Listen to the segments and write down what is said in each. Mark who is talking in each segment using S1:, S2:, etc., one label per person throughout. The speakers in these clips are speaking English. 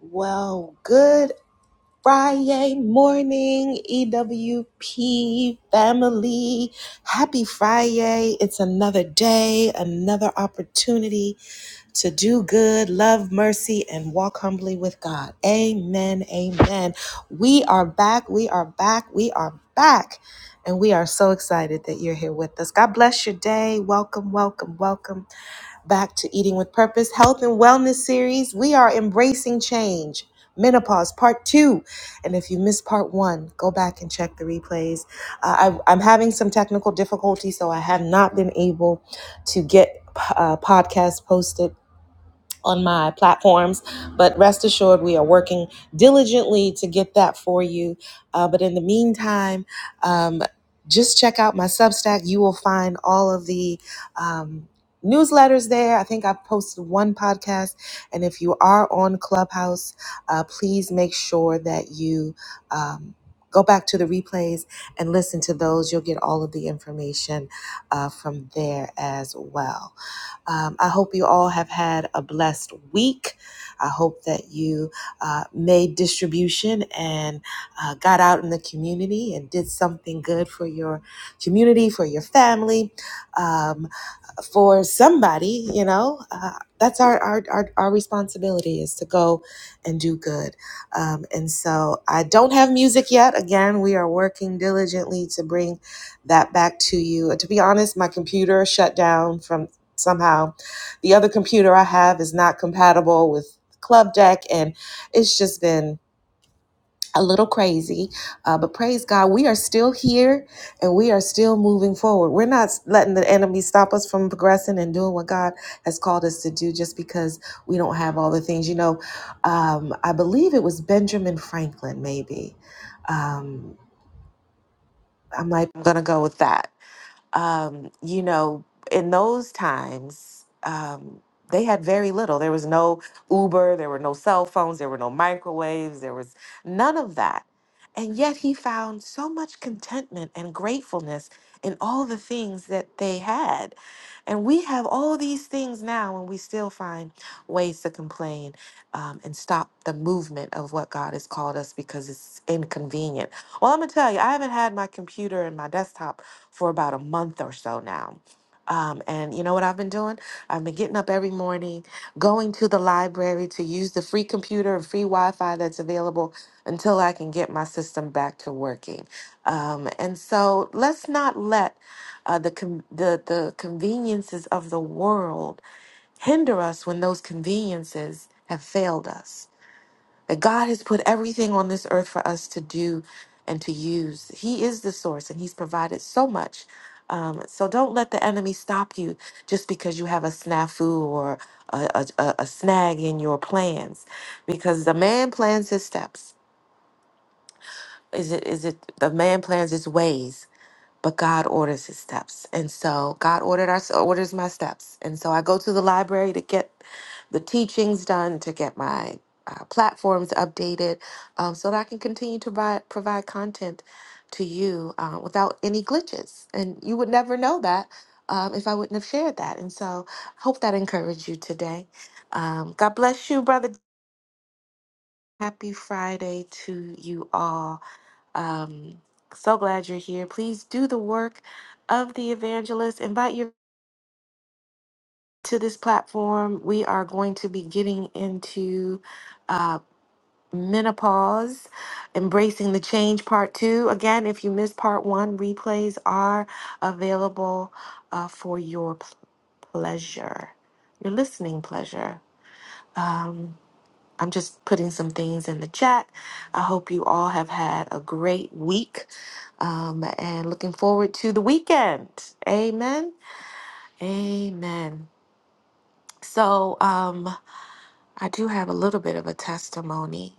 S1: Well, good Friday morning, EWP family. Happy Friday. It's another day, another opportunity to do good, love mercy, and walk humbly with God. Amen. Amen. We are back. We are back. We are back. And we are so excited that you're here with us. God bless your day. Welcome, welcome, welcome back to Eating with Purpose Health and Wellness series. We are embracing change, menopause, part two. And if you missed part one, go back and check the replays. Uh, I, I'm having some technical difficulties, so I have not been able to get uh, podcasts posted on my platforms. But rest assured, we are working diligently to get that for you. Uh, but in the meantime, um, just check out my Substack. You will find all of the um, newsletters there. I think I've posted one podcast. And if you are on Clubhouse, uh, please make sure that you um, go back to the replays and listen to those. You'll get all of the information uh, from there as well. Um, I hope you all have had a blessed week. I hope that you uh, made distribution and uh, got out in the community and did something good for your community, for your family. Um, for somebody, you know, uh, that's our, our, our, our responsibility is to go and do good. Um, and so I don't have music yet. Again, we are working diligently to bring that back to you. To be honest, my computer shut down from somehow. The other computer I have is not compatible with Club Deck, and it's just been a little crazy, uh, but praise God, we are still here and we are still moving forward. We're not letting the enemy stop us from progressing and doing what God has called us to do just because we don't have all the things. You know, um, I believe it was Benjamin Franklin, maybe. Um, I'm like, I'm going to go with that um, you know, in those times, um, they had very little. There was no Uber, there were no cell phones, there were no microwaves, there was none of that. And yet he found so much contentment and gratefulness in all the things that they had. And we have all these things now, and we still find ways to complain um, and stop the movement of what God has called us because it's inconvenient. Well, I'm going to tell you, I haven't had my computer and my desktop for about a month or so now. Um, and you know what I've been doing? I've been getting up every morning, going to the library to use the free computer and free Wi Fi that's available until I can get my system back to working. Um, and so let's not let uh, the, con the, the conveniences of the world hinder us when those conveniences have failed us. That God has put everything on this earth for us to do and to use. He is the source and He's provided so much. Um, so don't let the enemy stop you just because you have a snafu or a, a, a a snag in your plans, because the man plans his steps. Is it? Is it? The man plans his ways, but God orders his steps. And so God ordered our orders my steps. And so I go to the library to get the teachings done, to get my uh, platforms updated, um, so that I can continue to buy, provide content to you uh, without any glitches. And you would never know that um, if I wouldn't have shared that. And so I hope that encouraged you today. Um, God bless you, brother. Happy Friday to you all. Um, so glad you're here. Please do the work of the evangelist. Invite you to this platform. We are going to be getting into uh, menopause, embracing the change part two. Again, if you missed part one, replays are available uh, for your p- pleasure, your listening pleasure. Um, I'm just putting some things in the chat. I hope you all have had a great week um, and looking forward to the weekend. Amen. Amen. So, um, I do have a little bit of a testimony.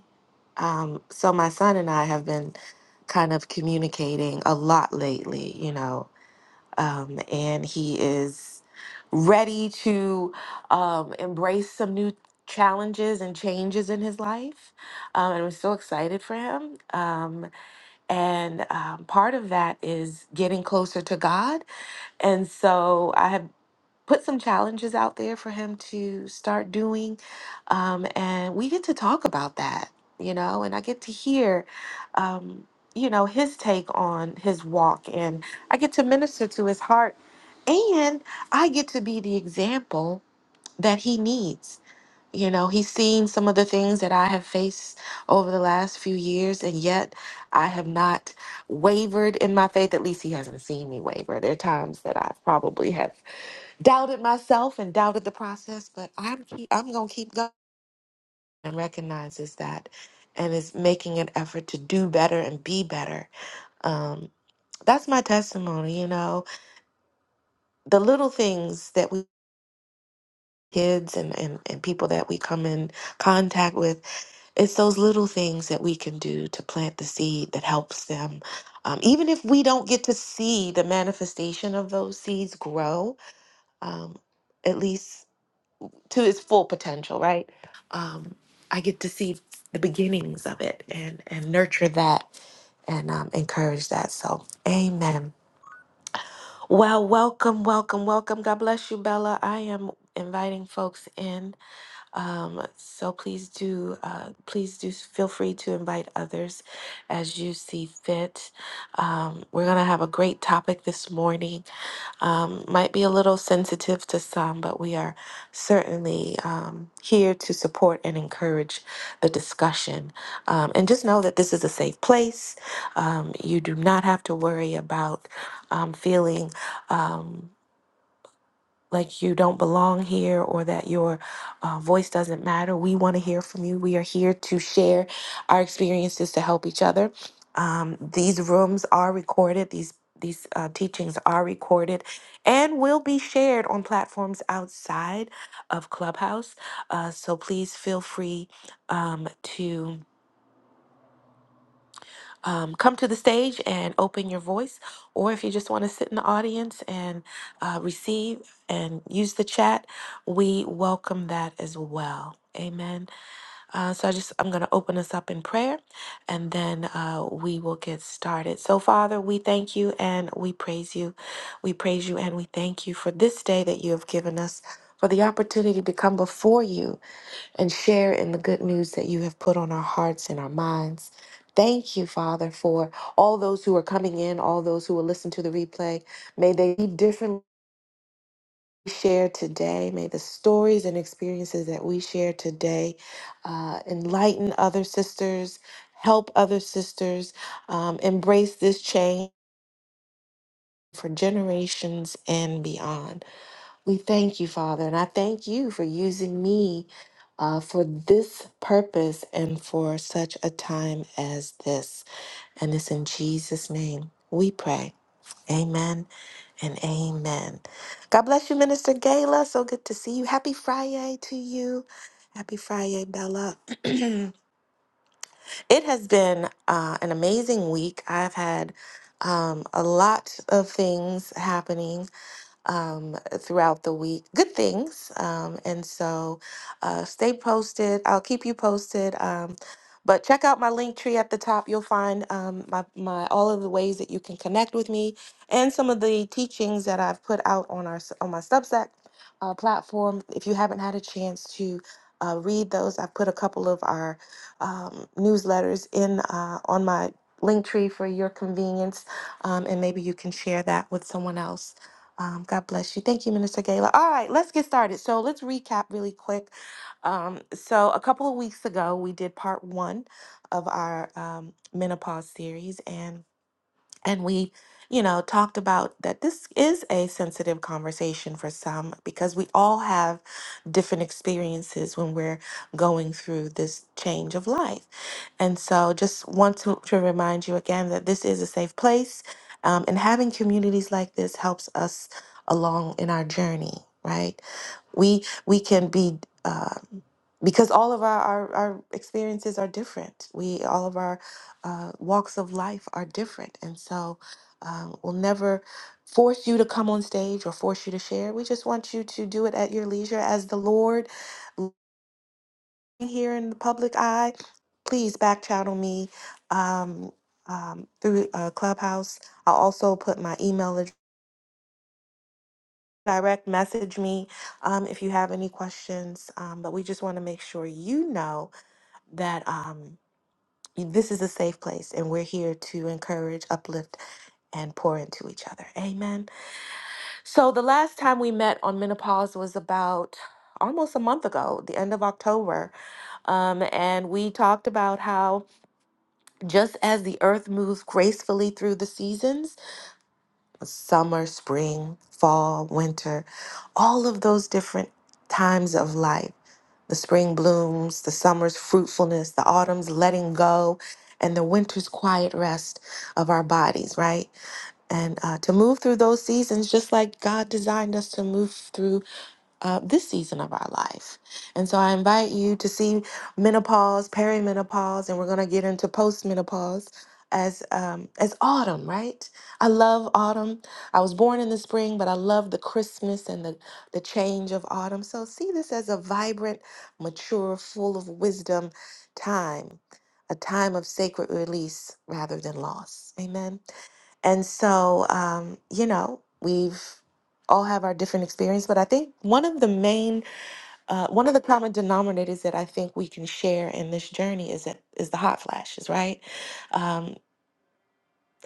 S1: Um, so, my son and I have been kind of communicating a lot lately, you know um, and he is ready to um, embrace some new challenges and changes in his life. Um, and I'm so excited for him. Um, and um, part of that is getting closer to God. And so I have put some challenges out there for him to start doing. Um, and we get to talk about that, you know, and I get to hear, um, you know, his take on his walk, and I get to minister to his heart, and I get to be the example that he needs. You know, he's seen some of the things that I have faced over the last few years, and yet I have not wavered in my faith. At least he hasn't seen me waver. There are times that i probably have doubted myself and doubted the process, but I'm keep, I'm gonna keep going and recognizes that and is making an effort to do better and be better. Um, that's my testimony, you know. The little things that we kids and, and, and people that we come in contact with, it's those little things that we can do to plant the seed that helps them. Um, even if we don't get to see the manifestation of those seeds grow, um, at least to its full potential, right? Um, I get to see the beginnings of it and and nurture that and um, encourage that. So, amen. Well, welcome, welcome, welcome. God bless you, Bella. I am inviting folks in. Um, so please do, uh, please do feel free to invite others as you see fit. Um, we're going to have a great topic this morning um, might be a little sensitive to some, but we are certainly um, here to support and encourage the discussion. Um, and just know that this is a safe place. Um, you do not have to worry about um, feeling. Um, like you don't belong here or that your uh, voice doesn't matter. We want to hear from you. We are here to share our experiences to help each other. Um, these rooms are recorded. These these uh, teachings are recorded and will be shared on platforms outside of Clubhouse. Uh, so please feel free um, to um, come to the stage and open your voice, or if you just want to sit in the audience and uh, receive and use the chat, we welcome that as well. Amen. Uh, so I just I'm going to open us up in prayer, and then uh, we will get started. So Father, we thank you and we praise you, we praise you and we thank you for this day that you have given us, for the opportunity to come before you and share in the good news that you have put on our hearts and our minds. Thank you, Father, for all those who are coming in, all those who will listen to the replay. May they be differently shared today. May the stories and experiences that we share today uh, enlighten other sisters, help other sisters um, embrace this change for generations and beyond. We thank you, Father, and I thank you for using me uh, for this purpose and for such a time as this. And it's in Jesus' name we pray. Amen and amen. God bless you, Minister Gala. So good to see you. Happy Friday to you. Happy Friday, Bella. it has been uh, an amazing week. I've had um, a lot of things happening um, throughout the week. Good things. Um, and so uh, stay posted. I'll keep you posted. Um, but check out my link tree at the top. You'll find um, my, my all of the ways that you can connect with me and some of the teachings that I've put out on our s- on my Substack uh, platform. If you haven't had a chance to uh, read those, I've put a couple of our um, newsletters in uh, on my link tree for your convenience, um, and maybe you can share that with someone else. Um, God bless you. Thank you, Minister Gala. All right, let's get started. So let's recap really quick. Um, so a couple of weeks ago, we did part one of our um, menopause series, and and we you know talked about that this is a sensitive conversation for some because we all have different experiences when we're going through this change of life and so just want to, to remind you again that this is a safe place um, and having communities like this helps us along in our journey right we we can be Uh, because all of our, our, our experiences are different. We all of our uh, walks of life are different, and so um, we'll never force you to come on stage or force you to share. We just want you to do it at your leisure, as the Lord here in the public eye. Please back channel me um, um, through uh, Clubhouse. I'll also put my email address. Direct message me um, if you have any questions. Um, but we just want to make sure you know that. Um, This is a safe place, and we're here to encourage, uplift, and pour into each other. Amen. So, the last time we met on menopause was about almost a month ago, the end of October. Um, and we talked about how just as the earth moves gracefully through the seasons summer, spring, fall, winter all of those different times of life the spring blooms, the summer's fruitfulness, the autumn's letting go, and the winter's quiet rest of our bodies, right? And uh, to move through those seasons just like God designed us to move through uh, this season of our life. And so I invite you to see menopause, perimenopause, and we're going to get into postmenopause as um, as autumn, right? I love autumn. I was born in the spring, but I love the Christmas and the the change of autumn. So see this as a vibrant, mature, full of wisdom time, a time of sacred release rather than loss. Amen. And so, um, you know, we've all have our different experience, but I think one of the main, uh, one of the common denominators that I think we can share in this journey is that is the hot flashes, right? Um,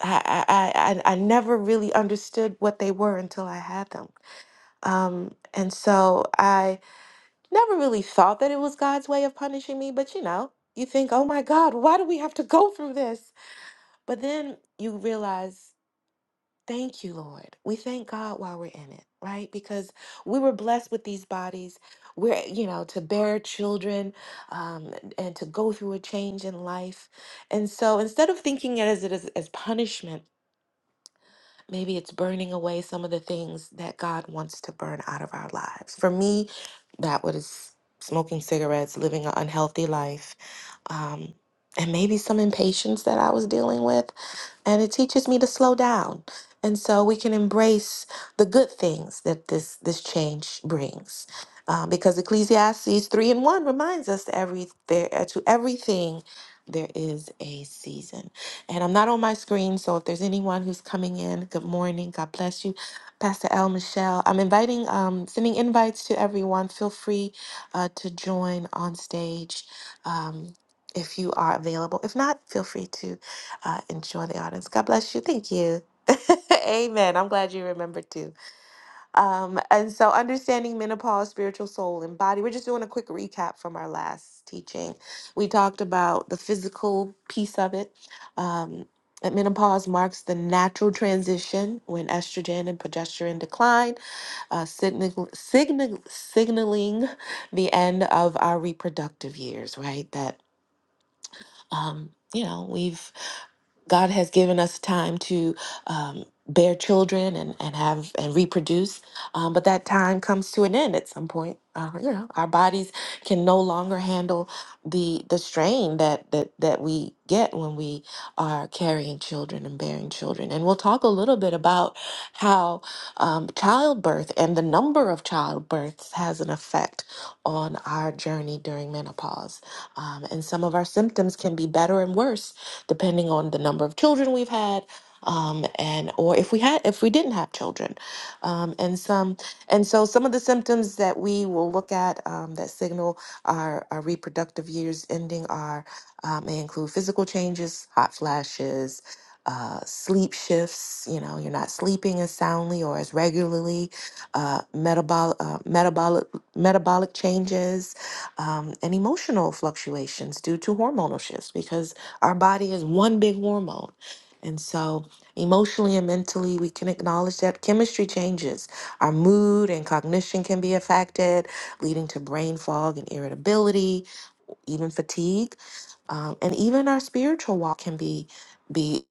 S1: I, I, I I never really understood what they were until I had them. Um, and so I never really thought that it was God's way of punishing me, but you know, you think, oh my God, why do we have to go through this? But then you realize Thank you, Lord. We thank God while we're in it, right? Because we were blessed with these bodies. We're, you know, to bear children um, and to go through a change in life. And so instead of thinking it as it is as punishment, maybe it's burning away some of the things that God wants to burn out of our lives. For me, that was smoking cigarettes, living an unhealthy life, um, and maybe some impatience that I was dealing with and it teaches me to slow down. And so we can embrace the good things that this this change brings, um, because Ecclesiastes three and one reminds us to every there uh, to everything there is a season. And I'm not on my screen, so if there's anyone who's coming in, good morning, God bless you, Pastor L. Michelle. I'm inviting, um, sending invites to everyone. Feel free uh, to join on stage. Um, if you are available. If not, feel free to uh, and join the audience. God bless you. Thank you. Amen. I'm glad you remembered too. Um, and so, understanding menopause, spiritual soul, and body. We're just doing a quick recap from our last teaching. We talked about the physical piece of it. Um, that menopause marks the natural transition when estrogen and progesterone decline, uh, signal, signal, signaling the end of our reproductive years, right? That, um, you know, we've God has given us time to um, bear children and, and have and reproduce, um, but that time comes to an end at some point. Uh, you know, our bodies can no longer handle the the strain that that that we get when we are carrying children and bearing children. And we'll talk a little bit about how um, childbirth and the number of childbirths has an effect on our journey during menopause, um, and some of our symptoms can be better and worse depending on the number of children we've had, um, and or if we had if we didn't have children, um, and some and so some of the symptoms that we will look at um, that signal our, our reproductive years ending are um, may include physical changes, hot flashes. Uh, sleep shifts, you know, you're not sleeping as soundly or as regularly, uh, metabolic, uh, metabolic, metabolic changes, um, and emotional fluctuations due to hormonal shifts because our body is one big hormone. And so, emotionally and mentally, we can acknowledge that chemistry changes. Our mood and cognition can be affected, leading to brain fog and irritability, even fatigue. Um, and even our spiritual walk can be, be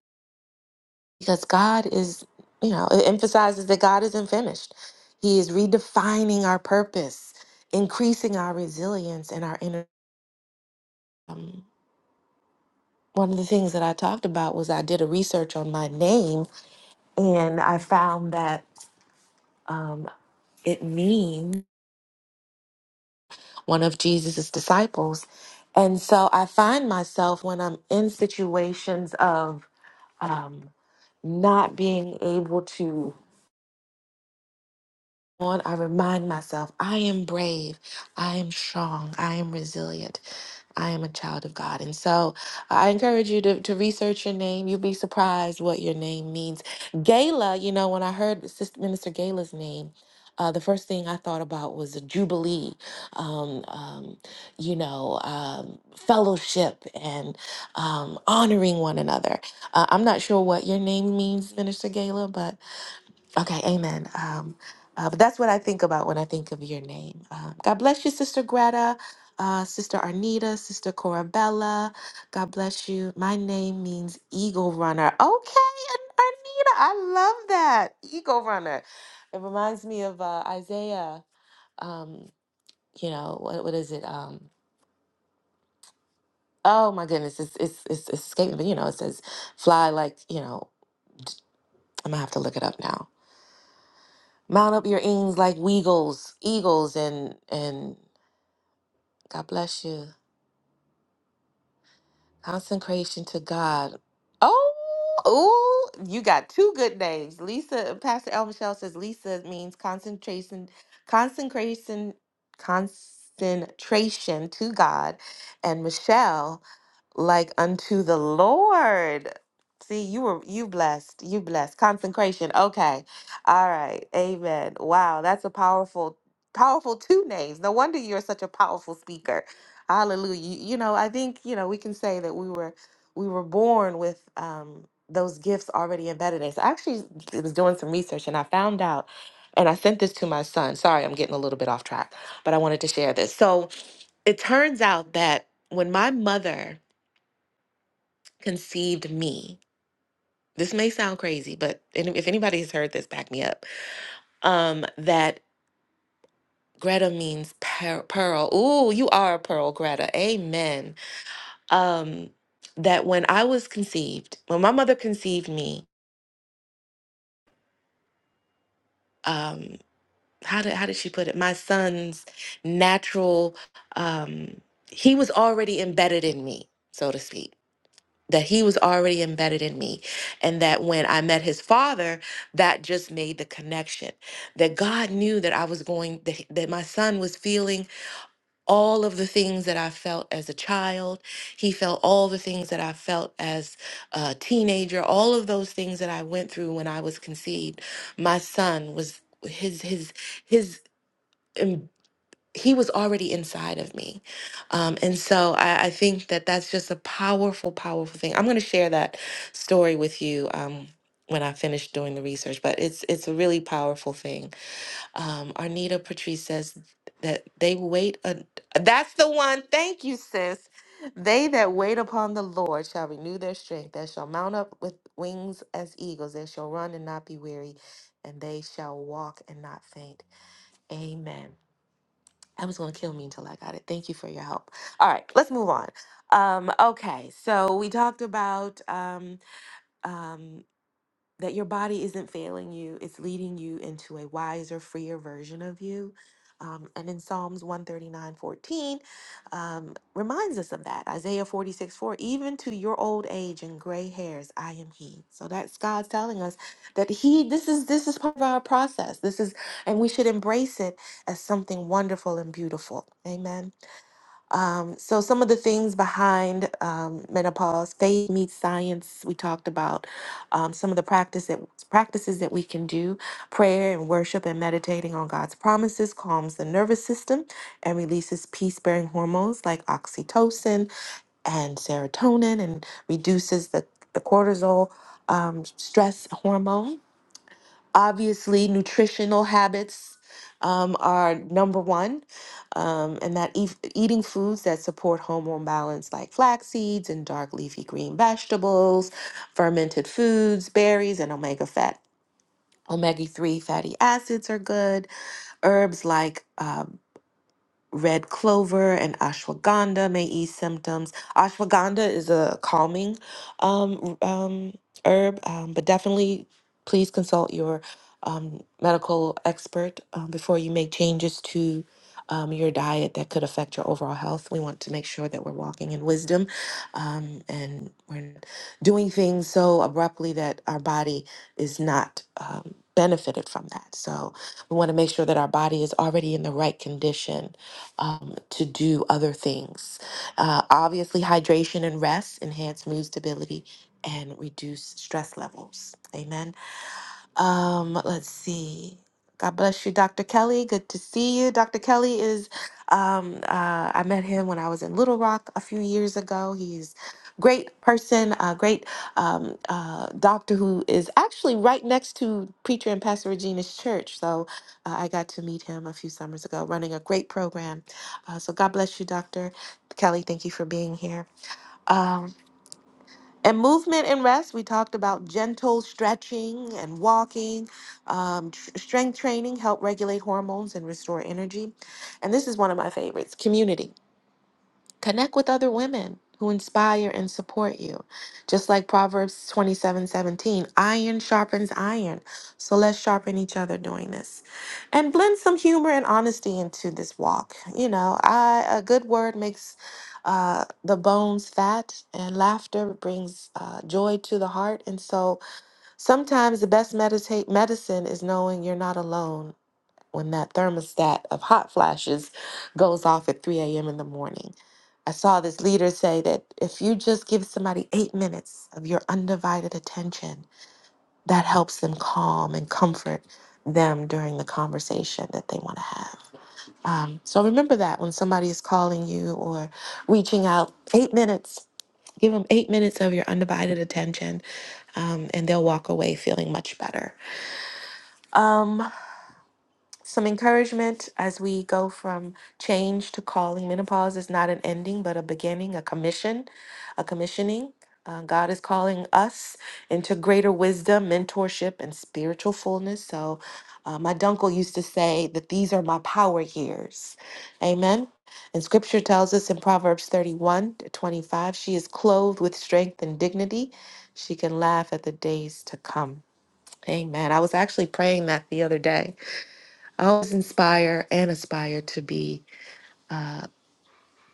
S1: because God is, you know, it emphasizes that God isn't finished. He is redefining our purpose, increasing our resilience and our inner. Um, one of the things that I talked about was I did a research on my name And I found that um, it means one of Jesus' disciples. And so I find myself when I'm in situations of um, not being able to on, I remind myself, I am brave, I am strong, I am resilient. I am a child of God. And so I encourage you to, to research your name. You'll be surprised what your name means. Gala, you know, when I heard Sister Minister Gala's name, uh, the first thing I thought about was a jubilee, um, um, you know, um, fellowship and um, honoring one another. Uh, I'm not sure what your name means, Minister Gala, but Okay, amen. Um, uh, but that's what I think about when I think of your name. Um, God bless you, Sister Greta, uh, Sister Arnita, Sister Corabella. God bless you. My name means eagle runner. Okay, and Arnita, I love that. Eagle runner. It reminds me of uh, Isaiah. Um, you know, what, what is it? Um, oh my goodness, it's, it's, it's escaping, but you know, it says fly like, you know, I'm gonna have to look it up now Mount up your wings like eagles, eagles, and and God bless you. Consecration to God. Oh, oh, you got two good names. Lisa, Pastor El Michelle says Lisa means concentration, consecration, concentration to God, and Michelle like unto the Lord. See, you were you blessed. You blessed. Consecration. Okay. All right. Amen. Wow, that's a powerful, powerful two names. No wonder you're such a powerful speaker. Hallelujah. You, you know, I think, you know, we can say that we were we were born with um those gifts already embedded in us. I actually was doing some research and I found out and I sent this to my son. Sorry, I'm getting a little bit off track, but I wanted to share this. So it turns out that when my mother conceived me. This may sound crazy, but any- if anybody has heard this, back me up. Um, that Greta means per- pearl. Ooh, you are a pearl, Greta. Amen. Um, that when I was conceived, when my mother conceived me, um, how did how did she put it? My son's natural, um, he was already embedded in me, so to speak that he was already embedded in me and that when i met his father that just made the connection that god knew that i was going that, he- that my son was feeling all of the things that i felt as a child he felt all the things that i felt as a teenager all of those things that i went through when i was conceived my son was his his his he was already inside of me. Um, and so I, I think that that's just a powerful, powerful thing. I'm going to share that story with you um, when I finish doing the research, but it's it's a really powerful thing. Um, Arnita Patrice says that they wait. A, that's the one. Thank you, sis. They that wait upon the Lord shall renew their strength. They shall mount up with wings as eagles. They shall run and not be weary, and they shall walk and not faint. Amen. That was going to kill me until I got it. Thank you for your help. All right, let's move on. Um, okay, so we talked about um, um, that your body isn't failing you, it's leading you into a wiser, freer version of you. Um, and in Psalms one thirty nine fourteen, um, reminds us of that. Isaiah 46 4, even to your old age and gray hairs, I am He. So that's God telling us that He, this is this is part of our process. This is, and we should embrace it as something wonderful and beautiful. Amen. Um, so some of the things behind um, menopause, faith meets science. We talked about um, some of the practice that, practices that we can do. Prayer and worship and meditating on God's promises calms the nervous system and releases peace-bearing hormones like oxytocin and serotonin, and reduces the the cortisol um, stress hormone. Obviously, nutritional habits um, are number one, um, and that eat, eating foods that support hormone balance, like flax seeds and dark leafy green vegetables, fermented foods, berries, and omega fat. Omega 3 fatty acids are good. Herbs like uh, red clover and ashwagandha may ease symptoms. Ashwagandha is a calming um, r- um, herb, um, but definitely please consult your um, medical expert um, before you make changes to um, your diet that could affect your overall health. We want to make sure that we're walking in wisdom um, and we're not doing things so abruptly that our body is not um, benefited from that. So we want to make sure that our body is already in the right condition um, to do other things. Uh, obviously, hydration and rest enhance mood stability and reduce stress levels. Amen. Um, let's see. God bless you, Dr. Kelly. Good to see you. Dr. Kelly is, um, uh, I met him when I was in Little Rock a few years ago. He's great person, a great um, uh, doctor who is actually right next to preacher and Pastor Regina's church. So uh, I got to meet him a few summers ago, running a great program. Uh, so God bless you, Dr. Kelly. Thank you for being here. Um, and movement and rest, we talked about gentle stretching and walking. Um, tr- strength training help regulate hormones and restore energy. And this is one of my favorites community. Connect with other women who inspire and support you. Just like Proverbs 27:17, iron sharpens iron. So let's sharpen each other doing this. And blend some humor and honesty into this walk. You know, I, a good word makes uh, the bones fat, and laughter brings uh, joy to the heart. And so sometimes the best meditate medicine is knowing you're not alone when that thermostat of hot flashes goes off at 3 a.m. in the morning. I saw this leader say that if you just give somebody eight minutes of your undivided attention, that helps them calm and comfort them during the conversation that they want to have. Um, so remember that when somebody is calling you or reaching out, eight minutes, give them eight minutes of your undivided attention, um, and they'll walk away feeling much better. Um, some encouragement as we go from change to calling. Menopause is not an ending, but a beginning, a commission, a commissioning. Uh, God is calling us into greater wisdom, mentorship, and spiritual fullness. So, uh, my dunkel used to say that these are my power years. Amen. And scripture tells us in Proverbs 31 to 25, she is clothed with strength and dignity. She can laugh at the days to come. Amen. I was actually praying that the other day I always inspire and aspire to be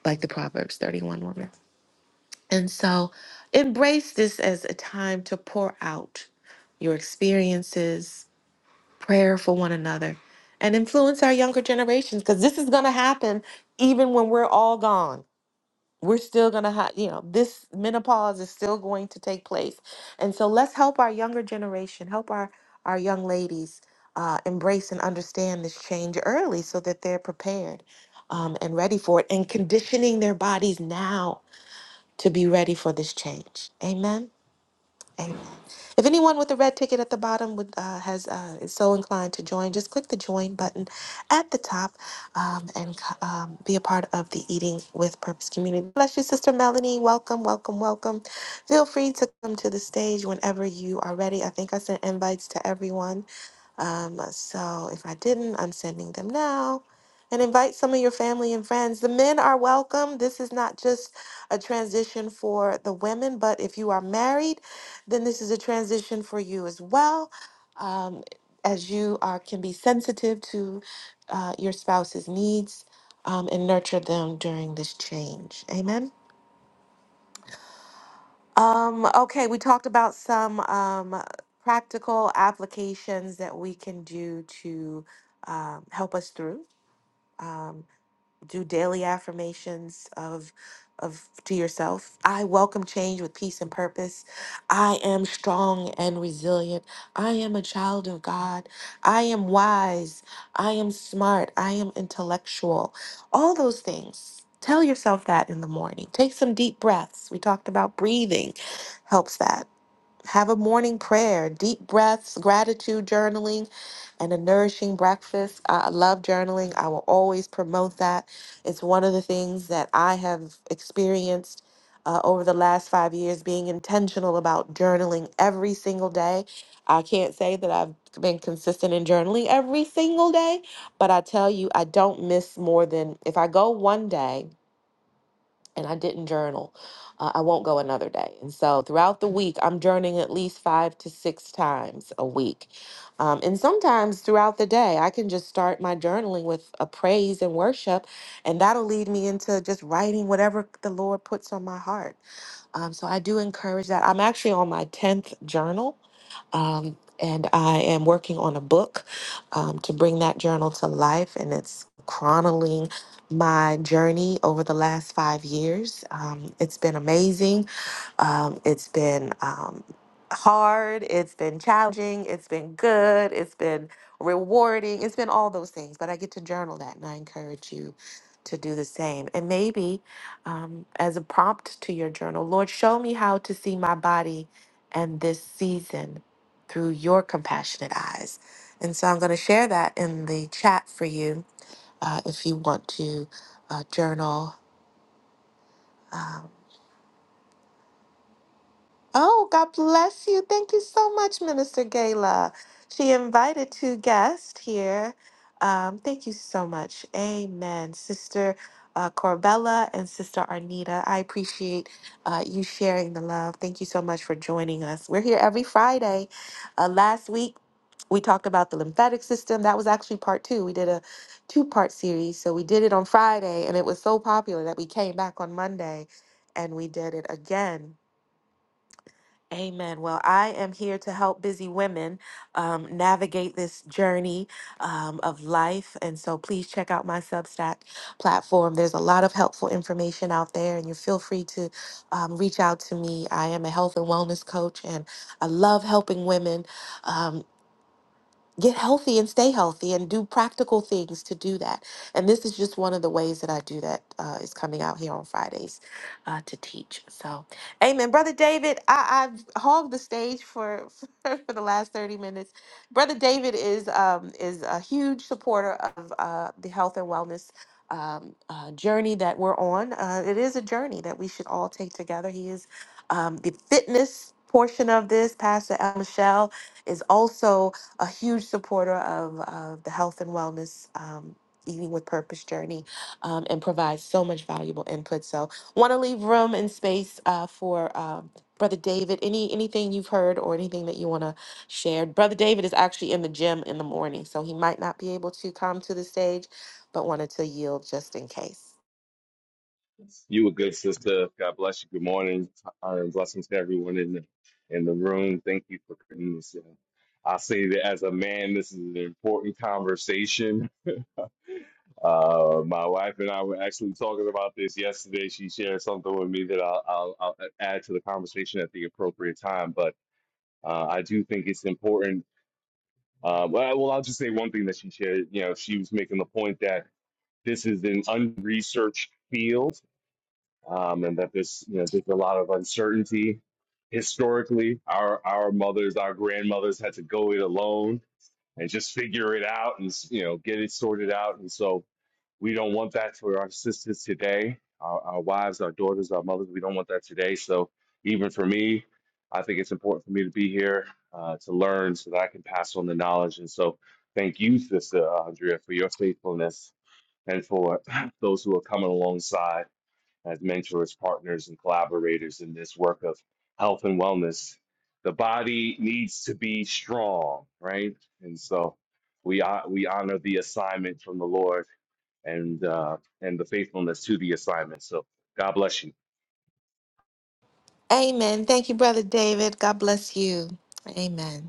S1: like the Proverbs 31 woman. And so embrace this as a time to pour out your experiences, prayer for one another, and influence our younger generations because this is going to happen even when we're all gone we're still going to have, you know, this menopause is still going to take place. And so let's help our younger generation, help our, our young ladies uh, embrace and understand this change early so that they're prepared um, and ready for it and conditioning their bodies now to be ready for this change. Amen. Amen. If anyone with the red ticket at the bottom would uh, has uh, is so inclined to join, just click the join button at the top um, and c- um, be a part of the Eating with Purpose community. Bless you, Sister Melanie. Welcome, welcome, welcome. Feel free to come to the stage whenever you are ready. I think I sent invites to everyone. Um, so if I didn't, I'm sending them now. And invite some of your family and friends. The men are welcome. This is not just a transition for the women, but if you are married, then this is a transition for you as well. Um, as you are, can be sensitive to uh, your spouse's needs um, and nurture them during this change. Amen. Um, okay, we talked about some um, practical applications that we can do to um, help us through. Um, do daily affirmations of of to yourself. I welcome change with peace and purpose. I am strong and resilient. I am a child of God. I am wise. I am smart. I am intellectual. All those things. Tell yourself that in the morning. Take some deep breaths. We talked about breathing helps that. Have a morning prayer, deep breaths, gratitude journaling, and a nourishing breakfast. I I love journaling. I will always promote that. It's one of the things that I have experienced uh, over the last five years, being intentional about journaling every single day. I can't say that I've been consistent in journaling every single day, but I tell you, I don't miss more than if I go one day and I didn't journal, uh, I won't go another day. And so throughout the week, I'm journaling at least five to six times a week. Um, and sometimes throughout the day, I can just start my journaling with a praise and worship, and that'll lead me into just writing whatever the Lord puts on my heart. Um, so I do encourage that. I'm actually on my 10th journal. Um, and I am working on a book um, to bring that journal to life, and it's chronicling my journey over the last five years. Um, it's been amazing. Um, it's been um, hard. It's been challenging. It's been good. It's been rewarding. It's been all those things. But I get to journal that, and I encourage you to do the same. And maybe um, as a prompt to your journal, Lord, show me how to see my body and this season through your compassionate eyes. And so I'm going to share that in the chat for you uh, if you want to uh, journal. Um, Oh, God bless you. Thank you so much, Minister Gala. She invited two guests here. Um, thank you so much. Amen. Sister uh, Corbella and Sister Arnita, I appreciate uh, you sharing the love. Thank you so much for joining us. We're here every Friday. Uh, last week, we talked about the lymphatic system. That was actually part two. We did a two part series. So we did it on Friday, and it was so popular that we came back on Monday and we did it again Amen. Well, I am here to help busy women um, navigate this journey um, of life. And so please check out my Substack platform. There's a lot of helpful information out there, and you feel free to um, reach out to me. I am a health and wellness coach, and I love helping women um, get healthy and stay healthy and do practical things to do that. And this is just one of the ways that I do that uh, is coming out here on Fridays uh, to teach. So, amen. Brother David, I, I've hogged the stage for, for, the last 30 minutes. Brother David is, um, is a huge supporter of uh, the health and wellness um, uh, journey that we're on. Uh, it is a journey that we should all take together. He is um, the fitness portion of this. Pastor El Michelle is also a huge supporter of, of the health and wellness um, eating with purpose journey um, and provides so much valuable input so want to leave room and space uh, for um, brother david any anything you've heard or anything that you want to share brother david is actually in the gym in the morning so he might not be able to come to the stage but wanted to yield just in case
S2: You a good sister. God bless you. Good morning. Uh, blessings to everyone in the in the room. Thank you for putting this in. I say that as a man, this is an important conversation. Uh, my wife and I were actually talking about this yesterday. She shared something with me that I'll, I'll, I'll add to the conversation at the appropriate time. But uh, I do think it's important. Uh, well, well, I'll just say one thing that she shared. You know, she was making the point that this is an unresearched field um, and that this, you know, there's a lot of uncertainty. Historically, our our mothers, our grandmothers had to go it alone and just figure it out and you know get it sorted out. And so we don't want that for our sisters today, our, our wives, our daughters, our mothers. We don't want that today. So even for me, I think it's important for me to be here uh, to learn so that I can pass on the knowledge. And so thank you, Sister Andrea, for your faithfulness and for those who are coming alongside as mentors, partners, and collaborators in this work of health and wellness. The body needs to be strong, right? And so we hon- we honor the assignment from the Lord and uh, and the faithfulness to the assignment. So God bless you.
S1: amen thank you brother david god bless you amen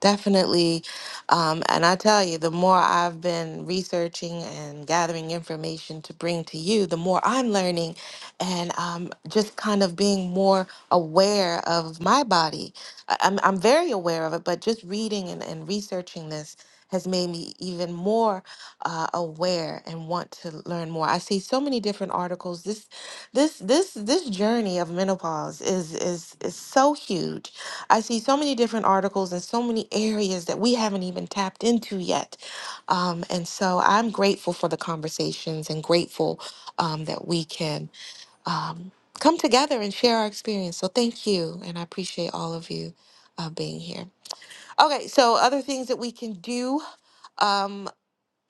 S1: Definitely. Um, and I tell you, the more I've been researching and gathering information to bring to you, the more I'm learning and um, just kind of being more aware of my body. I- I'm, I'm very aware of it, but just reading and, and researching this has made me even more uh, aware and want to learn more. I see so many different articles. This, this, this, this journey of menopause is is is so huge I see so many different articles and so many areas that we haven't even tapped into yet. Um, and so I'm grateful for the conversations and grateful um, that we can um, come together and share our experience. So thank you. And I appreciate all of you uh, being here. Okay, so other things that we can do. Um,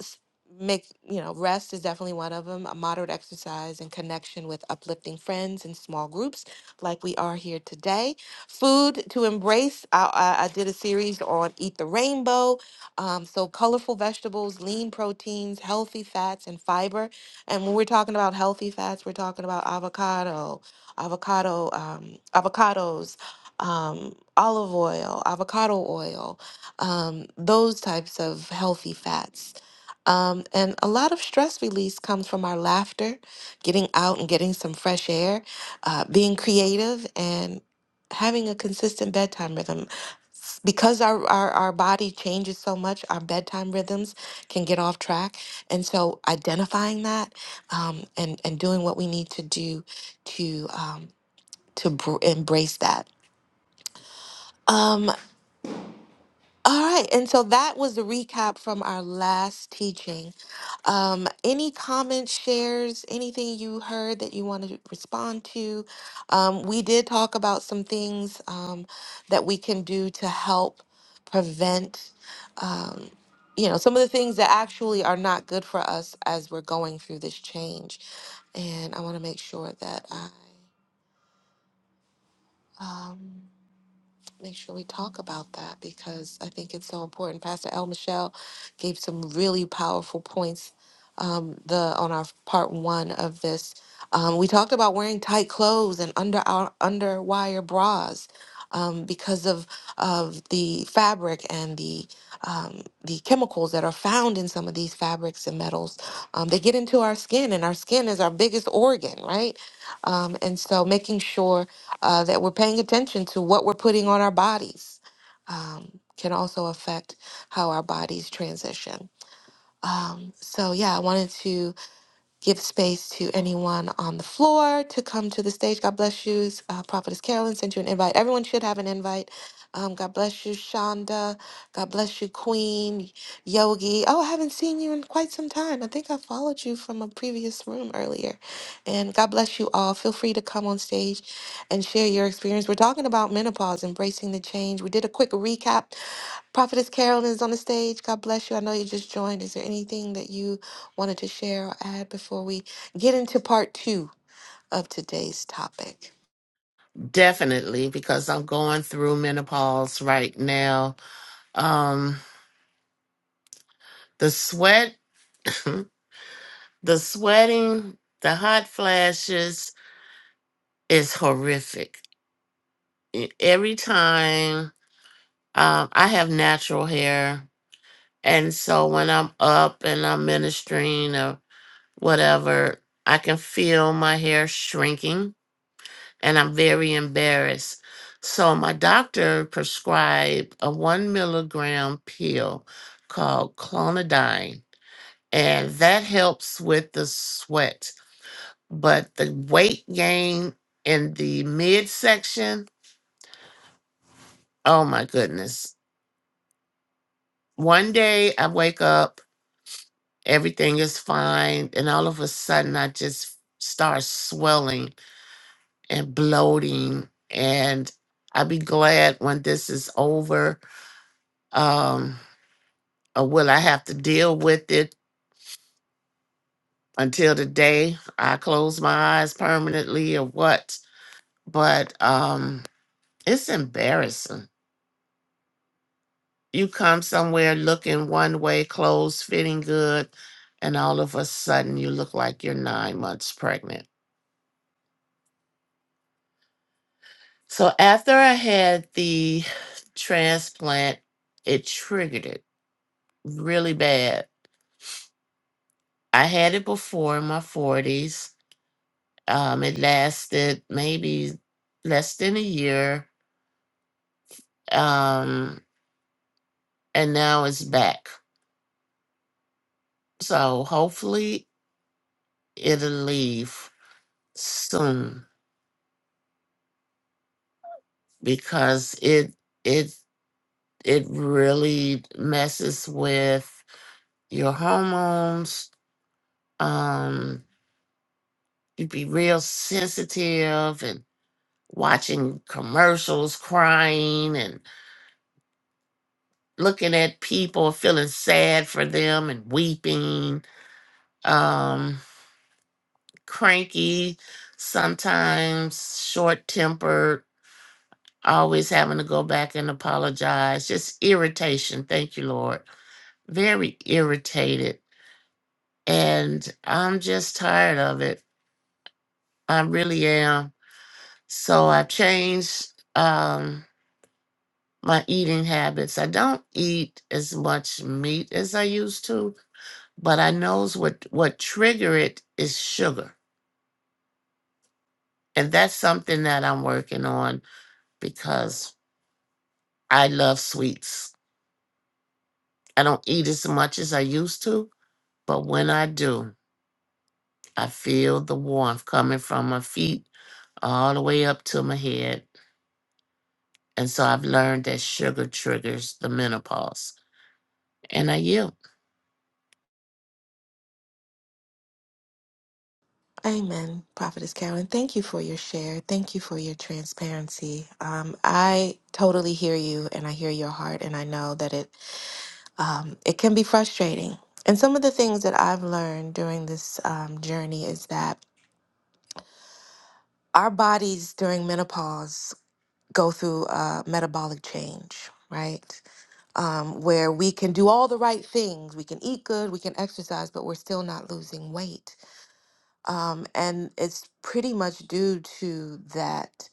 S1: s- make you know rest is definitely one of them a moderate exercise and connection with uplifting friends in small groups like we are here today food to embrace i, I, I did a series on eat the rainbow um, so colorful vegetables lean proteins healthy fats and fiber and when we're talking about healthy fats we're talking about avocado avocado um, avocados um, olive oil avocado oil um, those types of healthy fats um, and a lot of stress release comes from our laughter, getting out and getting some fresh air, uh, being creative, and having a consistent bedtime rhythm. S- Because our, our, our body changes so much, our bedtime rhythms can get off track. And so identifying that um, and, and doing what we need to do to, um, to br- embrace that. Um, All right, and so that was the recap from our last teaching. Um, any comments, shares, anything you heard that you want to respond to? Um, we did talk about some things um, that we can do to help prevent, um, you know, some of the things that actually are not good for us as we're going through this change. And I want to make sure that I. Um, make sure we talk about that because I think it's so important. Pastor El Michelle gave some really powerful points um, the on our part one of this. Um, we talked about wearing tight clothes and under our underwire bras um, because of of the fabric and the um, the chemicals that are found in some of these fabrics and metals. Um, they get into our skin, and our skin is our biggest organ, right? Um, and so making sure uh, that we're paying attention to what we're putting on our bodies um, can also affect how our bodies transition. Um, so, yeah, I wanted to give space to anyone on the floor to come to the stage. God bless you. Uh, Prophetess Carolyn sent you an invite. Everyone should have an invite. Um, God bless you, Shonda. God bless you, Queen Yogi. Oh, I haven't seen you in quite some time. I think I followed you from a previous room earlier. And God bless you all. Feel free to come on stage and share your experience. We're talking about menopause, embracing the change. We did a quick recap. Prophetess Carolyn is on the stage. God bless you. I know you just joined. Is there anything that you wanted to share or add before we get into part two of today's topic?
S3: Definitely, because I'm going through menopause right now. Um, the sweat, the sweating, the hot flashes is horrific. E- Every time um, I have natural hair, and so when I'm up and I'm ministering or whatever, I can feel my hair shrinking and I'm very embarrassed. So my doctor prescribed a one milligram pill called clonidine, and that helps with the sweat. But the weight gain in the midsection, oh my goodness. One day I wake up, everything is fine, and all of a sudden I just start swelling and bloating. And I'll be glad when this is over. Um, or will I have to deal with it until the day I close my eyes permanently or what? But um it's embarrassing. You come somewhere looking one way, clothes fitting good, and all of a sudden you look like you're nine months pregnant. So after I had the transplant, it triggered it really bad. I had it before in my 40s. Um, it lasted maybe less than a year um, and now it's back. So hopefully it'll leave soon because it it it really messes with your hormones. Um, you'd be real sensitive and watching commercials, crying and looking at people, feeling sad for them and weeping. Um, cranky sometimes, short tempered always having to go back and apologize, just irritation. Thank you, Lord. Very irritated. And I'm just tired of it. I really am. So I've changed um, my eating habits. I don't eat as much meat as I used to, but I knows what, what trigger it is sugar. And that's something that I'm working on because I love sweets. I don't eat as much as I used to, but when I do, I feel the warmth coming from my feet all the way up to my head. And so I've learned that sugar triggers the menopause. And I yield.
S1: Amen, Prophetess Carolyn. Thank you for your share. Thank you for your transparency. Um, I totally hear you, and I hear your heart, and I know that it um, it can be frustrating. And some of the things that I've learned during this um, journey is that our bodies during menopause go through a metabolic change, right? um, where we can do all the right things. We can eat good, we can exercise, but we're still not losing weight. Um, and it's pretty much due to that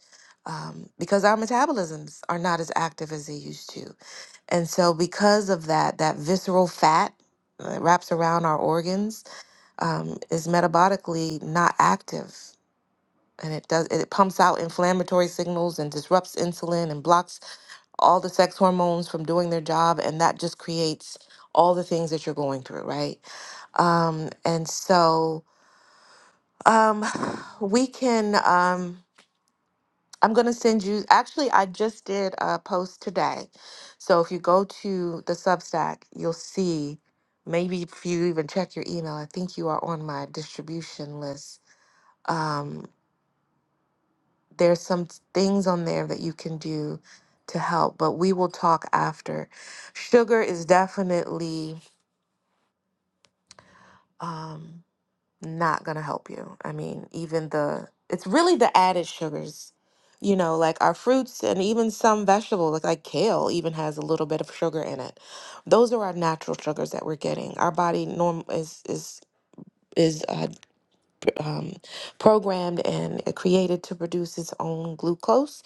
S1: um, because our metabolisms are not as active as they used to. And so, because of that, that visceral fat that wraps around our organs um, is metabolically not active. And it does it pumps out inflammatory signals and disrupts insulin and blocks all the sex hormones from doing their job, and that just creates all the things that you're going through, right? Um, and so um, we can, um, I'm going to send you, actually, I just did a post today. So if you go to the Substack, you'll see, maybe if you even check your email, I think you are on my distribution list. Um, there's some s- things on there that you can do to help, but we will talk after. Sugar is definitely um, not going to help you. I mean, even the, it's really the added sugars, you know, like our fruits and even some vegetables, like, like kale, even has a little bit of sugar in it. Those are our natural sugars that we're getting. Our body norm is, is, is uh, um, programmed and created to produce its own glucose.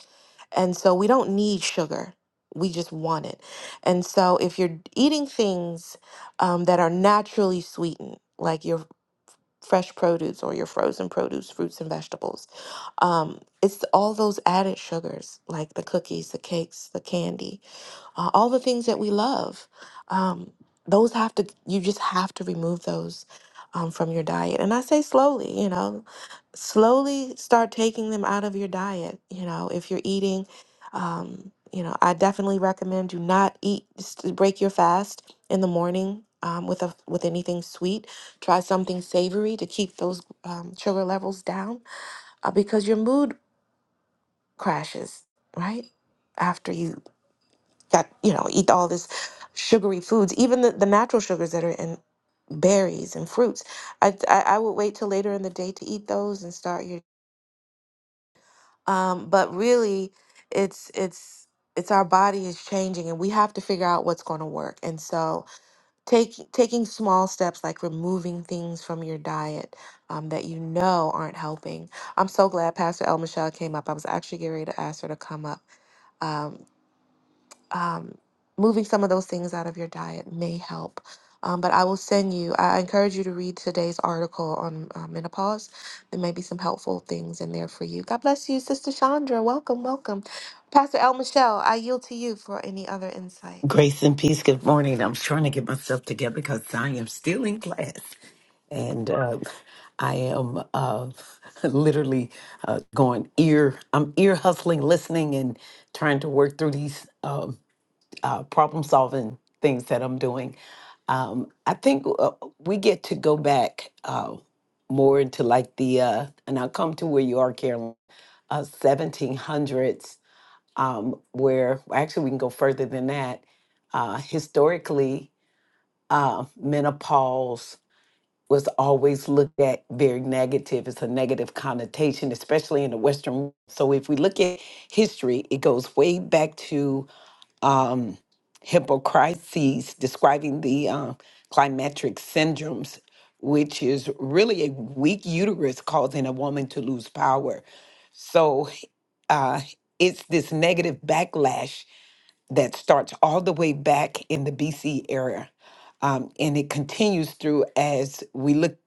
S1: And so we don't need sugar. We just want it. And so if you're eating things um, that are naturally sweetened, like your fresh produce or your frozen produce, fruits and vegetables, um, it's all those added sugars, like the cookies, the cakes, the candy uh, all the things that we love um, those have to you just have to remove those um, from your diet and i say slowly you know slowly start taking them out of your diet you know if you're eating um, you know i definitely recommend do not eat just break your fast in the morning um, with a with anything sweet try something savory to keep those um, sugar levels down uh, because your mood crashes right after you got you know eat all this sugary foods even the, the natural sugars that are in berries and fruits I, I i would wait till later in the day to eat those and start your um but really it's it's it's our body is changing and we have to figure out what's going to work and so take, taking small steps like removing things from your diet um, that you know aren't helping i'm so glad pastor el michelle came up i was actually getting ready to ask her to come up Um, moving some of those things out of your diet may help. Um, but I will send you, I I encourage you to read today's article on uh, menopause. There may be some helpful things in there for you. God bless you, Sister Chandra. Welcome, welcome. Pastor El Michelle, I yield to you for any other insight.
S4: Grace and peace. Good morning. I'm trying to get myself together because I am still in class, and uh, I am uh, literally uh, going ear. I'm ear hustling, listening, and trying to work through these um uh, problem solving things that I'm doing. Um, I think uh, we get to go back uh, more into like the, uh, and I'll come to where you are, Carolyn, uh, 1700s um, where actually we can go further than that. Uh, historically, uh, menopause was always looked at very negative. It's a negative connotation, especially in the Western. world. So if we look at history, it goes way back to um, Hippocrates describing the uh, climatric syndromes. Which is really a weak uterus causing a woman to lose power. So uh, it's this negative backlash that starts all the way back in the BC era. Um, and it continues through as we look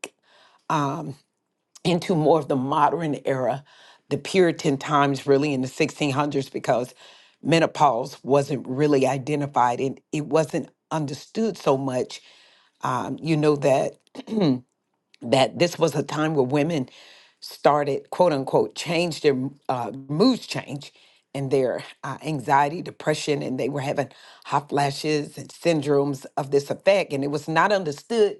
S4: into more of the modern era, the Puritan times, really in the 1600s, because menopause wasn't really identified and it wasn't understood so much. Um, you know that that this was a time where women started, quote unquote, change their uh, moods change and their uh, anxiety, depression, and they were having hot flashes and syndromes of this effect. And it was not understood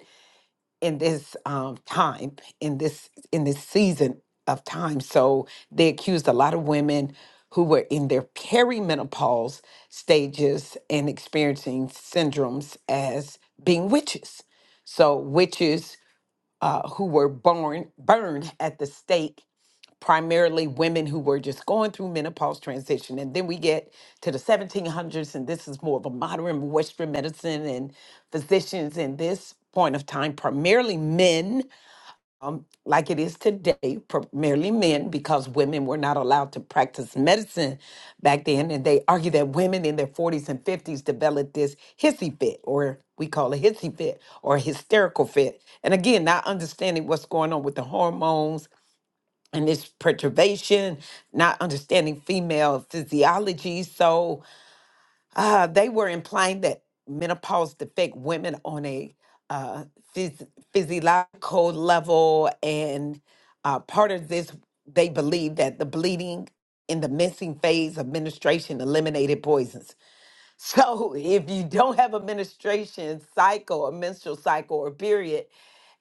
S4: in this um, time, in this in this season of time. So they accused a lot of women who were in their perimenopause stages and experiencing syndromes as being witches. So witches uh, who were born burned at the stake primarily women who were just going through menopause transition and then we get to the 1700s and this is more of a modern western medicine and physicians in this point of time primarily men like it is today, primarily men, because women were not allowed to practice medicine back then. And they argue that women in their 40s and 50s developed this hissy fit, or we call it hissy fit, or hysterical fit. And again, not understanding what's going on with the hormones and this perturbation, not understanding female physiology. So, uh, they were implying that menopause affect women on a uh, phys- physiological level, and uh, part of this, they believe that the bleeding in the missing phase of menstruation eliminated poisons. So if you don't have a menstruation cycle, a menstrual cycle or period,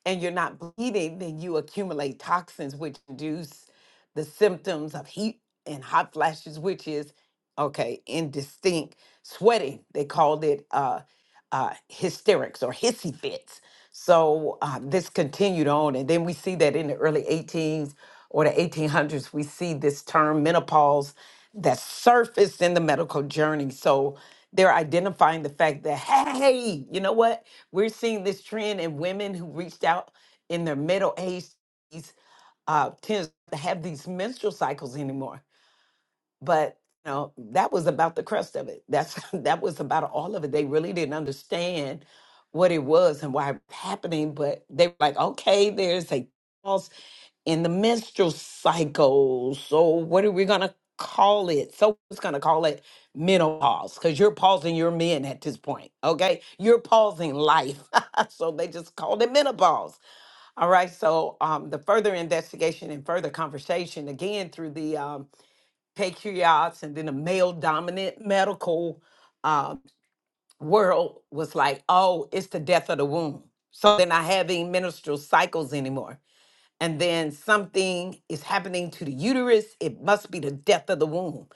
S4: and you're not bleeding, then you accumulate toxins, which induce the symptoms of heat and hot flashes, which is okay, indistinct sweating. They called it uh, uh, hysterics or hissy fits. So uh, this continued on, and then we see that in the early 18s or the 1800s, we see this term menopause that surfaced in the medical journey. So they're identifying the fact that, hey, you know what? We're seeing this trend in women who reached out in their middle age uh, tends to have these menstrual cycles anymore. But you know, that was about the crust of it. That's that was about all of it. They really didn't understand what it was and why it was happening, but they were like, okay, there's a pause in the menstrual cycle. So what are we gonna call it? So it's gonna call it menopause because you're pausing your men at this point. Okay, you're pausing life. so they just called it menopause. All right. So um, the further investigation and further conversation again through the um, patriots and then the male dominant medical uh, world was like, oh, it's the death of the womb. So they're not having menstrual cycles anymore and then something is happening to the uterus, it must be the death of the womb.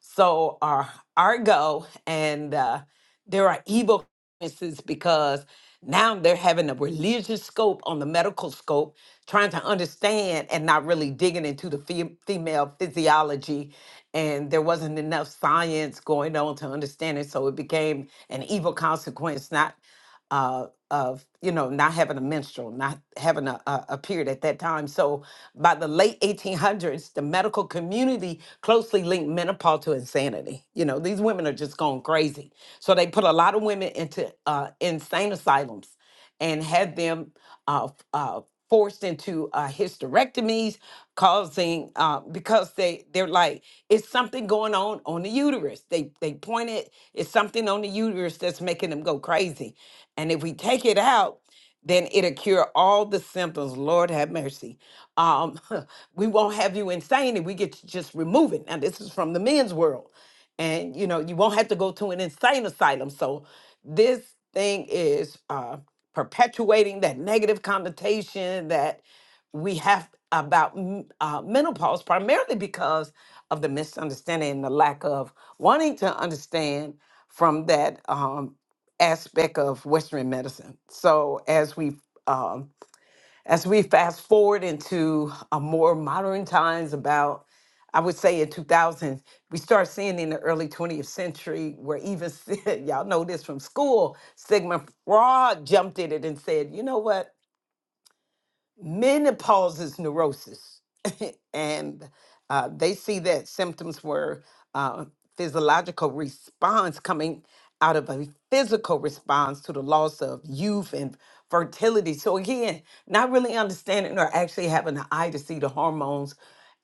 S4: So our Argo and uh, there are evil consequences because now they're having a religious scope on the medical scope, trying to understand and not really digging into the fem- female physiology. And there wasn't enough science going on to understand it, so it became an evil consequence, not uh, of you know not having a menstrual, not having a, a, a period at that time. So by the late 1800s, the medical community closely linked menopause to insanity. You know these women are just going crazy, so they put a lot of women into uh, insane asylums and had them uh, uh, forced into uh, hysterectomies, causing uh, because they they're like it's something going on on the uterus. They they point it it's something on the uterus that's making them go crazy, and if we take it out, then it'll cure all the symptoms. Lord have mercy um, we won't have you insane and we get to just remove it. Now, this is from the men's world. And, you know, you won't have to go to an insane asylum. So this thing is uh, perpetuating that negative connotation that we have about m- uh, menopause, primarily because of the misunderstanding and the lack of wanting to understand from that um, aspect of Western medicine. So as we um, as we fast forward into a more modern times about i would say in 2000 we start seeing in the early 20th century where even y'all know this from school sigmund freud jumped at it and said you know what menopause is neurosis and uh, they see that symptoms were uh, physiological response coming out of a physical response to the loss of youth and fertility so again not really understanding or actually having an eye to see the hormones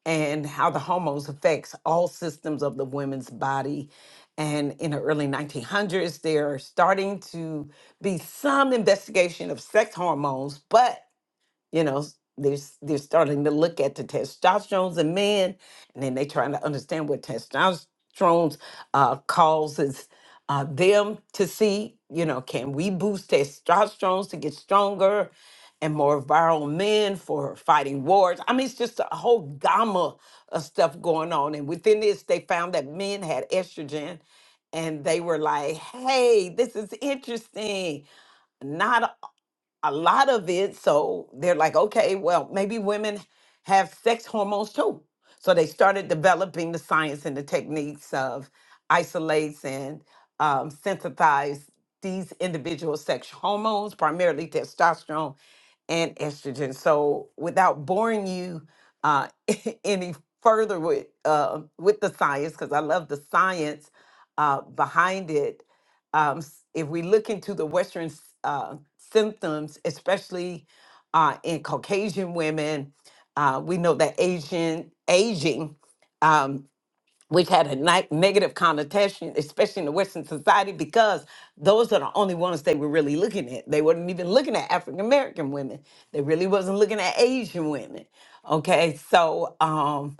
S4: and how the hormones affects all systems of the women's body and in the early 1900s there are starting to be some investigation of sex hormones but you know s- they're, s- they're starting to look at the testosterone in men and then they're trying to understand what testosterone uh, causes uh, them to see you know can we boost testosterone to get stronger and more viral men for fighting wars i mean it's just a whole gamma of stuff going on and within this they found that men had estrogen and they were like hey this is interesting Not a lot of it. So they're like, okay, well, maybe women have sex hormones too. So they started developing the science and the techniques of isolates and um, synthesize these individual sex hormones, primarily testosterone and estrogen. So without boring you uh, any further with uh, with the science, because I love the science uh, behind it, um, s- if we look into the Western s- uh, symptoms, especially uh, in Caucasian women, uh, we know that Asian aging, um, which had a ni- negative connotation, especially in the Western society, because those are the only ones they were really looking at. They weren't even looking at African American women. They really wasn't looking at Asian women. Okay, so. Um,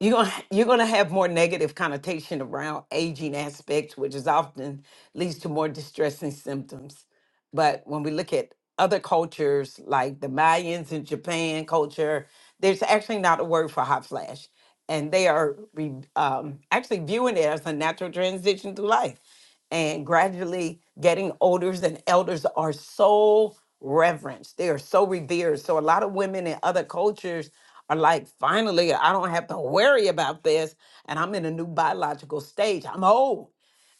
S4: you're gonna you're gonna have more negative connotation around aging aspects, which is often leads to more distressing symptoms. But when we look at other cultures like the Mayans in Japan culture, there's actually not a word for hot flash, and they are re, um, actually viewing it as a natural transition through life and gradually getting older and elders are so reverenced they are so revered so a lot of women in other cultures are like finally i don't have to worry about this and i'm in a new biological stage i'm old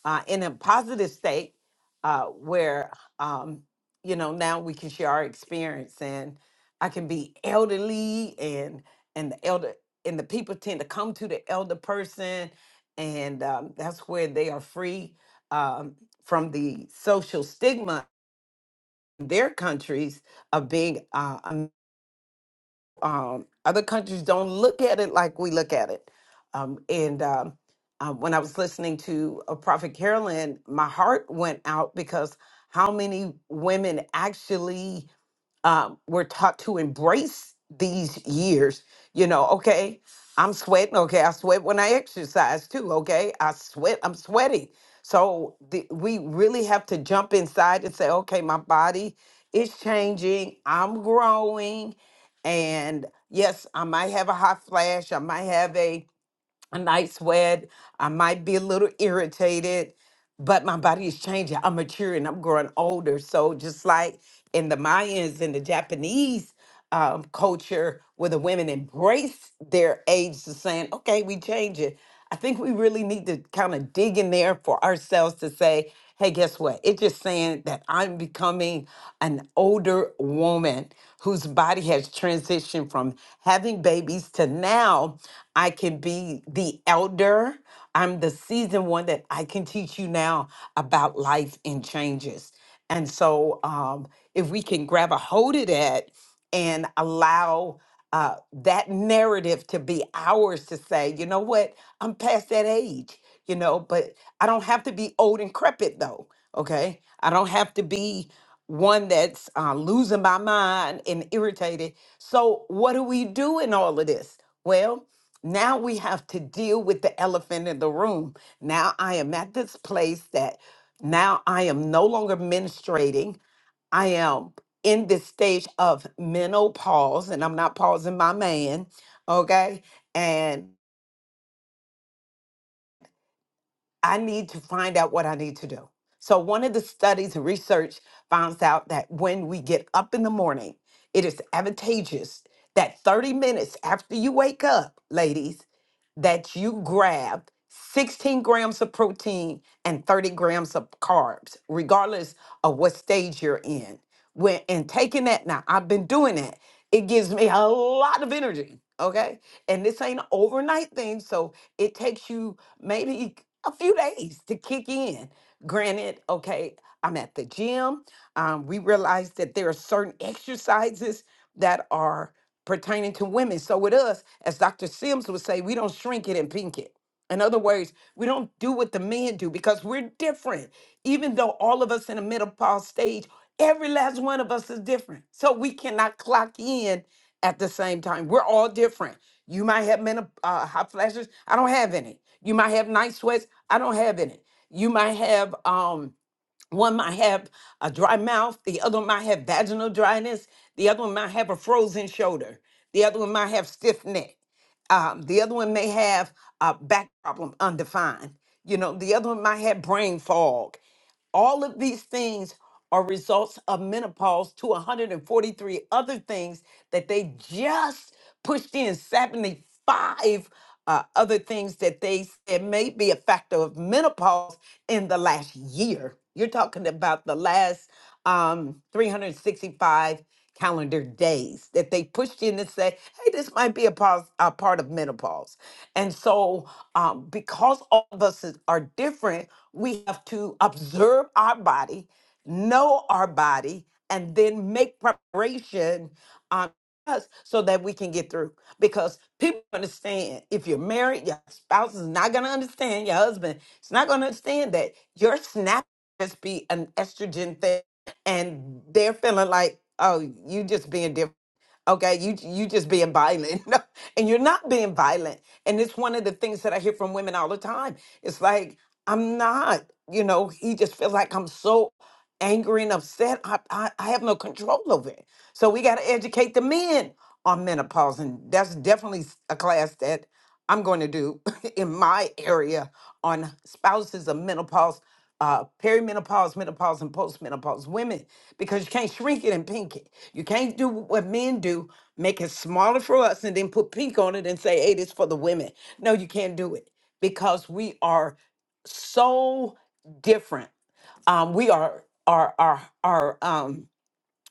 S4: uh, in a positive state uh, where um, you know now we can share our experience and i can be elderly and and the elder and the people tend to come to the elder person and um, that's where they are free um, from the social stigma in their countries of being uh, um, other countries don't look at it like we look at it. Um, and um, uh, when I was listening to uh, Prophet Carolyn, my heart went out because how many women actually? um, we're taught to embrace these years. You know, okay, I'm sweating. Okay, I sweat when I exercise too. Okay, I sweat. I'm sweating. So the, we really have to jump inside and say, okay, my body is changing. I'm growing, and yes, I might have a hot flash. I might have a a night sweat. I might be a little irritated but my body is changing. I'm maturing. I'm growing older. So just like in the Mayans and the Japanese um, culture, where the women embrace their age to saying, "Okay, we change it." I think we really need to kind of dig in there for ourselves to say, "Hey, guess what? It's just saying that I'm becoming an older woman whose body has transitioned from having babies to now I can be the elder." I'm the seasoned one that I can teach you now about life and changes. And so, um, if we can grab a hold of that and allow uh, that narrative to be ours to say, you know what, I'm past that age, you know, but I don't have to be old and crepit though. Okay. I don't have to be one that's uh, losing my mind and irritated. So, what do we do in all of this? Well, now we have to deal with the elephant in the room. Now I am at this place that now I am no longer menstruating. I am in this stage of menopause and I'm not pausing my man. Okay. And I need to find out what I need to do. So, one of the studies and research finds out that when we get up in the morning, it is advantageous that 30 minutes after you wake up, ladies, that you grab 16 grams of protein and 30 grams of carbs, regardless of what stage you're in. When and taking that now, I've been doing that. It gives me a lot of energy. Okay. And this ain't an overnight thing. So it takes you maybe a few days to kick in. Granted, okay, I'm at the gym. Um, we realize that there are certain exercises that are pertaining to women. So with us, as Dr. Sims would say, we don't shrink it and pink it. In other words, we don't do what the men do because we're different. Even though all of us in the menopause stage, every last one of us is different. So we cannot clock in at the same time. We're all different. You might have men uh, hot flashes. I don't have any. You might have night sweats. I don't have any. You might have um one might have a dry mouth. The other one might have vaginal dryness. The other one might have a frozen shoulder. The other one might have stiff neck. Um, the other one may have a back problem, undefined. You know, the other one might have brain fog. All of these things are results of menopause to 143 other things that they just pushed in 75 uh, other things that they said may be a factor of menopause in the last year. You're talking about the last um, 365 calendar days that they pushed in to say, hey, this might be a, pause, a part of menopause. And so, um, because all of us is- are different, we have to observe our body, know our body, and then make preparation um, us so that we can get through. Because people understand if you're married, your spouse is not going to understand, your husband is not going to understand that your snap just be an estrogen thing and they're feeling like, oh, you just being different okay you you just being violent and you're not being violent and it's one of the things that i hear from women all the time it's like i'm not you know he just feels like i'm so angry and upset i i, I have no control over it so we got to educate the men on menopause and that's definitely s- a class that I'm going to do in my area on spouses of menopause, uh, perimenopause, menopause, and postmenopause women, because you can't shrink it and pink it. You can't do what men do, make it smaller for us and then put pink on it and say, hey, this for the women. No, you can't do it because we are so different. Um, we are are are are um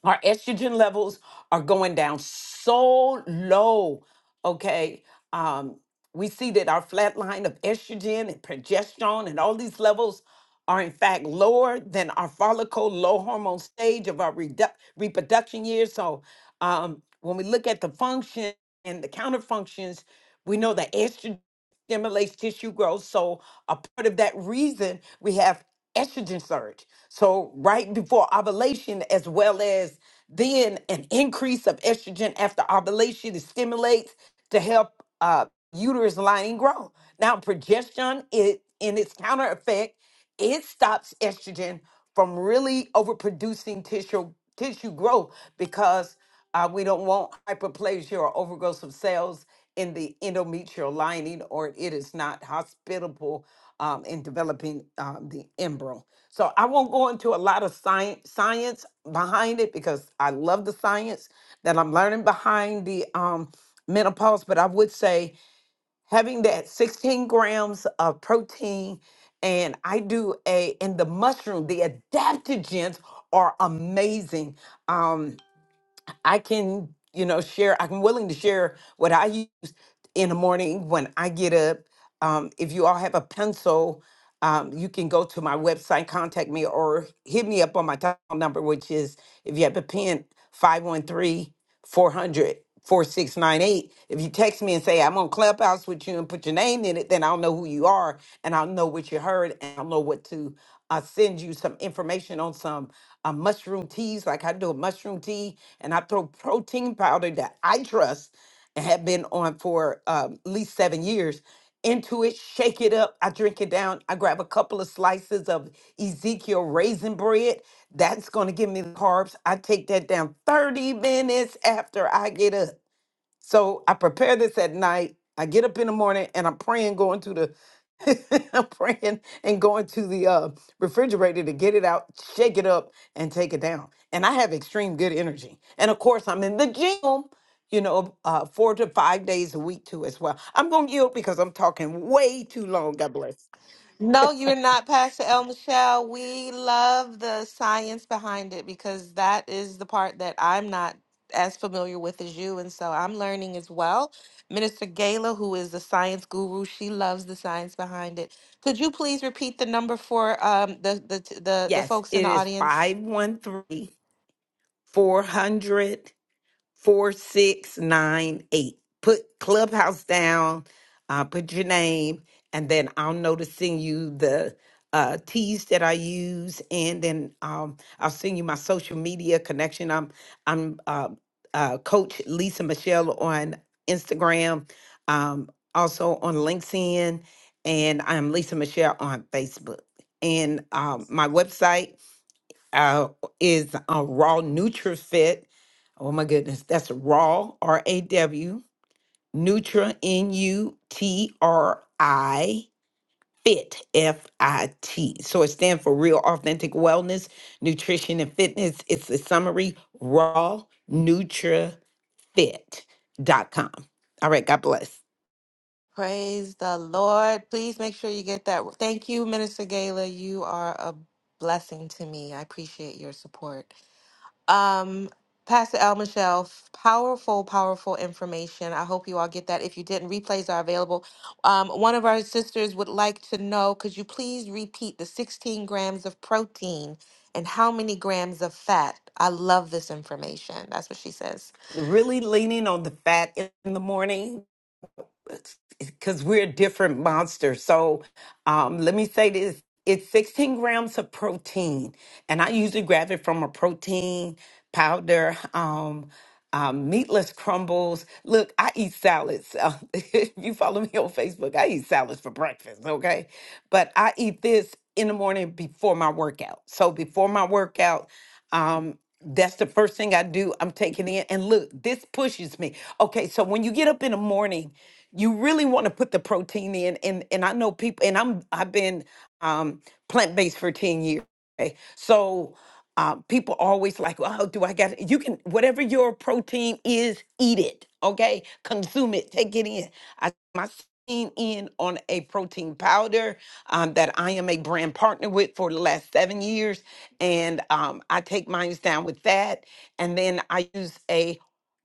S4: our estrogen levels are going down so low. Okay. Um, we see that our flat line of estrogen and progesterone and all these levels are in fact lower than our follicle low hormone stage of our redu- reproduction years. So um, when we look at the function and the counter functions, we know that estrogen stimulates tissue growth. So, a part of that reason we have estrogen surge. So, right before ovulation, as well as then an increase of estrogen after ovulation, it stimulates to help uh, uterus lining grow. Now, progesterone, it in its counter effect, it stops estrogen from really overproducing tissue tissue growth because uh, we don't want hyperplasia or overgrowth of cells in the endometrial lining, or it is not hospitable um, in developing um, the embryo. So I won't go into a lot of science science behind it because I love the science that I'm learning behind the um, menopause. But I would say having that 16 grams of protein, and I do a in the mushroom, the adaptogens are amazing. Um, I can, you know, share. I'm willing to share what I use in the morning when I get up. Um, if you all have a pencil, um, you can go to my website, contact me, or hit me up on my telephone number, which is, if you have a pen, 513 400 4698. If you text me and say, I'm on Clubhouse with you and put your name in it, then I'll know who you are and I'll know what you heard and I'll know what to uh, send you some information on some uh, mushroom teas. Like I do a mushroom tea and I throw protein powder that I trust and had been on for um, at least seven years. Into it, shake it up. I drink it down. I grab a couple of slices of Ezekiel raisin bread. That's going to give me the carbs. I take that down 30 minutes after I get up. So I prepare this at night. I get up in the morning and I'm praying, going to the, I'm praying and going to the uh, refrigerator to get it out, shake it up, and take it down. And I have extreme good energy. And of course, I'm in the gym, you know, uh, four to five days a week too, as well. I'm gonna yield because I'm talking way too long. God bless.
S1: No, you're not, Pastor El Michelle. We love the science behind it because that is the part that I'm not as familiar with as you. And so I'm learning as well. Minister Gayla, who is the science guru, she loves the science behind it. Could you please repeat the number for um, the, the, the, the
S4: Yes,
S1: folks in
S4: it
S1: the
S4: is
S1: audience?
S4: 513 400. 4698. Put Clubhouse down, uh, put your name, and then I'll know to send you the uh, teas that I use, and then um, I'll send you my social media connection. I'm I'm uh, uh, Coach Lisa Michelle on Instagram, um, also on LinkedIn, and I'm Lisa Michelle on Facebook. And um, my website uh, is uh, Raw NutriFit. Oh my goodness, that's Raw R A W Nutra N U T R I Fit F I T. So it stands for Real Authentic Wellness, Nutrition, and Fitness. It's the summary Raw NutraFit.com. All right, God bless.
S1: Praise the Lord. Please make sure you get that. Thank you, Minister Gayla. You are a blessing to me. I appreciate your support. Um, Pastor Al Michelle, f- powerful, powerful information. I hope you all get that. If you didn't, replays are available. Um, one of our sisters would like to know could you please repeat the 16 grams of protein and how many grams of fat? I love this information. That's what she says.
S4: Really leaning on the fat in the morning because we're different monsters. So um, let me say this. It's 16 grams of protein, and I usually grab it from a protein powder, um, um, meatless crumbles. Look, I eat salads. Uh, if you follow me on Facebook, I eat salads for breakfast, okay? But I eat this in the morning before my workout. So before my workout, um, that's the first thing I do. I'm taking it in, and look, this pushes me. Okay, so when you get up in the morning, you really want to put the protein in and and I know people and I'm I've been um plant-based for 10 years. okay? So uh, people always like, oh, do I got you can whatever your protein is, eat it, okay? Consume it, take it in. I my seen in on a protein powder um, that I am a brand partner with for the last seven years, and um, I take mine down with that, and then I use a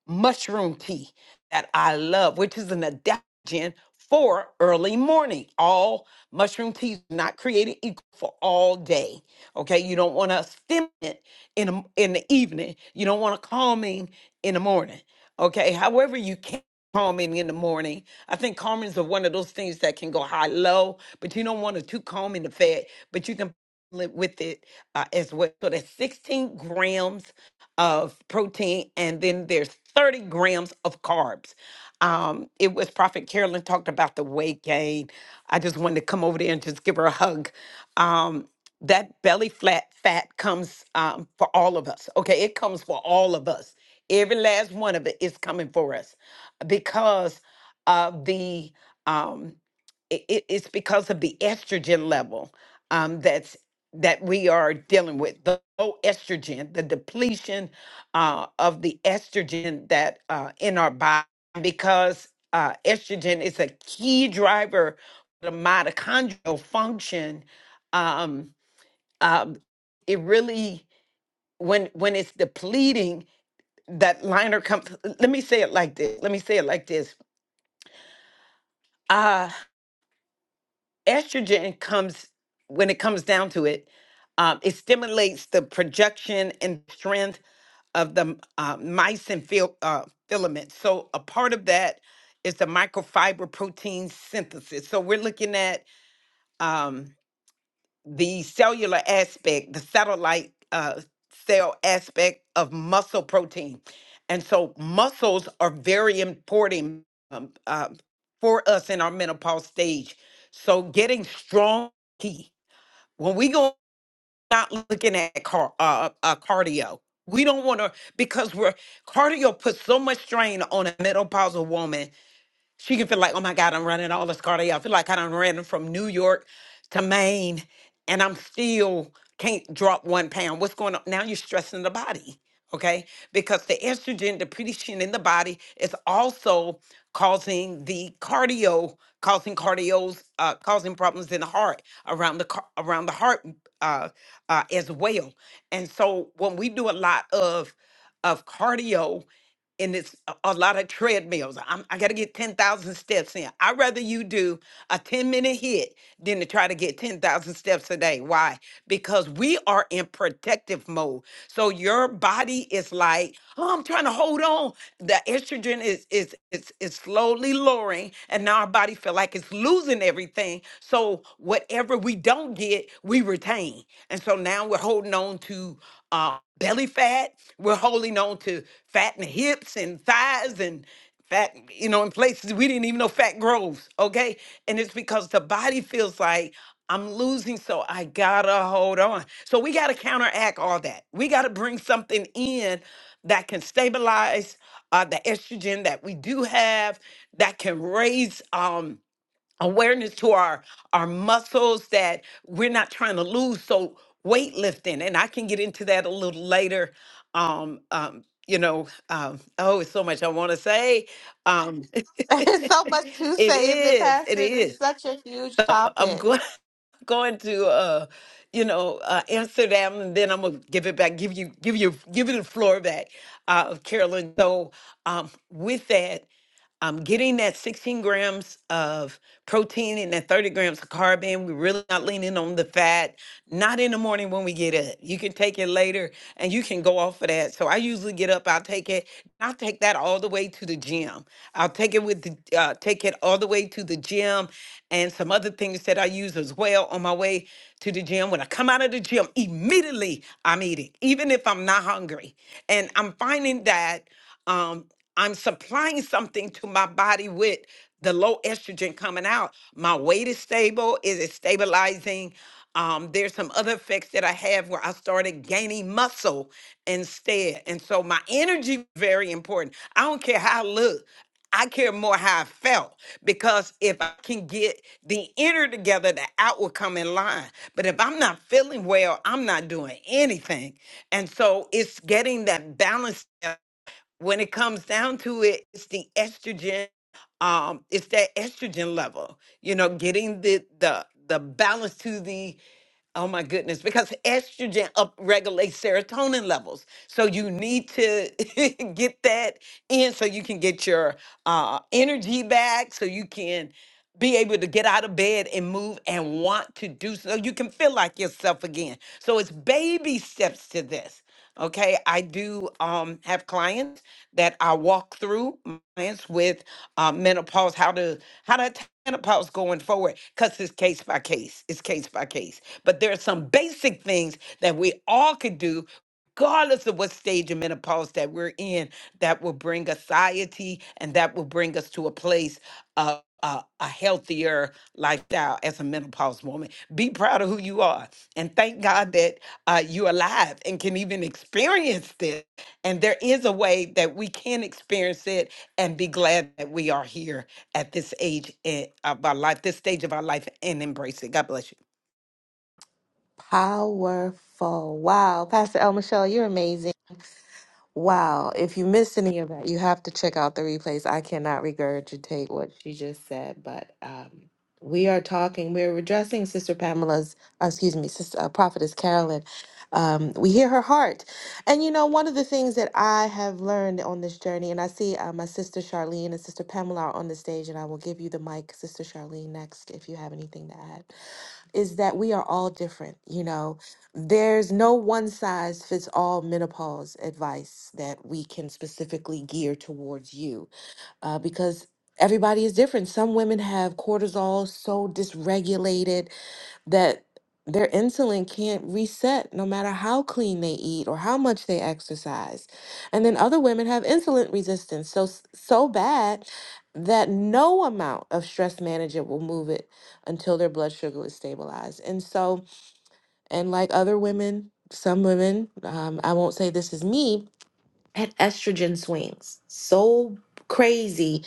S4: mushroom tea that I love, which is an adaptogen for early morning. All mushroom teas not created equal for all day. Okay, you don't want a stimulant in the, in the evening. You don't want a calming in the morning. Okay, however you can calming in the morning. I think calmings are one of those things that can go high low, but you don't want it too calm in the fat, but you can live with it uh, as well. So that's 16 grams of protein, and then there's 30 grams of carbs. Um, it was Prophet Carolyn talked about the weight gain. I just wanted to come over there and just give her a hug. Um, that belly flat fat comes um, for all of us. Okay, it comes for all of us. Every last one of it is coming for us because of the um, it, it- it's because of the estrogen level um, that's that we are dealing with the low estrogen, the depletion uh, of the estrogen that uh, in our body, because uh, estrogen is a key driver for the mitochondrial function. Um, um, it really, when when it's depleting, that liner comes. Let me say it like this. Let me say it like this. Uh, estrogen comes when it comes down to it um, it stimulates the projection and strength of the m- uh, mycin fil- uh, filament so a part of that is the microfiber protein synthesis so we're looking at um, the cellular aspect, the satellite uh, cell aspect of muscle protein. And so muscles are very important um, uh, for us in our menopause stage. So getting strong key. When we go not looking at car, uh, uh, uh, cardio, we don't want to because we're cardio puts so much strain on a menopausal woman she can feel like, oh my God, I'm running all this cardio. I feel like I done ran from New York to Maine and I'm still can't drop one pound. What's going on? Now you're stressing the body, okay? Because the estrogen depletion in the body is also causing the cardio, causing cardio's, uh, causing problems in the heart around the car- around the heart uh, uh, as well. And so when we do a lot of of cardio and it's a, a lot of treadmills. I'm, I got to get 10,000 steps in. I'd rather you do a 10 minute hit than to try to get 10,000 steps a day. Why? Because we are in protective mode. So your body is like, oh, I'm trying to hold on. The estrogen is is is, is slowly lowering, and now our body feel like it's losing everything. So whatever we don't get, we retain. And so now we're holding on to uh, belly fat. We're holding on to fat in the hips and thighs and fat, you know, in places we didn't even know fat grows. Okay. And it's because the body feels like I'm losing, so I gotta hold on. So we gotta counteract all that. We gotta bring something in that can stabilize uh, the estrogen that we do have, that can raise. Um, awareness to our our muscles that we're not trying to lose so weightlifting and i can get into that a little later um um you know um oh it's so much i want to say um it
S1: There's so much to say in the
S4: is it
S1: Pastor. This is
S4: is
S1: such a huge
S4: i'm going
S1: topic.
S4: going to uh you know uh amsterdam and then i'm gonna give it back give you give you give you the floor back uh carolyn so um with that um, getting that 16 grams of protein and that 30 grams of carb in. We're really not leaning on the fat, not in the morning when we get up. You can take it later and you can go off of that. So I usually get up, I'll take it. I'll take that all the way to the gym. I'll take it with the, uh, take it all the way to the gym and some other things that I use as well on my way to the gym. When I come out of the gym, immediately I'm eating, even if I'm not hungry. And I'm finding that um, I'm supplying something to my body with the low estrogen coming out. My weight is stable. Is it is stabilizing? Um, there's some other effects that I have where I started gaining muscle instead. And so my energy very important. I don't care how I look. I care more how I felt because if I can get the inner together, the out will come in line. But if I'm not feeling well, I'm not doing anything. And so it's getting that balance when it comes down to it, it's the estrogen. Um, it's that estrogen level. You know, getting the the the balance to the Oh my goodness, because estrogen upregulates serotonin levels. So you need to get that in so you can get your uh, energy back, so you can be able to get out of bed and move and want to do so you can feel like yourself again. So it's baby steps to this. Okay, I do um, have clients that I walk through my clients with uh, menopause, how to how to attack menopause going forward, because it's case by case. It's case by case. But there are some basic things that we all could do regardless of what stage of menopause that we're in, that will bring anxiety and that will bring us to a place of a, a healthier lifestyle as a menopause woman. Be proud of who you are and thank God that uh, you're alive and can even experience this. And there is a way that we can experience it and be glad that we are here at this age in, of our life, this stage of our life, and embrace it. God bless you.
S1: Powerful. Wow. Pastor El Michelle, you're amazing. Wow. If you missed any of that, you have to check out the replays. I cannot regurgitate what she just said, but um, we are talking, we're addressing Sister Pamela's, uh, excuse me, Sister uh, Prophetess Carolyn. Um, we hear her heart. And you know, one of the things that I have learned on this journey, and I see uh, my sister Charlene and Sister Pamela are on the stage, and I will give you the mic, Sister Charlene, next if you have anything to add is that we are all different. You know, there's no one size fits all menopause advice that we can specifically gear towards you uh, because everybody is different. Some women have cortisol so dysregulated that their insulin can't reset no matter how clean they eat or how much they exercise. And then other women have insulin resistance so s- so bad that no amount of stress manager will move it until their blood sugar is stabilized. And so and like other women, some women, um, I won't say this is me, had estrogen swings so crazy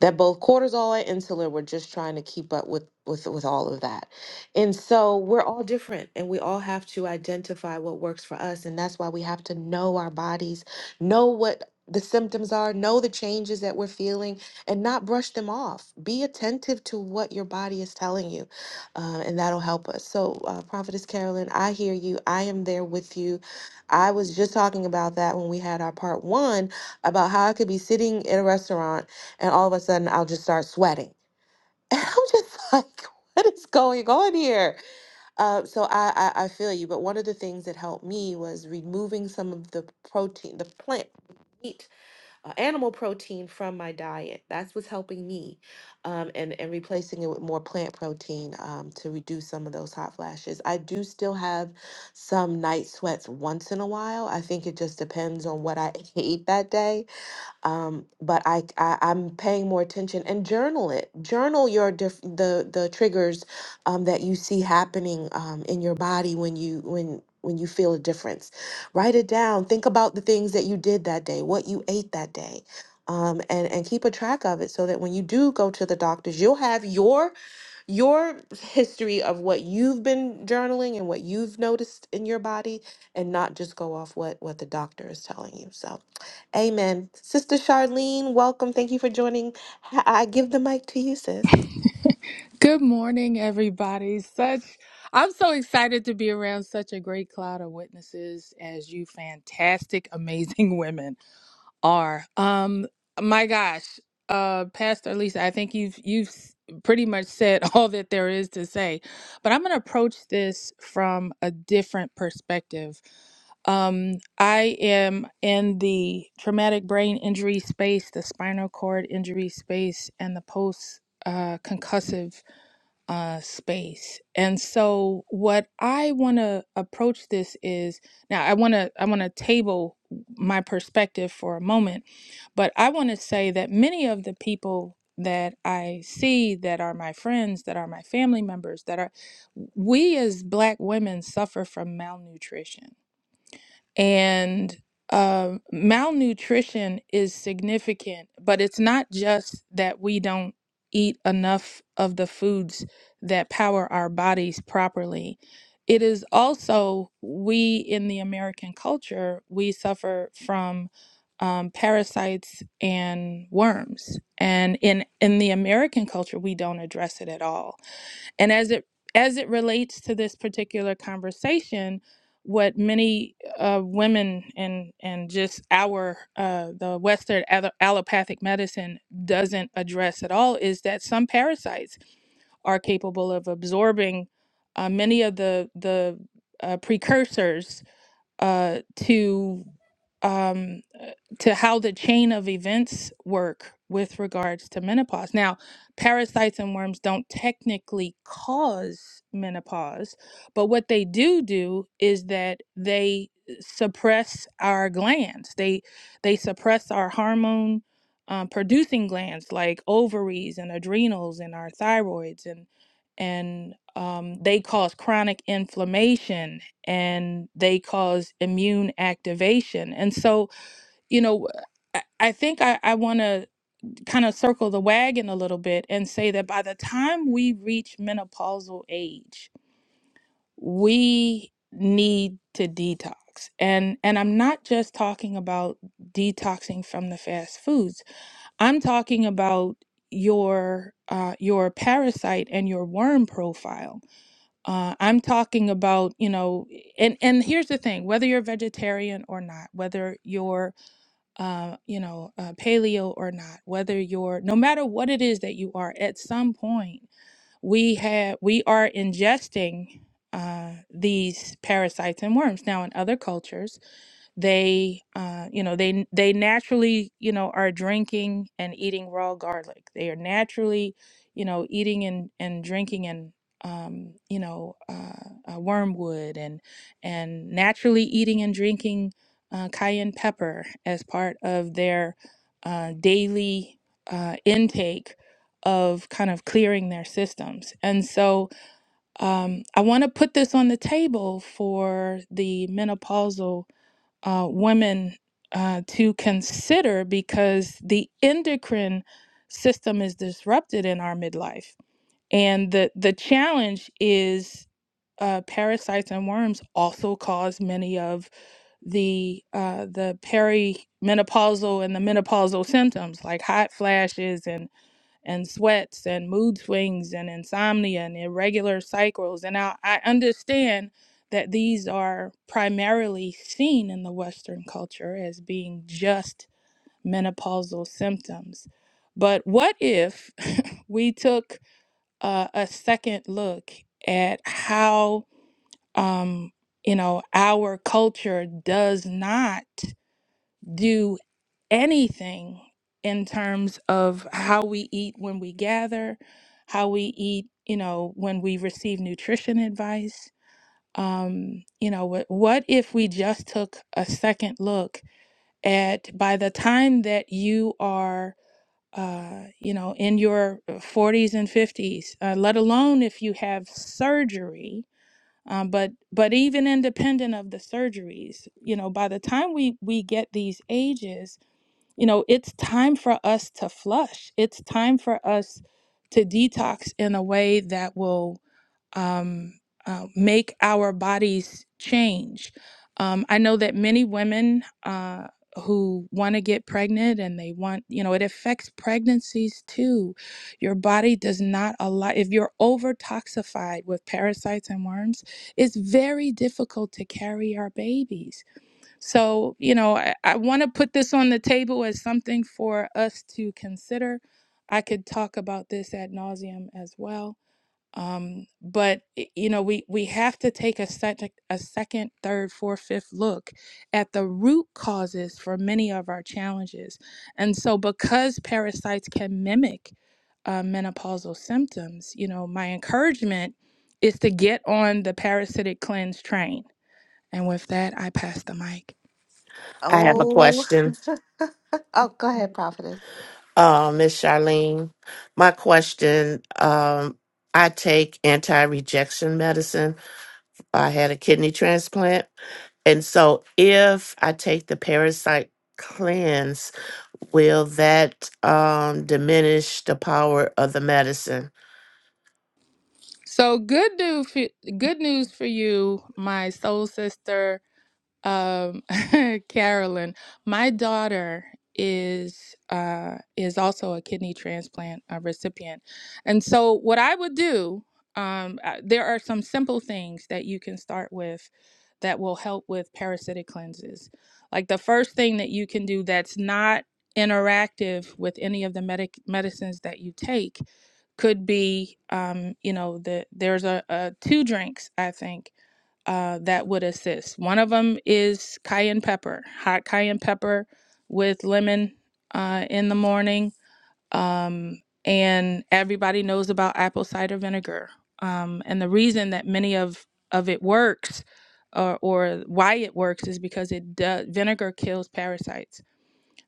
S1: that both cortisol and insulin were just trying to keep up with with with all of that. And so we're all different and we all have to identify what works for us and that's why we have to know our bodies, know what the symptoms are, know the changes that we're feeling and not brush them off. Be attentive to what your body is telling you uh, and that'll help us. So uh, Prophetess Carolyn, I hear you. I am there with you I was just talking about that when we had our part one about how I could be sitting in a restaurant and all of a sudden I'll just start sweating. And I'm just like, what is going on here? Uh, so I, I, I feel you. But one of the things that helped me was removing some of the protein, the plant meat uh, animal protein from my diet. That's what's helping me, um, and and replacing it with more plant protein um, to reduce some of those hot flashes. I do still have some night sweats once in a while. I think it just depends on what I ate that day um, but I, I I'm paying more attention and journal it. Journal your diff- the the triggers um, that you see happening um, in your body when you when when you feel a difference. Write it down. Think about the things that you did that day, what you ate that day, um, and and keep a track of it so that when you do go to the doctors, you'll have your your history of what you've been journaling and what you've noticed in your body and not just go off what what the doctor is telling you so amen sister charlene welcome thank you for joining Ha- i give the mic to you sis
S5: Good morning, everybody. Such I'm so excited to be around such a great cloud of witnesses as you fantastic, amazing women are. Um, my gosh, uh, Pastor Lisa, I think you've you've s- pretty much said all that there is to say, but I'm going to approach this from a different perspective. Um, I am in the traumatic brain injury space, the spinal cord injury space, and the post uh, concussive uh, space. And so, what I want to approach this is now. I want to I want to table my perspective for a moment, but I want to say that many of the people that I see that are my friends, that are my family members, that are we as Black women suffer from malnutrition and uh, malnutrition is significant, but it's not just that we don't eat enough of the foods that power our bodies properly. It is also we in the American culture, we suffer from um, parasites and worms. And in, in the American culture, we don't address it at all and as it as it relates to this particular conversation, what many uh, women and and just our uh, the Western allo- allopathic medicine doesn't address at all is that some parasites are capable of absorbing uh, many of the the uh, precursors uh, to um, uh, to how the chain of events work with regards to menopause. Now, parasites and worms don't technically cause menopause, but what they do do is that they uh, suppress our glands. They they suppress our hormone um, producing glands like ovaries and adrenals and our thyroids and and um, they cause chronic inflammation and they cause immune activation. And so, you know, I I think I, I want to kind of circle the wagon a little bit and say that by the time we reach menopausal age, we need to detox. And and I'm not just talking about detoxing from the fast foods. I'm talking about your uh, your parasite and your worm profile uh, I'm talking about, you know, and and here's the thing: whether you're vegetarian or not, whether you're, uh, you know, uh, paleo or not, whether you're, no matter what it is that you are, at some point we have we are ingesting uh, these parasites and worms. Now, in other cultures they uh you know they they naturally you know are drinking and eating raw garlic they are naturally you know eating and and drinking and um you know uh, uh wormwood and and naturally eating and drinking uh, cayenne pepper as part of their uh, daily uh, intake of kind of clearing their systems and so um, i want to put this on the table for the menopausal uh, women uh, to consider because the endocrine system is disrupted in our midlife. And the, the challenge is uh, parasites and worms also cause many of the uh, the perimenopausal and the menopausal symptoms like hot flashes and and sweats and mood swings and insomnia and irregular cycles. And I, I understand that these are primarily seen in the Western culture as being just menopausal symptoms. But what if we took uh, a second look at how, um, you know, our culture does not? do anything in terms of how we eat when we gather, how we eat, you know, when we receive nutrition advice. Um, you know, what, what if we just took a second look at by the time that you are, uh, you know, in your 40s and 50s, uh, let alone if you have surgery. Um, but but even independent of the surgeries, you know, by the time we we get these ages, you know, it's time for us to flush. It's time for us to detox in a way that will um, uh, make our bodies change. Um, I know that many women uh, who want to get pregnant and they want, you know, it affects pregnancies too. Your body does not allow, if you're over toxified with parasites and worms, it's very difficult to carry our babies. So, you know, I, I want to put this on the table as something for us to consider. I could talk about this ad nauseum as well. Um, but y- you know, we we have to take a second, a second, third, fourth, fifth look at the root causes for many of our challenges. And so, because parasites can mimic uh, menopausal symptoms, you know, my encouragement is to get on the parasitic cleanse train. And with that, I pass the mic.
S3: I have a
S1: oh
S3: question,
S1: oh go ahead prophetess
S3: uh, Miss Charlene. My question um, I take anti rejection medicine. I had a kidney transplant. And so if I take the parasite cleanse, will that um, diminish the power of the medicine?
S5: So good news, for, good news for you, my soul sister, um, Carolyn. My daughter is uh, is also a kidney transplant uh, recipient, and so what I would do, um, uh, there are some simple things that you can start with that will help with parasitic cleanses. Like the first thing that you can do that's not interactive with any of the medic medicines that you take could be um, you know the there's a, a two drinks i think uh, that would assist one of them is cayenne pepper hot cayenne pepper with lemon uh, in the morning um, and everybody knows about apple cider vinegar um, and the reason that many of of it works or, or why it works is because it does vinegar kills parasites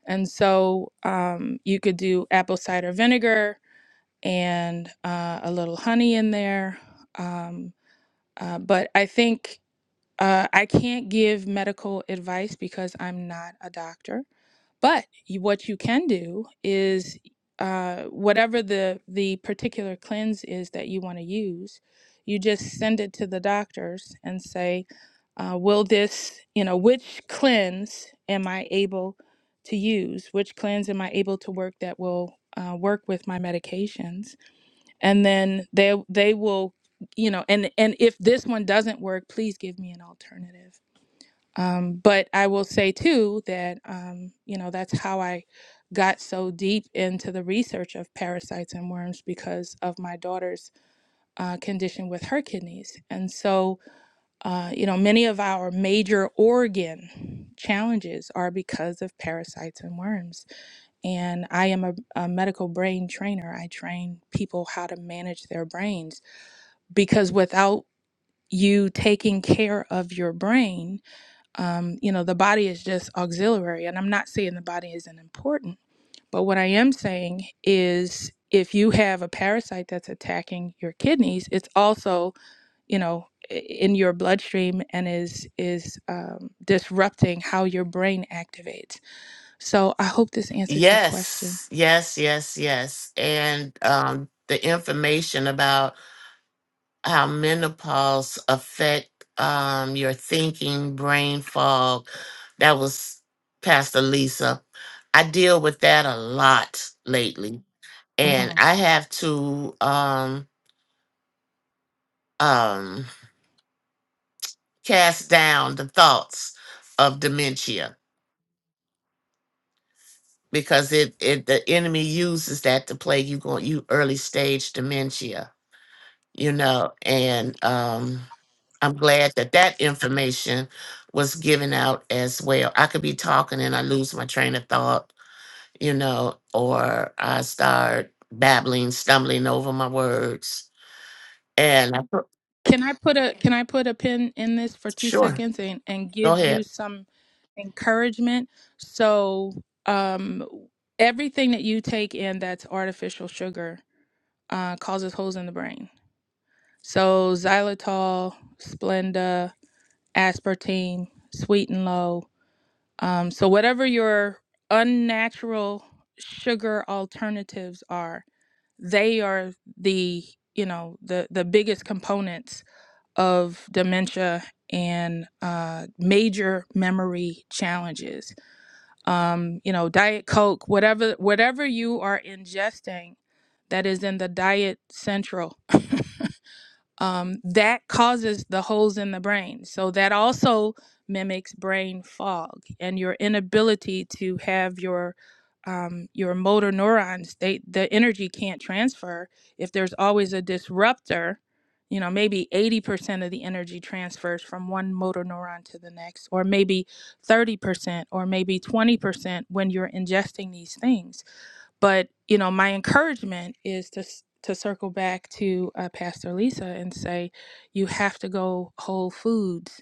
S5: and so um, you could do apple cider vinegar and uh, a little honey in there. Um, uh, but I think uh, I can't give medical advice because I'm not a doctor. But you, what you can do is uh, whatever the the particular cleanse is that you want to use, you just send it to the doctors and say, uh, "Will this, you know, which cleanse am I able to use? Which cleanse am I able to work that will uh, work with my medications?" and then they they will you know and and if this one doesn't work please give me an alternative um, but i will say too that um, you know that's how i got so deep into the research of parasites and worms because of my daughter's uh, condition with her kidneys and so uh, you know many of our major organ challenges are because of parasites and worms and I am a, a medical brain trainer. I train people how to manage their brains because without you taking care of your brain, um, you know, the body is just auxiliary. And I'm not saying the body isn't important, but what I am saying is if you have a parasite that's attacking your kidneys, it's also, you know, i- in your bloodstream and is is um, disrupting how your brain activates. So I hope this answered your question.
S3: Yes, yes, yes, yes. And um, the information about how menopause affect um, your thinking, brain fog, that was Pastor Lisa. I deal with that a lot lately. and I have to um um cast down the thoughts of dementia because it it the enemy uses that to plague you going you early stage dementia you know and um I'm glad that that information was given out as well. I could be talking and I lose my train of thought, you know, or I start babbling, stumbling over my words. And I, pro-
S5: Can I put a can I put a pin in this for two
S3: sure,
S5: seconds and, and
S3: go
S5: give
S3: ahead.
S5: you some encouragement? So um everything that you take in that's artificial sugar uh, causes holes in the brain. So xylitol, Splenda, aspartame, sweet and low. Um, so whatever your unnatural sugar alternatives are, they are the you know the the biggest components of dementia and uh, major memory challenges. Um, you know, Diet Coke, whatever whatever you are ingesting that is in the Diet Central um, that causes the holes in the brain. So that also mimics brain fog and your inability to have your um, your motor neurons. They the energy can't transfer if there's always a disruptor. You know, maybe 80% of the energy transfers from one motor neuron to the next, or maybe 30%, or maybe 20% when you're ingesting these things. But you know, my encouragement is to s- to circle back to uh, Pastor Lisa and say, you have to go whole foods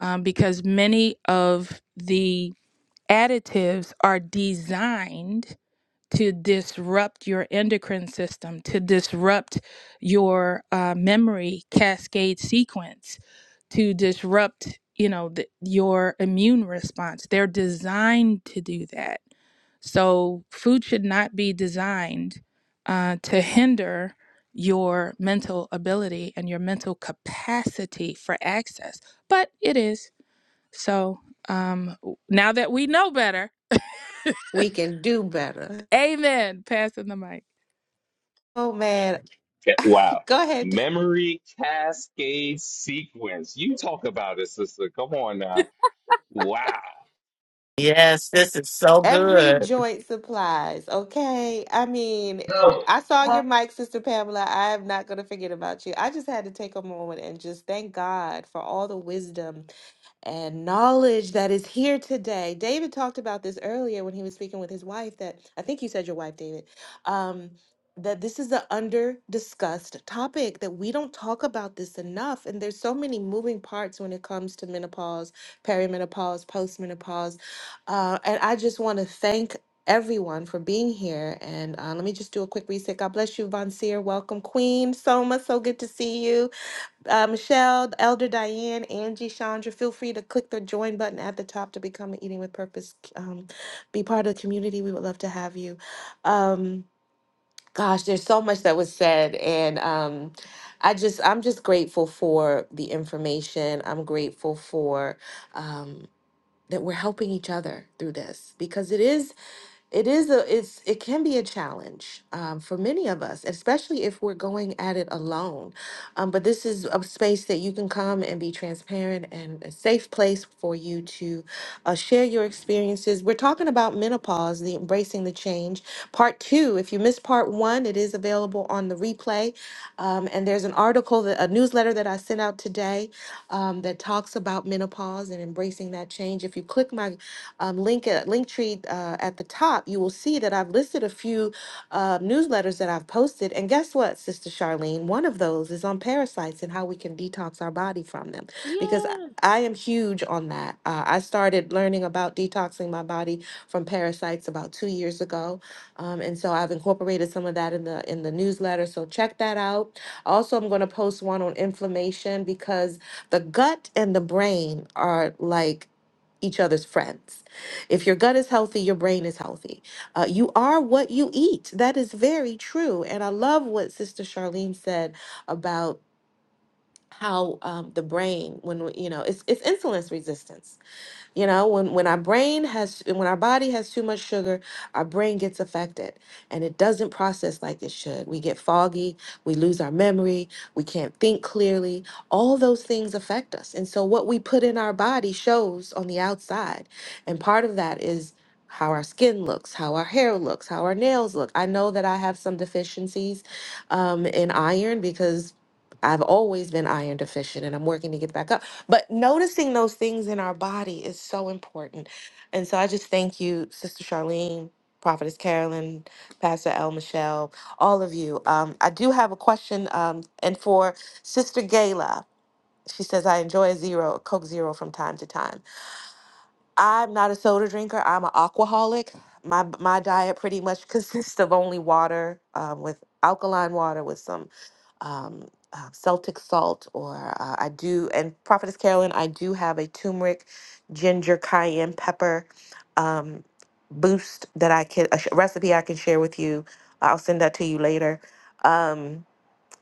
S5: um, because many of the additives are designed to disrupt your endocrine system, to disrupt your uh, memory cascade sequence to disrupt, you know, the, your immune response. They're designed to do that. So food should not be designed uh, to hinder your mental ability and your mental capacity for access, but it is. So um, w- now that we know better,
S1: We can do better.
S5: amen. Passing the mic.
S1: oh man
S2: Yeah, Wow,
S1: go ahead
S2: memory cascade sequence. You talk about it, sister. Come on now. Wow,
S3: Yes, this is so
S1: Every
S3: good.
S1: joint supplies, okay? I mean, I saw your
S6: Good
S1: mic, Sister Pamela. I am not going to forget about you. I just had to take a moment and just thank God for all the wisdom and knowledge that is here today. David talked about this earlier when he was speaking with his wife. That I think you said your wife, David. Um, that this is an under discussed topic that we don't talk about this enough and there's so many moving parts when it comes to menopause perimenopause postmenopause uh, and i just want to thank everyone for being here and uh, let me just do a quick reset god bless you von seer welcome queen soma so good to see you uh, Michelle, Elder Diane, Angie, Chandra, feel free to click the join button at the top to become an Eating with Purpose. Um, be part of the community. We would love to have you. Um, gosh, there's so much that was said, and um, I just I'm just grateful for the information. I'm grateful for um, that we're helping each other through this because it is it is a it's it can be a challenge um, for many of us especially if we're going at it alone um, but this is a space that you can come and be transparent and a safe place for you to uh, share your experiences we're talking about menopause the embracing the change part two if you missed part one it is available on the replay um, and there's an article that a newsletter that i sent out today um, that talks about menopause and embracing that change if you click my um, link uh, linktree uh, at the top, you will see that I've listed a few uh, newsletters that I've posted. And guess what, Sister Charlene? One of those is on parasites and how we can detox our body from them
S5: Yeah.
S1: because. I I am huge on that. Uh, I started learning about detoxing my body from parasites about two years ago, um, and so I've incorporated some of that in the in the newsletter. So check that out. Also, I'm going to post one on inflammation because the gut and the brain are like each other's friends. If your gut is healthy, your brain is healthy. Uh, you are what you eat. That is very true. And I love what Sister Charlene said about how um, the brain, when we- you know, it's it's insulin resistance you know, when when our brain has when our body has too much sugar, our brain gets affected and it doesn't process like it should. We get foggy, we lose our memory, we can't think clearly. All those things affect us. And so what we put in our body shows on the outside. And part of that is how our skin looks, how our hair looks, how our nails look. I know that I have some deficiencies um, in iron because I've always been iron deficient and I'm working to get back up. But noticing those things in our body is so important. And so I just thank you, Sister Charlene, Prophetess Carolyn, Pastor El Michelle, all of you. Um, I do have a question, um, and for Sister Gayla. She says, I enjoy a zero, a Coke Zero from time to time. I'm not a soda drinker. I'm an alcoholic. My my diet pretty much consists of only water um, with alkaline water with some um, uh, Celtic salt, or uh, I do, and Prophetess Carolyn, I do have a turmeric, ginger, cayenne pepper um, boost that I can, a sh- recipe I can share with you. I'll send that to you later. Um,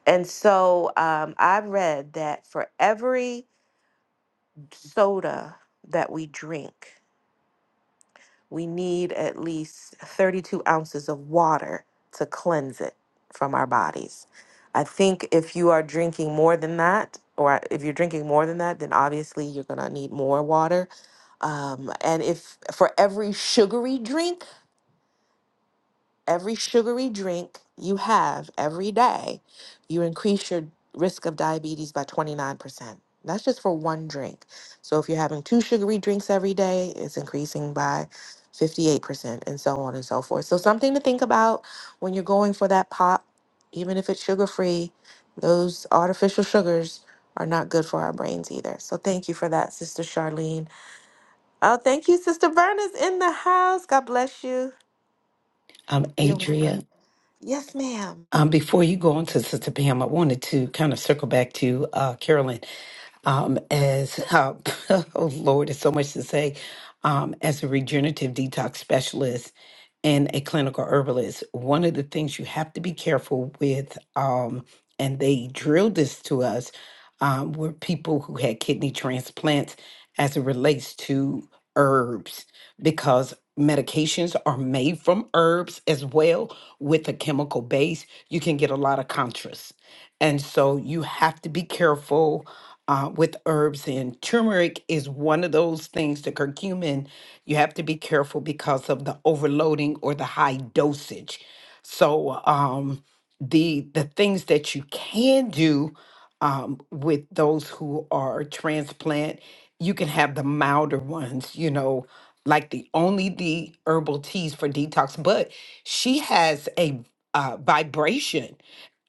S1: and so um, I've read that for every soda that we drink, we need at least 32 ounces of water to cleanse it from our bodies. I think if you are drinking more than that, or if you're drinking more than that, then obviously you're going to need more water. Um, and if for every sugary drink, every sugary drink you have every day, you increase your risk of diabetes by 29%. That's just for one drink. So if you're having two sugary drinks every day, it's increasing by 58%, and so on and so forth. So something to think about when you're going for that pop, even if it's sugar free, those artificial sugars are not good for our brains either. So thank you for that, Sister Charlene. Oh, thank you, Sister Verna's in the house. God bless you.
S4: I'm
S1: You're welcome.
S4: Adria.
S1: Yes, ma'am.
S4: Um, before you go on to Sister Pam, I wanted to kind of circle back to uh, Carolyn. Um, as how, oh Lord, there's so much to say. Um, as a regenerative detox specialist and a clinical herbalist, one of the things you have to be careful with, um, and they drilled this to us, um, were people who had kidney transplants as it relates to herbs because medications are made from herbs as well with a chemical base. You can get a lot of contras. And so you have to be careful uh, with herbs, and turmeric is one of those things, the curcumin, you have to be careful because of the overloading or the high dosage. So, um, the the things that you can do um, with those who are transplant, you can have the milder ones, you know, like the only the herbal teas for detox, but she has a uh, vibration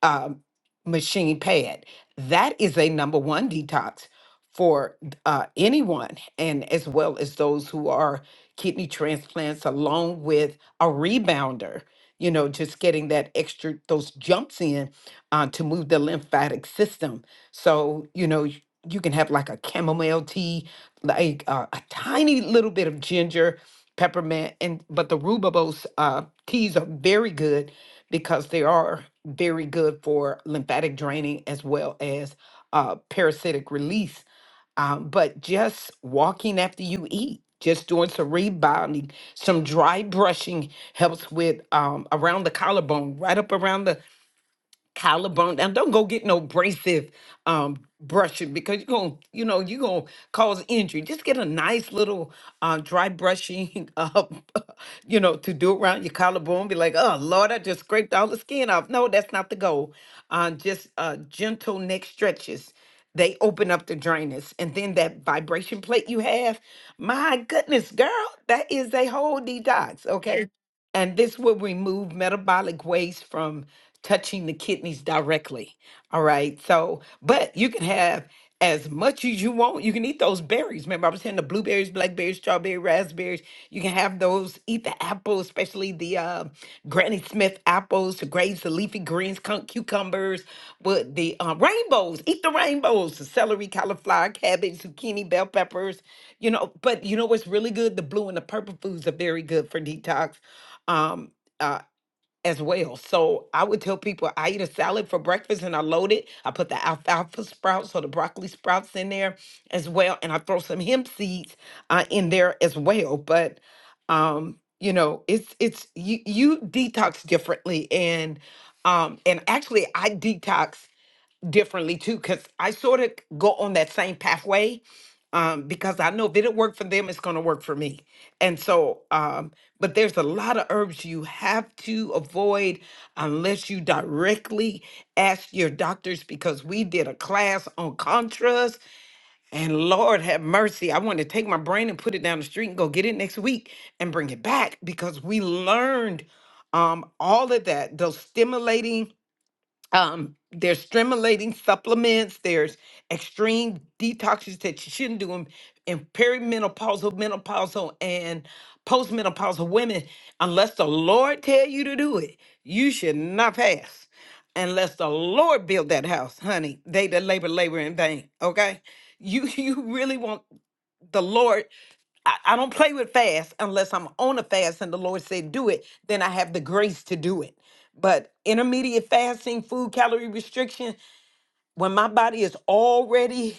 S4: um, machine pad. That is a number one detox for uh, anyone, and as well as those who are kidney transplants, along with a rebounder. You know, just getting that extra those jumps in uh, to move the lymphatic system. So you know you you can have like a chamomile tea like uh, a tiny little bit of ginger, peppermint, and but the rooibos uh, teas are very good because they are very good for lymphatic draining as well as uh, parasitic release. Um, but just walking after you eat, just doing some rebounding, some dry brushing helps with um, around the collarbone, right up around the collarbone down. Don't go get no abrasive um brushing because you're gonna, you know, you're gonna cause injury. Just get a nice little uh dry brushing up, you know, to do around your collarbone. Be like, oh Lord, I just scraped all the skin off. No, that's not the goal. Uh just uh gentle neck stretches. They open up the drainage. And then that vibration plate you have, my goodness, girl, that is a whole detox. Okay. And this will remove metabolic waste from touching the kidneys directly. All right. So, but you can have as much as you want. You can eat those berries. Remember, I was saying the blueberries, blackberries, strawberry, raspberries. You can have those. Eat the apples, especially the uh, Granny Smith apples, the grapes, the leafy greens, cuc- cucumbers, but the uh, rainbows. Eat the rainbows, the celery, cauliflower, cabbage, zucchini, bell peppers. You know, but you know what's really good? The blue and the purple foods are very good for detox um uh as well. So I would tell people I eat a salad for breakfast and I load it. I put the alfalfa sprouts or the broccoli sprouts in there as well. And I throw some hemp seeds uh, in there as well. But um, you know, it's it's you you detox differently and um and actually I detox differently too because i sort of go on that same pathway um, because i know if it worked for them it's going to work for me and so um, but there's a lot of herbs you have to avoid unless you directly ask your doctors because we did a class on contras and lord have mercy i want to take my brain and put it down the street and go get it next week and bring it back because we learned um, all of that those stimulating um there's stimulating supplements there's extreme detoxes that you shouldn't do in, in perimenopausal menopausal and postmenopausal women unless the lord tell you to do it you should not fast unless the lord build that house honey they that labor labor in vain okay you you really want the Lord, I, I don't play with fast unless I'm on a fast and the Lord said do it, then I have the grace to do it. But intermediate fasting, food calorie restriction, when my body is already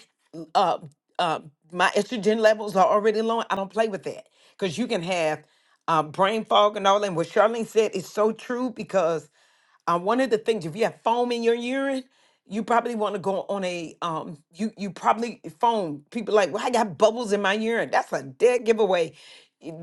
S4: uh, uh, my estrogen levels are already low, I don't play with that because you can have uh, brain fog and all. that. And what Charlene said is so true because uh, one of the things if you have foam in your urine you probably want to go on a um you you probably foam people like well i got bubbles in my urine that's a dead giveaway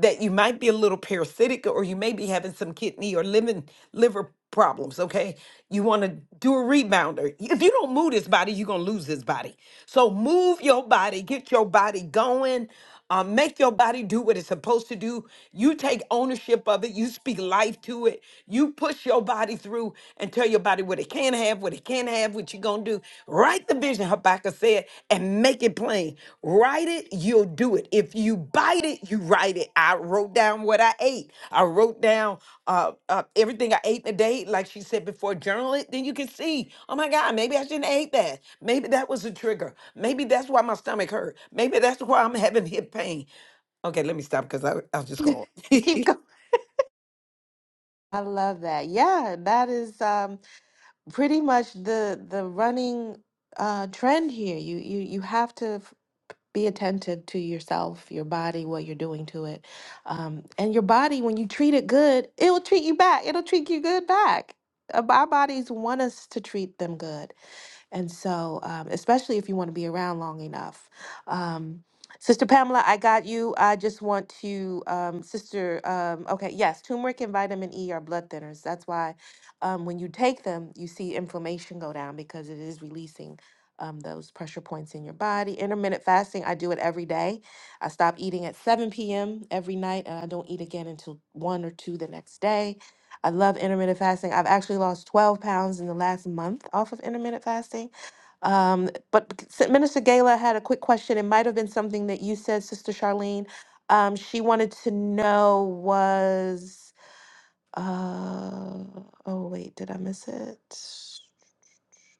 S4: that you might be a little parasitic or you may be having some kidney or living liver problems okay you want to do a rebounder if you don't move this body you're going to lose this body so move your body get your body going uh, make your body do what it's supposed to do. You take ownership of it. You speak life to it. You push your body through and tell your body what it can have, what it can't have, what you're going to do. Write the vision, Habakkuk said, and make it plain. Write it, you'll do it. If you if you bite it, you write it. I wrote down what I ate. I wrote down uh, uh, everything I ate in a day, like she said before, journal it. Then you can see, oh my God, maybe I shouldn't have ate that. Maybe that was a trigger. Maybe that's why my stomach hurt. Maybe that's why I'm having hip pain. Okay, let me stop because I, I was just going.
S1: Keep going. I love that. Yeah, that is um, pretty much the the running uh, trend here. You you you have to f- be attentive to yourself, your body, what you're doing to it, um, and your body. When you treat it good, it will treat you back. It'll treat you good back. Uh, Our bodies want us to treat them good. And so, um, especially if you want to be around long enough. Um, Sister Pamela, I got you. I just want to, um, Sister, um, okay, yes, turmeric and vitamin E are blood thinners. That's why um, when you take them, you see inflammation go down because it is releasing um, those pressure points in your body. Intermittent fasting, I do it every day. I stop eating at 7 p.m. every night and I don't eat again until 1 or 2 the next day I love intermittent fasting. I've actually lost 12 pounds in the last month off of intermittent fasting. Um, but c- s- Minister Gala had a quick question. It might have been something that you said, Sister Charlene. Um, she wanted to know was, uh, oh wait, did I miss it?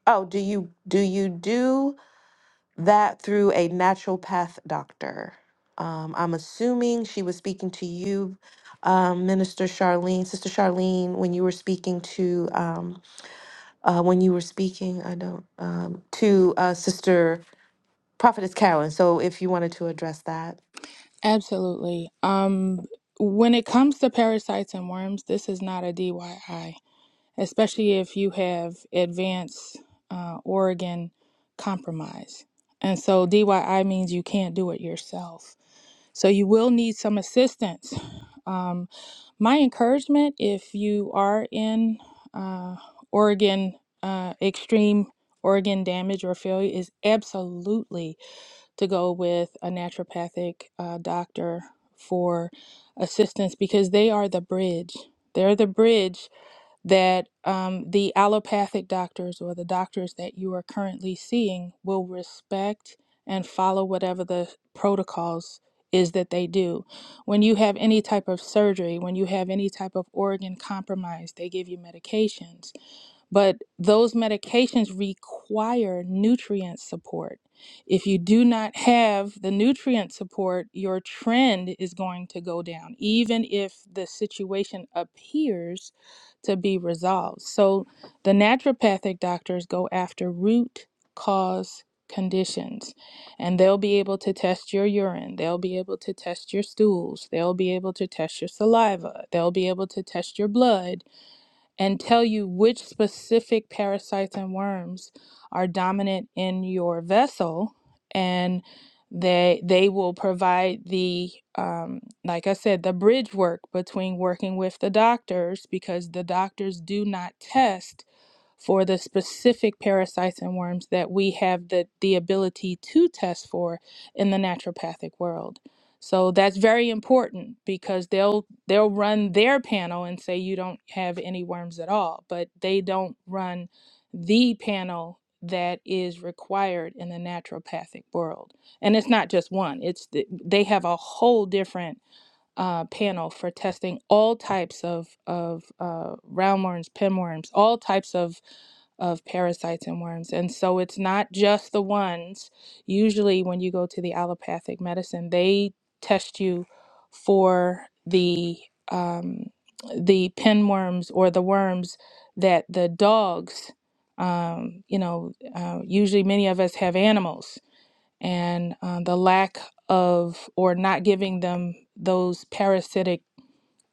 S1: Oh, do you do you do? that through a naturopath doctor. Um, I'm assuming she was speaking to you, um, Minister Charlene, Sister Charlene, when you were speaking to um, uh, when you were speaking. I don't um, to uh, Sister Prophetess Carolyn. So if you wanted to address that.
S5: Absolutely. Um, when it comes to parasites and worms, this is not a DIY. especially if you have advanced uh, Oregon compromise. And so DYI means you can't do it yourself. So you will need some assistance. Um, my encouragement if you are in uh, Oregon uh, extreme Oregon damage or failure is absolutely to go with a naturopathic uh, doctor for assistance because they are the bridge. They're the bridge that um, the allopathic doctors or the doctors that you are currently seeing will respect and follow whatever the protocols is that they do. When you have any type of surgery, when you have any type of organ compromise, they give you medications. But those medications require nutrient support. If you do not have the nutrient support, your trend is going to go down, even if the situation appears to be resolved. So the naturopathic doctors go after root cause conditions and they'll be able to test your urine, they'll be able to test your stools, they'll be able to test your saliva, they'll be able to test your blood and tell you which specific parasites and worms are dominant in your vessel and they they will provide the um, like i said the bridge work between working with the doctors because the doctors do not test for the specific parasites and worms that we have the, the ability to test for in the naturopathic world so that's very important because they'll they'll run their panel and say you don't have any worms at all, but they don't run the panel that is required in the naturopathic world. And it's not just one. It's the, they have a whole different uh, panel for testing all types of of uh, roundworms, pinworms, all types of of parasites and worms. And so it's not just the ones. Usually, when you go to the allopathic medicine, they test you for the um, the pinworms or the worms that the dogs. Um, you know, uh, usually many of us have animals and uh, the lack of or not giving them those parasitic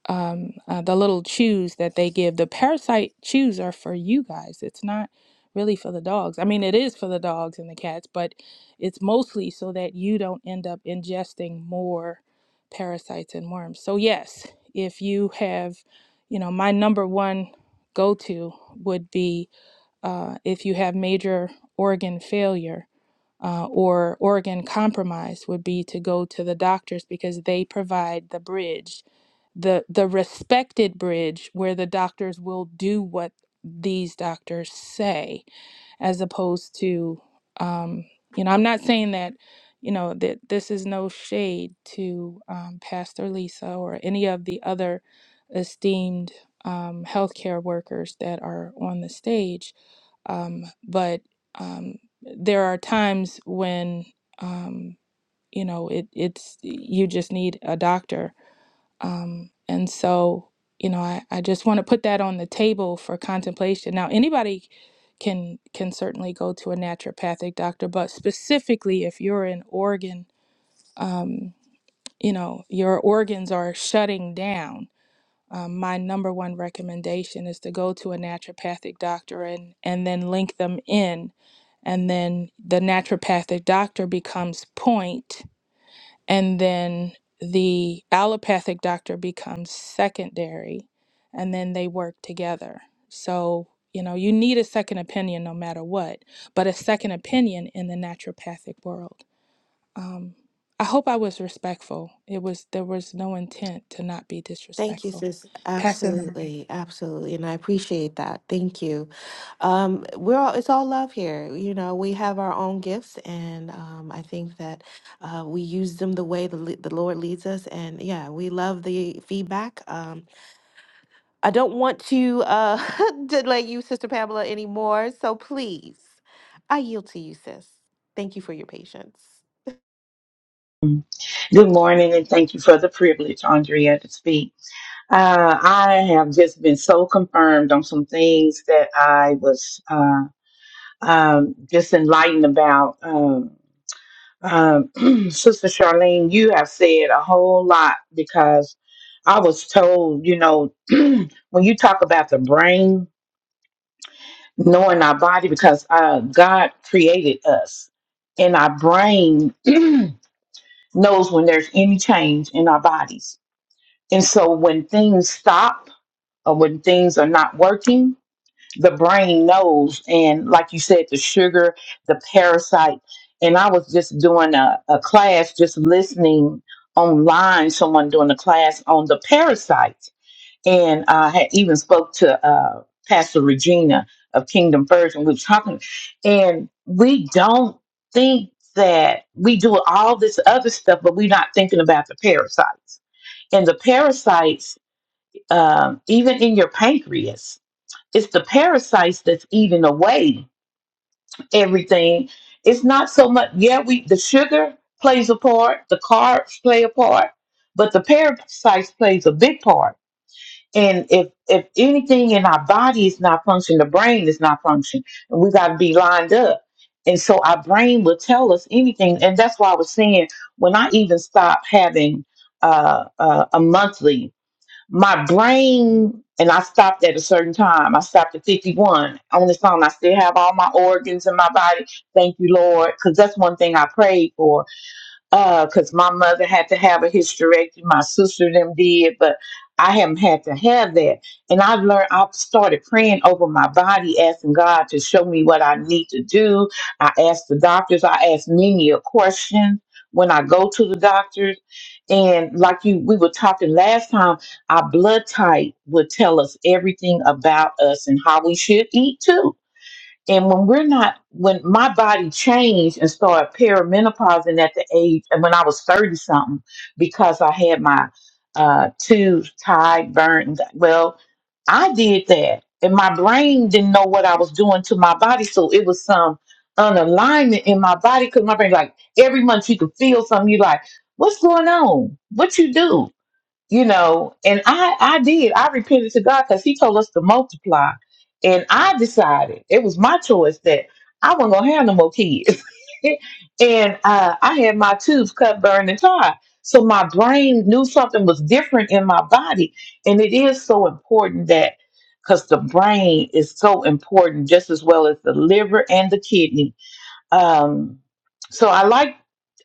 S5: um, uh, the little chews that they give the parasite chews are for you guys it's not really for the dogs i mean it is for the dogs and the cats but it's mostly so that you don't end up ingesting more parasites and worms so yes if you have you know my number one go-to would be uh, if you have major organ failure uh, or Oregon Compromise would be to go to the doctors because they provide the bridge, the the respected bridge where the doctors will do what these doctors say, as opposed to, um, you know, I'm not saying that, you know, that this is no shade to um, Pastor Lisa or any of the other esteemed um, healthcare workers that are on the stage um, but um, there are times when um, you know it, it's you just need a doctor, um, and so you know I, I just want to put that on the table for contemplation. Now anybody can can certainly go to a naturopathic doctor, but specifically if you're in Oregon, um, you know your organs are shutting down um, my number one recommendation is to go to a naturopathic doctor and, and then link them in. And then the naturopathic doctor becomes point, and then the allopathic doctor becomes secondary, and then they work together. So, you know, you need a second opinion no matter what, but a second opinion in the naturopathic world. Um, I hope I was respectful. It was there was no intent to not be
S1: Thank you,
S5: disrespectful.
S1: sis.
S5: Passing the mic.
S1: Absolutely, absolutely, and I appreciate that. Thank you. Um, we're all, it's all love here. You know, we have our own gifts, and um, I think that uh, we use them the way the le- the Lord leads us. And yeah, we love the feedback. Um, I don't want to uh, delay you, Sister Pamela, anymore. So please, I yield to you, sis. Thank you for your patience.
S6: morning, and thank you for the privilege, Andrea, to speak. Uh, I have just been so confirmed on some things that I was uh, um, just enlightened about. Um, um, Sister Charlene, you have said a whole lot because I was told, you know, when you talk about the brain, knowing our body, because uh, God created us in our brain. knows when there's any change in our bodies. And so when things stop or when things are not working, the brain knows. And like you said, the sugar, the parasite. And I was just doing a, a class, just listening online, someone doing a class on the parasites and I had even spoke to uh, Pastor Regina of Kingdom First, and we were talking, and we don't think that we do all this other stuff, but we're not thinking about the parasites. And the parasites, um, even in your pancreas, it's the parasites that's eating away everything. It's not so much. Yeah, we the sugar plays a part, the carbs play a part, but the parasites plays a big part and if if anything in our body is not functioning, the brain is not functioning. And we gotta be lined up. And so our brain will tell us anything. And that's why I was saying when I even stopped having uh, uh, a monthly, my brain and I stopped at a certain time. I stopped at 51. On this phone, I still have all my organs in my body. Thank you, Lord. Because that's one thing I prayed for because my mother had to have a hysterectomy. My sister them did, but I haven't had to have that. And I've learned. I have started praying over my body, asking God to show me what I need to do. I asked the doctors. I asked many a question when I go to the doctors. And like you, we were talking last time. Our blood type would tell us everything about us and how we should eat too and when we're not, when my body changed and started perimenopausing at the age, and when I was 30 something, because I had my uh, tubes tied, burned. Well, I did that. And my brain didn't know what I was doing to my body. So it was some unalignment in my body because my brain, like every month you could feel something. you like, what's going on? What you do? you know, and I I did. I repented to God because He told us to multiply, and I decided it was my choice that I wasn't gonna have no more kids. and uh, I had my tubes cut, burned, and tied. So my brain knew something was different in my body, and it is so important that because the brain is so important just as well as the liver and the kidney um, so I like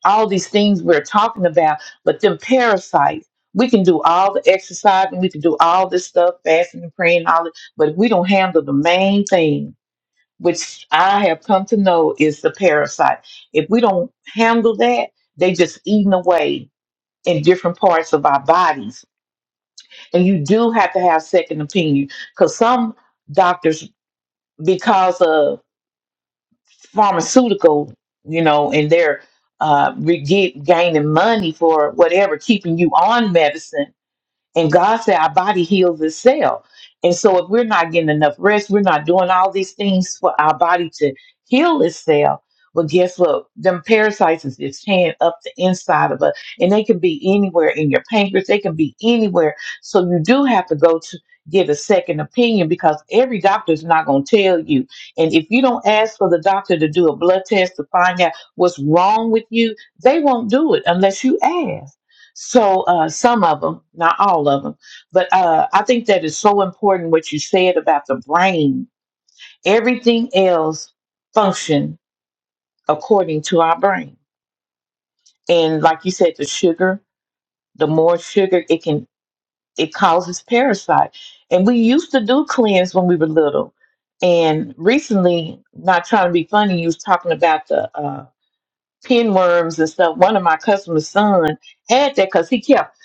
S6: all these things we're talking about, but them parasites, we can do all the exercise and we can do all this stuff, fasting and praying, all it, but if we don't handle the main thing, which I have come to know is the parasite. If we don't handle that, they just eating away in different parts of our bodies. And you do have to have second opinion because some doctors, because of pharmaceutical, you know, and they're uh, re- get, gaining money for whatever, keeping you on medicine and God said our body heals itself. And so if we're not getting enough rest, we're not doing all these things for our body to heal itself. But guess what? Them parasites is just tearing up the inside of us. And they can be anywhere in your pancreas. They can be anywhere. So you do have to go to get a second opinion because every doctor is not going to tell you. And if you don't ask for the doctor to do a blood test to find out what's wrong with you, they won't do it unless you ask. So uh, some of them, not all of them, but uh, I think that is so important what you said about the brain. Everything else function according to our brain, and like you said, the sugar, the more sugar, it can it causes parasite. And we used to do cleanse when we were little, and recently, not trying to be funny, you was talking about the. uh, pinworms and stuff. One of my customers' son had that because he kept,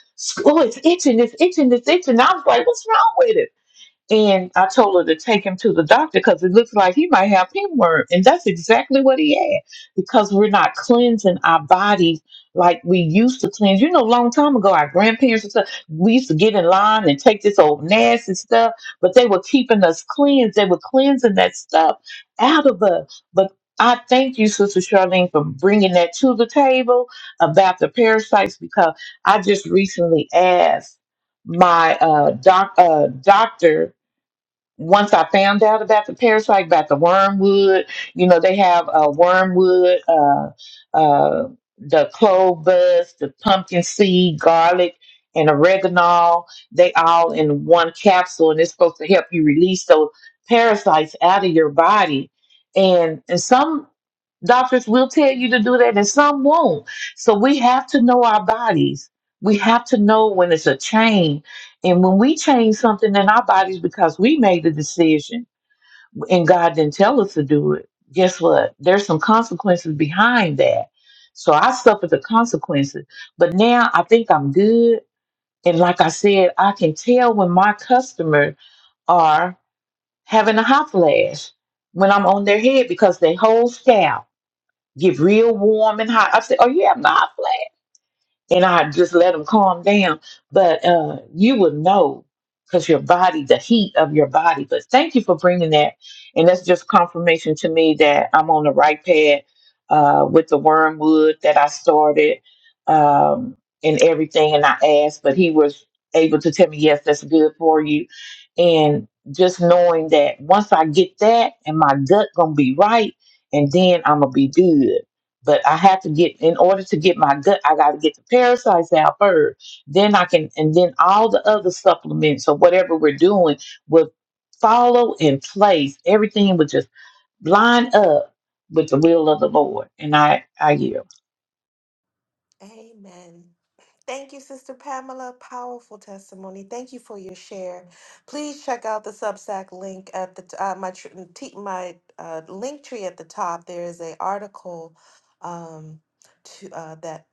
S6: oh, it's itching, it's itching, it's itching. And I was like, what's wrong with it? And I told her to take him to the doctor because it looks like he might have pinworm. And that's exactly what he had because we're not cleansing our bodies like we used to cleanse. You know, a long time ago, our grandparents and stuff, we used to get in line and take this old nasty stuff, but they were keeping us cleansed. They were cleansing that stuff out of us. But I thank you, Sister Charlene, for bringing that to the table about the parasites because I just recently asked my uh, doc, uh, doctor once I found out about the parasite, about the wormwood, you know, they have uh, wormwood, uh, uh, the clove buds, the pumpkin seed, garlic, and oregano. They all in one capsule, and it's supposed to help you release those parasites out of your body. And and some Doctors will tell you to do that and some won't. So we have to know our bodies. We have to know when it's a change. And when we change something in our bodies because we made the decision and God didn't tell us to do it, guess what? There's some consequences behind that. So I suffered the consequences. But now I think I'm good. And like I said, I can tell when my customers are having a hot flash when I'm on their head because they whole scalp get real warm and hot. I said, "Oh yeah, I'm not flat," and I just let them calm down. But uh, you would know because your body, the heat of your body. But thank you for bringing that, and that's just confirmation to me that I'm on the right path uh, with the wormwood that I started um, and everything. And I asked, but he was able to tell me, "Yes, that's good for you," and just knowing that once I get that and my gut gonna be right, and then I'm gonna be good but I have to get in order to get my gut, I gotta get the parasites out first. Then I can and then all the other supplements or whatever we're doing will follow in place. Everything will just line up with the will of the Lord. And I I yield.
S1: Amen. Thank you, Sister Pamela. Powerful testimony. Thank you for your share. Please check out the Substack link at the t- uh, my tr- mm, t- my uh, link tree at the top. There is a article um, to uh, that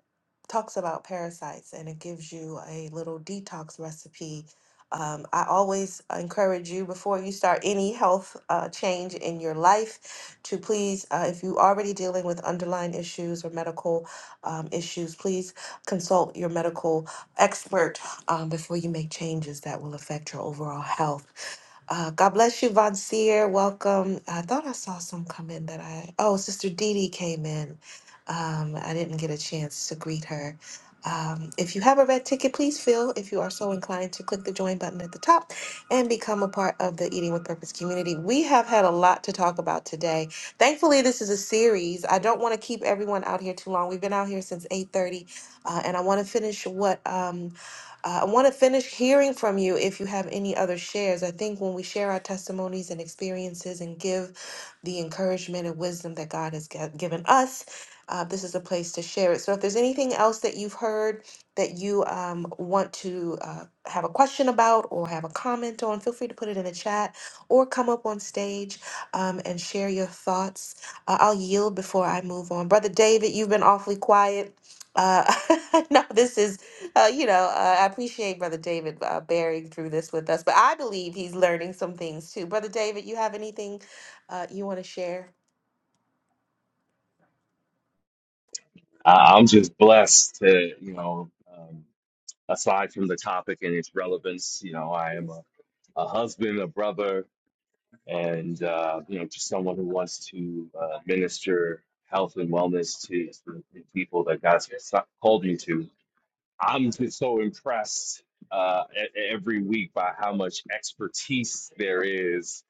S1: talks about parasites, and it gives you a little detox recipe. Um, I always encourage you before you start any health uh, change in your life to please, uh, if you already dealing with underlying issues or medical um, issues, please consult your medical expert um, before you make changes that will affect your overall health. Uh, God bless you, Von Seer. Welcome. I thought I saw some come in that I. Oh, Sister Dee Dee came in. Um, I didn't get a chance to greet her. Um, if you have a red ticket, please feel, if you are so inclined, to click the join button at the top and become a part of the Eating with Purpose community. We have had a lot to talk about today. Thankfully, this is a series. I don't want to keep everyone out here too long. We've been out here since 8:30, uh, and I want to finish what um, uh, I want to finish hearing from you if you have any other shares. I think when we share our testimonies and experiences and give the encouragement and wisdom that God has g- given us. Uh, this is a place to share it. So if there's anything else that you've heard that you um, want to uh, have a question about or have a comment on, feel free to put it in the chat or come up on stage um, and share your thoughts. Uh, I'll yield before I move on. Brother David, you've been awfully quiet. Uh, no, this is, uh, you know, uh, I appreciate Brother David uh, bearing through this with us, but I believe he's learning some things too. Brother David, you have anything uh, you want to share?
S2: I- I'm just blessed to you know. Um, aside from the topic and its relevance, you know, I am a a husband, a brother, and uh, you know, just someone who wants to uh, minister health and wellness to, to the people that God's called me to. I'm just so impressed uh, e- e-, every week by how much expertise there is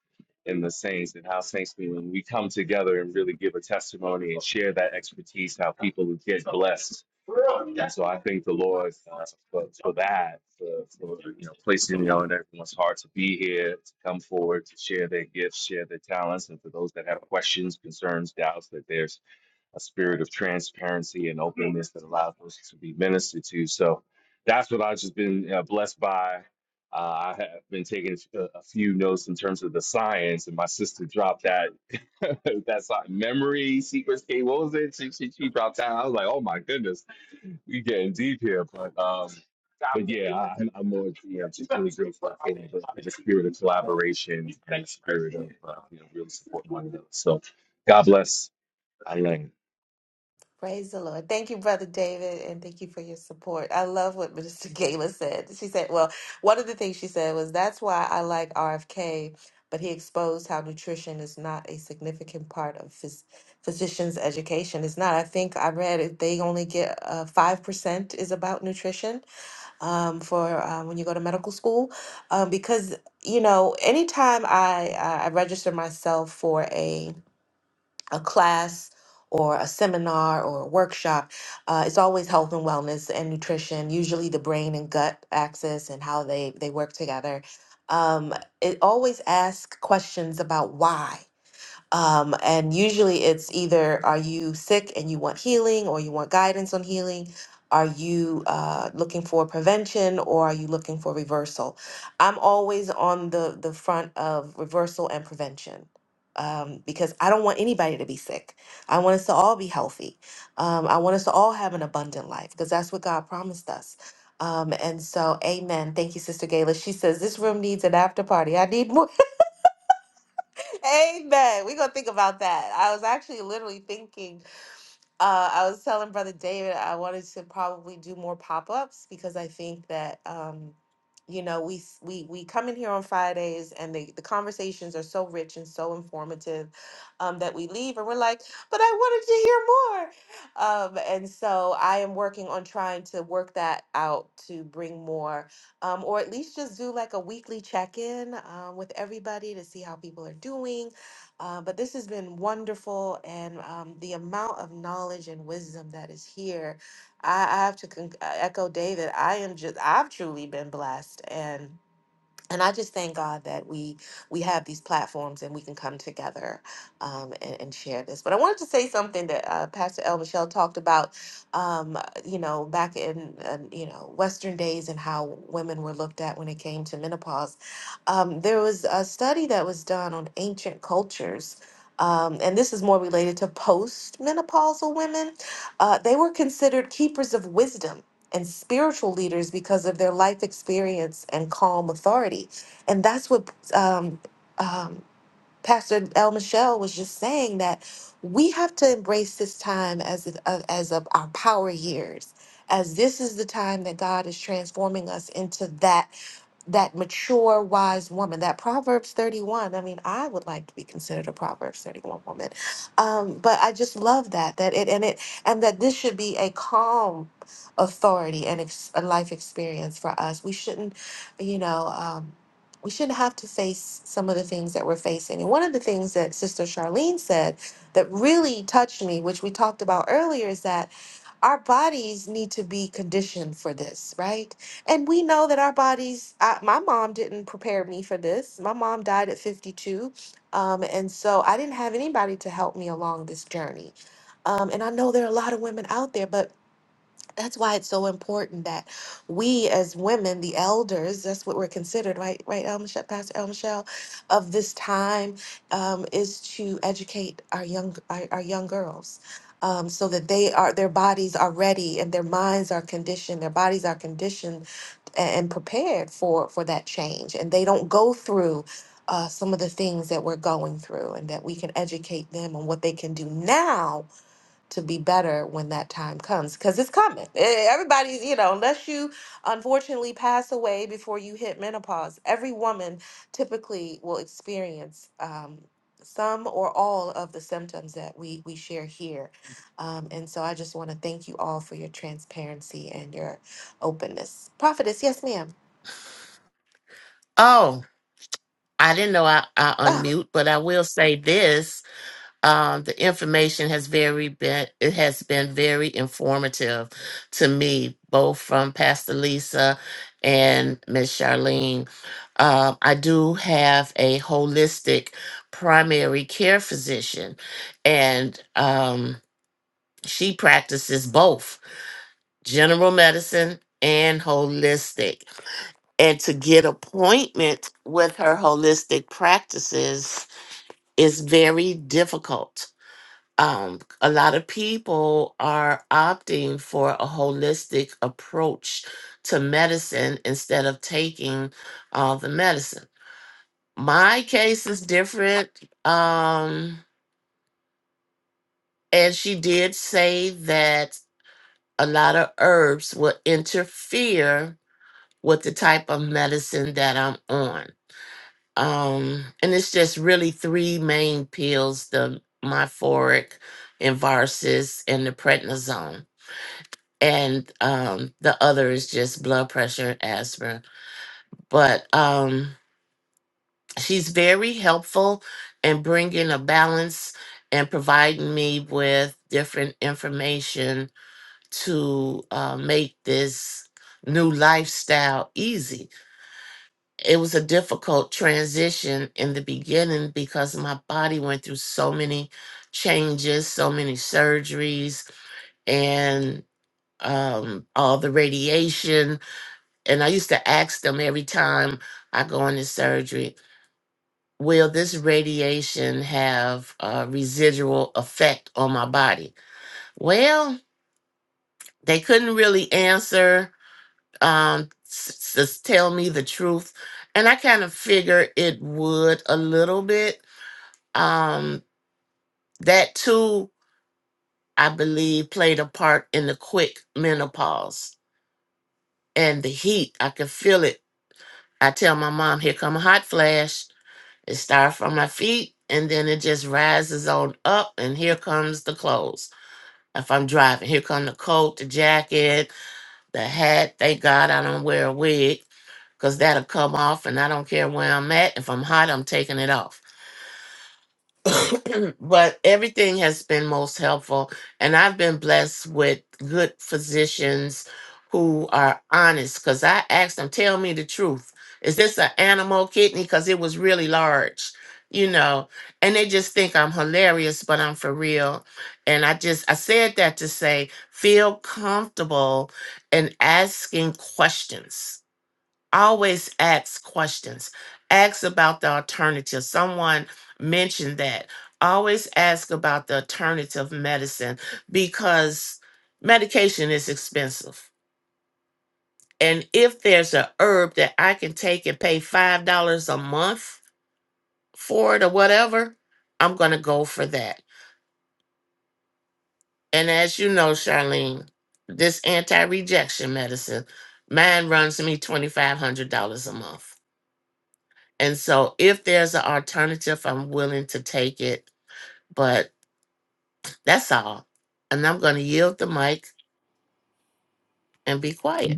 S2: in the saints and how saints when we come together and really give a testimony and share that expertise, how people get blessed. And so I thank the Lord uh, for, for that, for, for you know placing you know in everyone's heart to be here, to come forward, to share their gifts, share their talents, and for those that have questions, concerns, doubts, that they're a spirit of transparency and openness that allows us to be ministered to. So that's what I've just been uh, blessed by. Uh, I have been taking a, a few notes in terms of the science, and my sister dropped that thats like memory secrets game. What was it? She, she, she dropped that. I was like, oh my goodness, we getting deep here. But um, but yeah, I, I'm, I'm more yeah, I'm just really grateful for the, the spirit of collaboration and the spirit of uh, you know really supporting one another. So God bless. I learned.
S1: Praise the Lord. Thank you, Brother David, and thank you for your support. I love what Minister Gayla said. She said, well, one of the things she said was, that's why I like RFK, but he exposed how nutrition is not a significant part of phys- physicians' education. It's not. I think I read it, they only get uh, 5% is about nutrition um, for uh, when you go to medical school. Um, because, you know, anytime I, I I register myself for a a class or a seminar or a workshop. Uh, it's always health and wellness and nutrition, usually the brain and gut axis and how they, they work together. Um, it always asks questions about why. Um, and usually it's either are you sick and you want healing or you want guidance on healing? Are you uh, looking for prevention or are you looking for reversal? I'm always on the, the front of reversal and prevention um, because I don't want anybody to be sick. I want us to all be healthy. Um, I want us to all have an abundant life because that's what God promised us. Um, and so, amen. Thank you, Sister Gayla. She says, This room needs an after party. I need more. Amen. We're gonna think about that. I was actually literally thinking, uh, I was telling Brother David I wanted to probably do more pop-ups because I think that um, you know, we s- we we come in here on Fridays and they, the conversations are so rich and so informative um that we leave and we're like, but I wanted to hear more. Um, and so I am working on trying to work that out to bring more um, or at least just do like a weekly check-in um, with everybody to see how people are doing uh, but this has been wonderful, and um, the amount of knowledge and wisdom that is here, I, I have to con- uh, echo David. I am just, I've truly been blessed, and and I just thank God that we we have these platforms and we can come together um, and, and share this. But I wanted to say something that uh, Pastor El Michelle talked about, um, you know, back in uh, you know Western days and how women were looked at when it came to menopause. Um, there was a study that was done on ancient cultures. Um, and this is more related to post-menopausal women. Uh, they were considered keepers of wisdom and spiritual leaders because of their life experience and calm authority. And that's what um, um, Pastor El Michelle was just saying that we have to embrace this time as if- uh, as of our power years, as this is the time that God is transforming us into that that mature, wise woman, that Proverbs 31. I mean, I would like to be considered a Proverbs 31 woman. Um, but I just love that, that it, and it, and that this should be a calm authority and ex, a life experience for us. We shouldn't, you know, um, we shouldn't have to face some of the things that we're facing. And one of the things that Sister Charlene said that really touched me, which we talked about earlier, is that our bodies need to be conditioned for this, right? And we know that our bodies, I, my mom didn't prepare me for this. My mom died at 52. Um, and so I didn't have anybody to help me along this journey. Um, and I know there are a lot of women out there, but that's why it's so important that we as women, the elders, that's what we're considered, right? Right, El Michelle, Pastor El Michelle, of this time um, is to educate our young our, our young girls. Um, so that they are their bodies are ready and their minds are conditioned, their bodies are conditioned and prepared for for that change and they don't go through uh, some of the things that we're going through and that we can educate them on what they can do now to be better when that time comes because it's coming. Eh, Everybody's, you know, unless you unfortunately pass away before you hit menopause, every woman typically will experience um, some or all of the symptoms that we, we share here. Um, and so I just want to thank you all for your transparency and your openness. Prophetess, yes, ma'am.
S3: Oh, I didn't know I, I
S1: Ah,
S3: unmute, but I will say this. Um, the information has very been it has been very informative to me, both from Pastor Lisa and Miss Charlene. Um, I do have a holistic primary care physician, and um, she practices both general medicine and holistic. and to get appointments with her holistic practices is very difficult. Um, a lot of people are opting for a holistic approach to medicine instead of taking all the medicine. My case is different. Um, and she did say that a lot of herbs will interfere with the type of medicine that I'm on um and it's just really three main pills the myforic and varsis and the prednisone and um the other is just blood pressure and aspirin but um she's very helpful in bringing a balance and providing me with different information to uh, make this new lifestyle easy It was a difficult transition in the beginning because my body went through so many changes, so many surgeries, and um, all the radiation. And I used to ask them every time I go into surgery, will this radiation have a residual effect on my body? Well, they couldn't really answer, um, s- s- tell me the truth. And I kind of figured it would a little bit Um, that too, I believe, played a part in the quick menopause and the heat. I could feel it. I tell my mom, here come a hot flash. It starts from my feet and then it just rises on up and here comes the clothes. If I'm driving, here come the coat, the jacket, the hat. Thank God I don't wear a wig because that'll come off and I don't care where I'm at. If I'm hot, I'm taking it off but everything has been most helpful and i've been blessed with good physicians who are honest because i asked them tell me the truth is this an animal kidney because it was really large you know and they just think i'm hilarious but i'm for real and i just i said that to say feel comfortable in asking questions always ask questions ask about the alternative someone mentioned that always ask about the alternative medicine because medication is expensive and if there's a herb that i can take and pay five dollars a month for it or whatever i'm gonna go for that and as you know charlene this anti-rejection medicine mine runs me $2500 a month And so if there's an alternative, I'm willing to take it. But that's all. And I'm going to yield the mic and be quiet.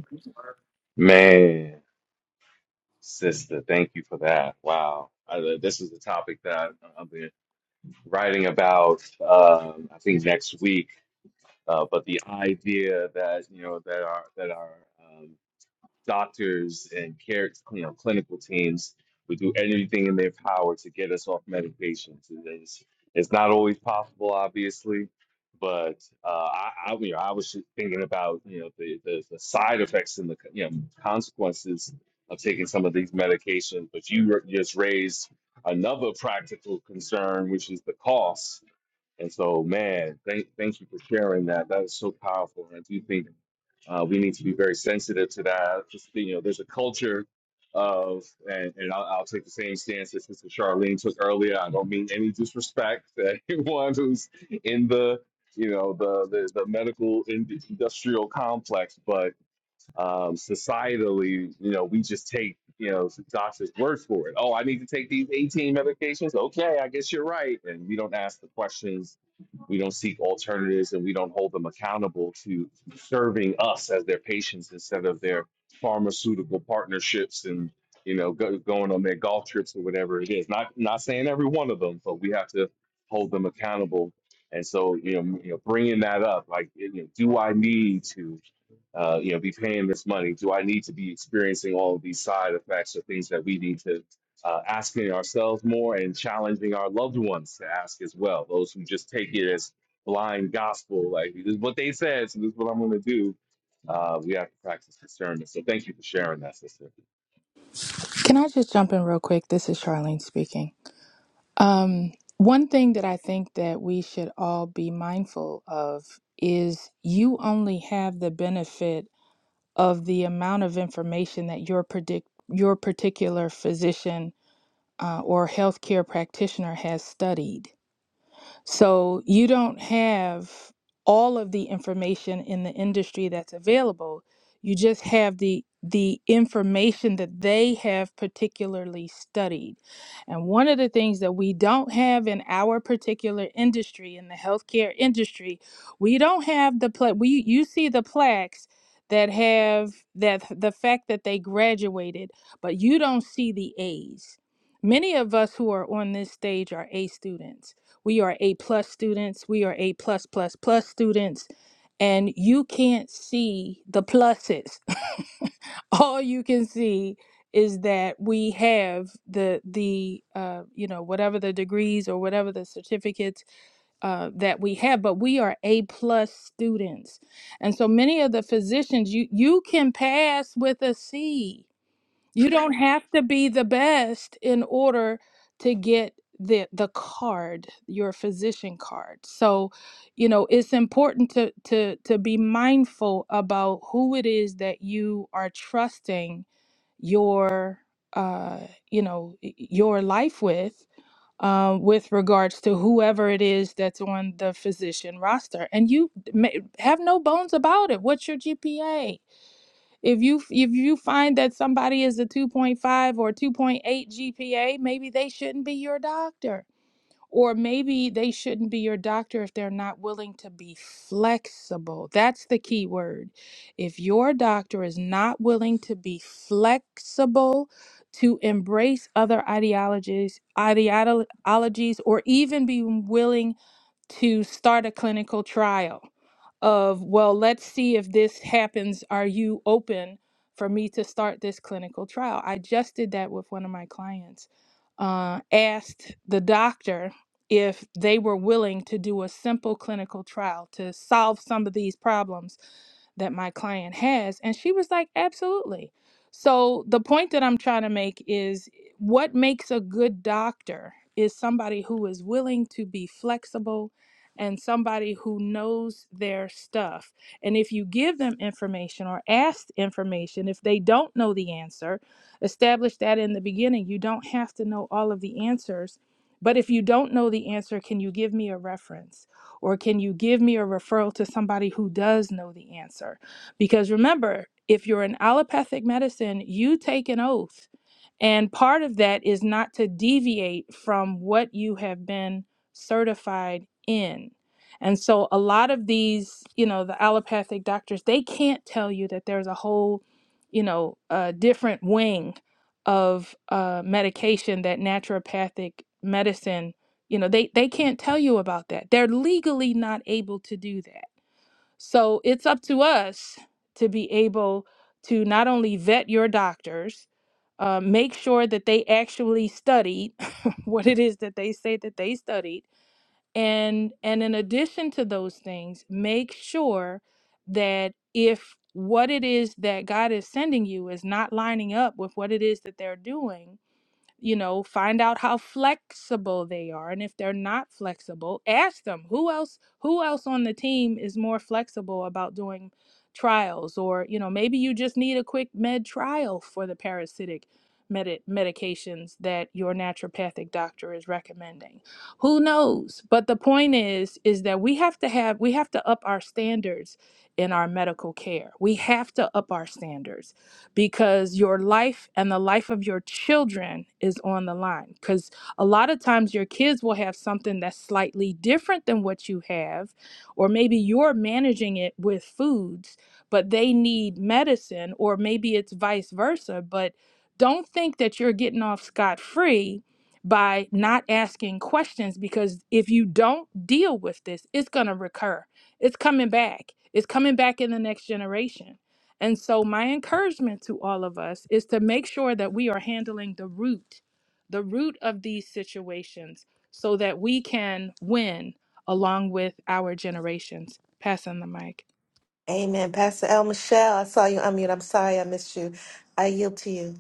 S2: Man, sister, thank you for that. Wow. I, uh, this is a topic that I've been writing about, um, I think next week. Uh, but the idea that you know that our that our um, doctors and care, you know, clinical teams would do everything in their power to get us off medications. And It's, it's not always possible, obviously, but uh, I, I, you know, I was just thinking about, you know, the, the, the side effects and the, you know, consequences of taking some of these medications. But you r- just raised another practical concern, which is the cost and so, man, thank, thank you for sharing that. That is so powerful. And I do think uh, we need to be very sensitive to that. Just, you know, there's a culture of, and, and I'll, I'll take the same stance that Sister Charlene took earlier. I don't mean any disrespect to anyone who's in the, you know, the, the, the medical ind- industrial complex, but um, societally, you know, we just take, you know, doctor's words for it. Oh, I need to take these 18 medications. Okay, I guess you're right. And we don't ask the questions, we don't seek alternatives, and we don't hold them accountable to serving us as their patients instead of their pharmaceutical partnerships and you know go, going on their golf trips or whatever it is. Not not saying every one of them, but we have to hold them accountable. And so, you know, m- you know, bringing that up, like, you know, do I need to? uh, you know, be paying this money? Do I need to be experiencing all of these side effects or things that we need to uh, asking ourselves more and challenging our loved ones to ask as well? Those who just take it as blind gospel, like this is what they said, so this is what I'm going to do. Uh, we have to practice discernment. So thank you for sharing that, sister.
S5: Can I just jump in real quick? This is Charlene speaking. Um, one thing that I think that we should all be mindful of is you only have the benefit of the amount of information that your predict your particular physician uh, or healthcare practitioner has studied. So you don't have all of the information in the industry that's available. You just have the the information that they have particularly studied. And one of the things that we don't have in our particular industry, in the healthcare industry, we don't have the pla- we you see the plaques that have that the fact that they graduated, but you don't see the A's. Many of us who are on this stage are A students we are A plus students. We are A plus plus plus students. And you can't see the pluses. All you can see is that we have the the uh, you know whatever the degrees or whatever the certificates uh, that we have, but we are A plus students. And so many of the physicians you you can pass with a C you don't have to be the best in order to get the the card, your physician card. So, you know, it's important to to to be mindful about who it is that you are trusting your uh, you know, y- your life with um, with regards to whoever it is that's on the physician roster. And you may, have no bones about it. What's your GPA? If you if you find that somebody is a 2.5 or 2.8 GPA, maybe they shouldn't be your doctor. Or maybe they shouldn't be your doctor if they're not willing to be flexible. That's the key word. If your doctor is not willing to be flexible to embrace other ideologies, ideologies, or even be willing to start a clinical trial of, well, let's see if this happens. Are you open for me to start this clinical trial? I just did that with one of my clients. Uh, asked the doctor if they were willing to do a simple clinical trial to solve some of these problems that my client has. And she was like, absolutely. So the point that I'm trying to make is what makes a good doctor is somebody who is willing to be flexible and somebody who knows their stuff. And if you give them information or ask information, if they don't know the answer, establish that in the beginning. You don't have to know all of the answers. But if you don't know the answer, can you give me a reference? Or can you give me a referral to somebody who does know the answer? Because remember, if you're in allopathic medicine, you take an oath. And part of that is not to deviate from what you have been certified in. And so a lot of these, you know, the allopathic doctors, they can't tell you that there's a whole, you know, uh, different wing of uh, medication that naturopathic medicine, you know, they, they can't tell you about that. They're legally not able to do that. So it's up to us to be able to not only vet your doctors, uh, make sure that they actually studied what it is that they say that they studied and and in addition to those things make sure that if what it is that god is sending you is not lining up with what it is that they're doing you know find out how flexible they are and if they're not flexible ask them who else who else on the team is more flexible about doing trials or you know maybe you just need a quick med trial for the parasitic medi- medications that your naturopathic doctor is recommending who knows but the point is is that we have to have we have to up our standards in our medical care we have to up our standards because your life and the life of your children is on the line. Because a lot of times your kids will have something that's slightly different than what you have, or maybe you're managing it with foods, but they need medicine, or maybe it's vice versa. But don't think that you're getting off scot free by not asking questions because if you don't deal with this, it's going to recur. It's coming back. It's coming back in the next generation. And so, my encouragement to all of us is to make sure that we are handling the root, the root of these situations, so that we can win along with our generations. Passing the mic.
S1: Amen. Pastor El Michelle, I saw you unmute. I'm sorry I missed you. I yield to you.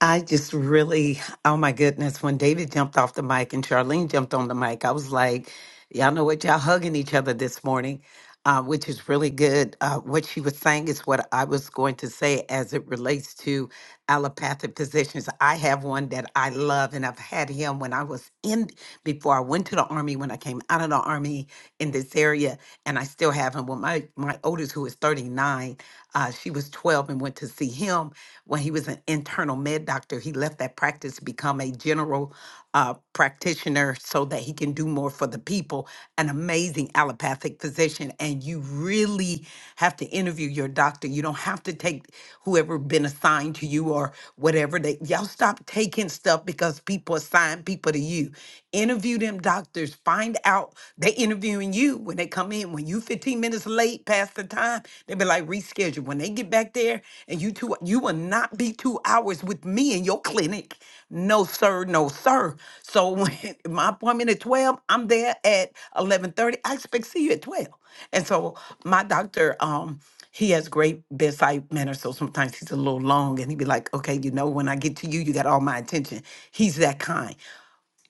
S4: I just really, oh my goodness, when David jumped off the mic and Charlene jumped on the mic, I was like, y'all know what? Y'all hugging each other this morning, uh, which is really good. Uh, what she was saying is what I was going to say as it relates to allopathic physicians. I have one that I love, and I've had him when I was in, before I went to the Army, when I came out of the Army in this area, and I still have him. Well, my, my oldest, who is 39, uh, she was 12 and went to see him when he was an internal med doctor. He left that practice to become a general uh, practitioner so that he can do can do more for the people, an amazing allopathic physician. And you really have to interview your doctor. You don't have to take whoever been assigned to you or whatever. They y'all stop taking stuff because people assign people to you. Interview them doctors. Find out they interviewing you when they come in. When you 15 minutes late past the time, they be like, reschedule when they get back there and you two you will not be two hours with me in your clinic no sir no sir so when my appointment at 12 i'm there at 11.30 i expect to see you at 12 and so my doctor um he has great bedside manner so sometimes he's a little long and he'd be like okay you know when i get to you you got all my attention he's that kind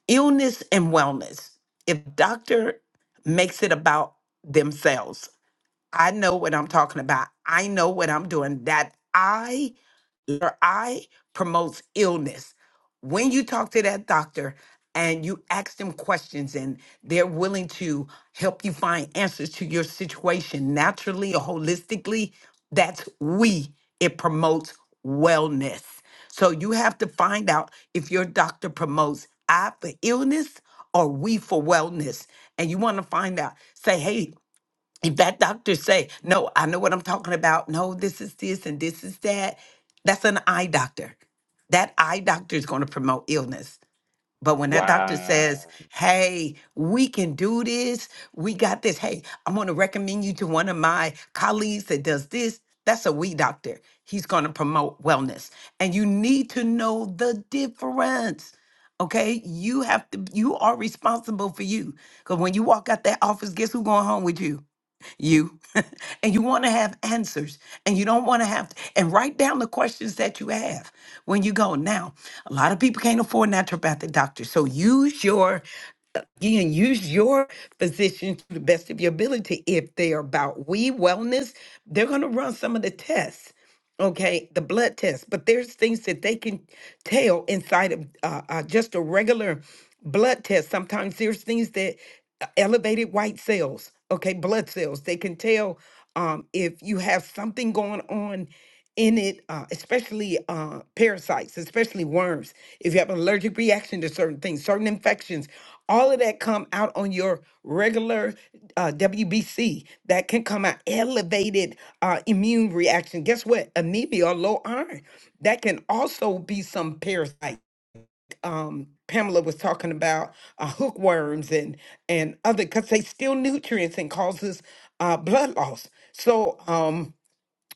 S4: illness and wellness if doctor makes it about themselves I know what I'm talking about. I know what I'm doing. That I, your I promotes illness. When you talk to that doctor and you ask them questions and they're willing to help you find answers to your situation naturally or holistically, that's we. It promotes wellness. So you have to find out if your doctor promotes I for illness or we for wellness. And you want to find out, say, hey, if that doctor say no i know what i'm talking about no this is this and this is that that's an eye doctor that eye doctor is going to promote illness but when that doctor
S2: Wow.
S4: says hey we can do this we got this hey i'm going to recommend you to one of my colleagues that does this that's a we doctor he's going to promote wellness and you need to know the difference okay you have to you are responsible for you because when you walk out that office guess who going home with you you and you want to have answers and you don't want to have and write down the questions that you have when you go now a lot of people can't afford naturopathic doctors so use your again, use your physician to the best of your ability if they are about we wellness they're going to run some of the tests okay the blood test but there's things that they can tell inside of uh, uh, just a regular blood test sometimes there's things that uh, elevated white cells okay blood cells they can tell um, if you have something going on in it uh, especially uh, parasites especially worms if you have an allergic reaction to certain things certain infections all of that come out on your regular uh, WBC that can come out elevated uh, immune reaction. Guess what? Anemia or low iron that can also be some parasite. Um, Pamela was talking about uh, hookworms and and other because they steal nutrients and causes uh, blood loss. So um,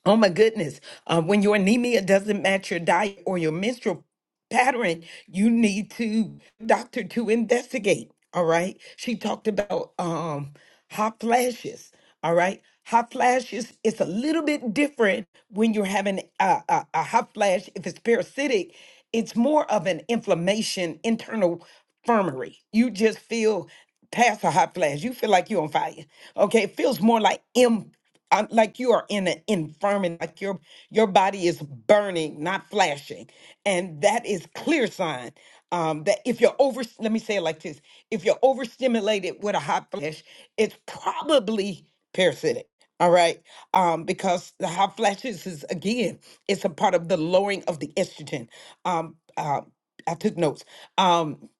S4: Oh my goodness. Uh, when your anemia doesn't match your diet or your menstrual pattern, you need to doctor to investigate. All right. She talked about um hot flashes. All right. Hot flashes it's a little bit different when you're having a, a, a hot flash. If it's parasitic, it's more of an inflammation, internal infirmary. You just feel Pass a hot flash. You feel like you're on fire. Okay, it feels more like im, uh, like you are in an infirmity, like your your body is burning, not flashing, and that is clear sign um, that if you're over, let me say it like this: if you're overstimulated with a hot flash, it's probably parasitic. All right, um, because the hot flashes is again, it's a part of the lowering of the estrogen. Um, uh, I took notes. Um,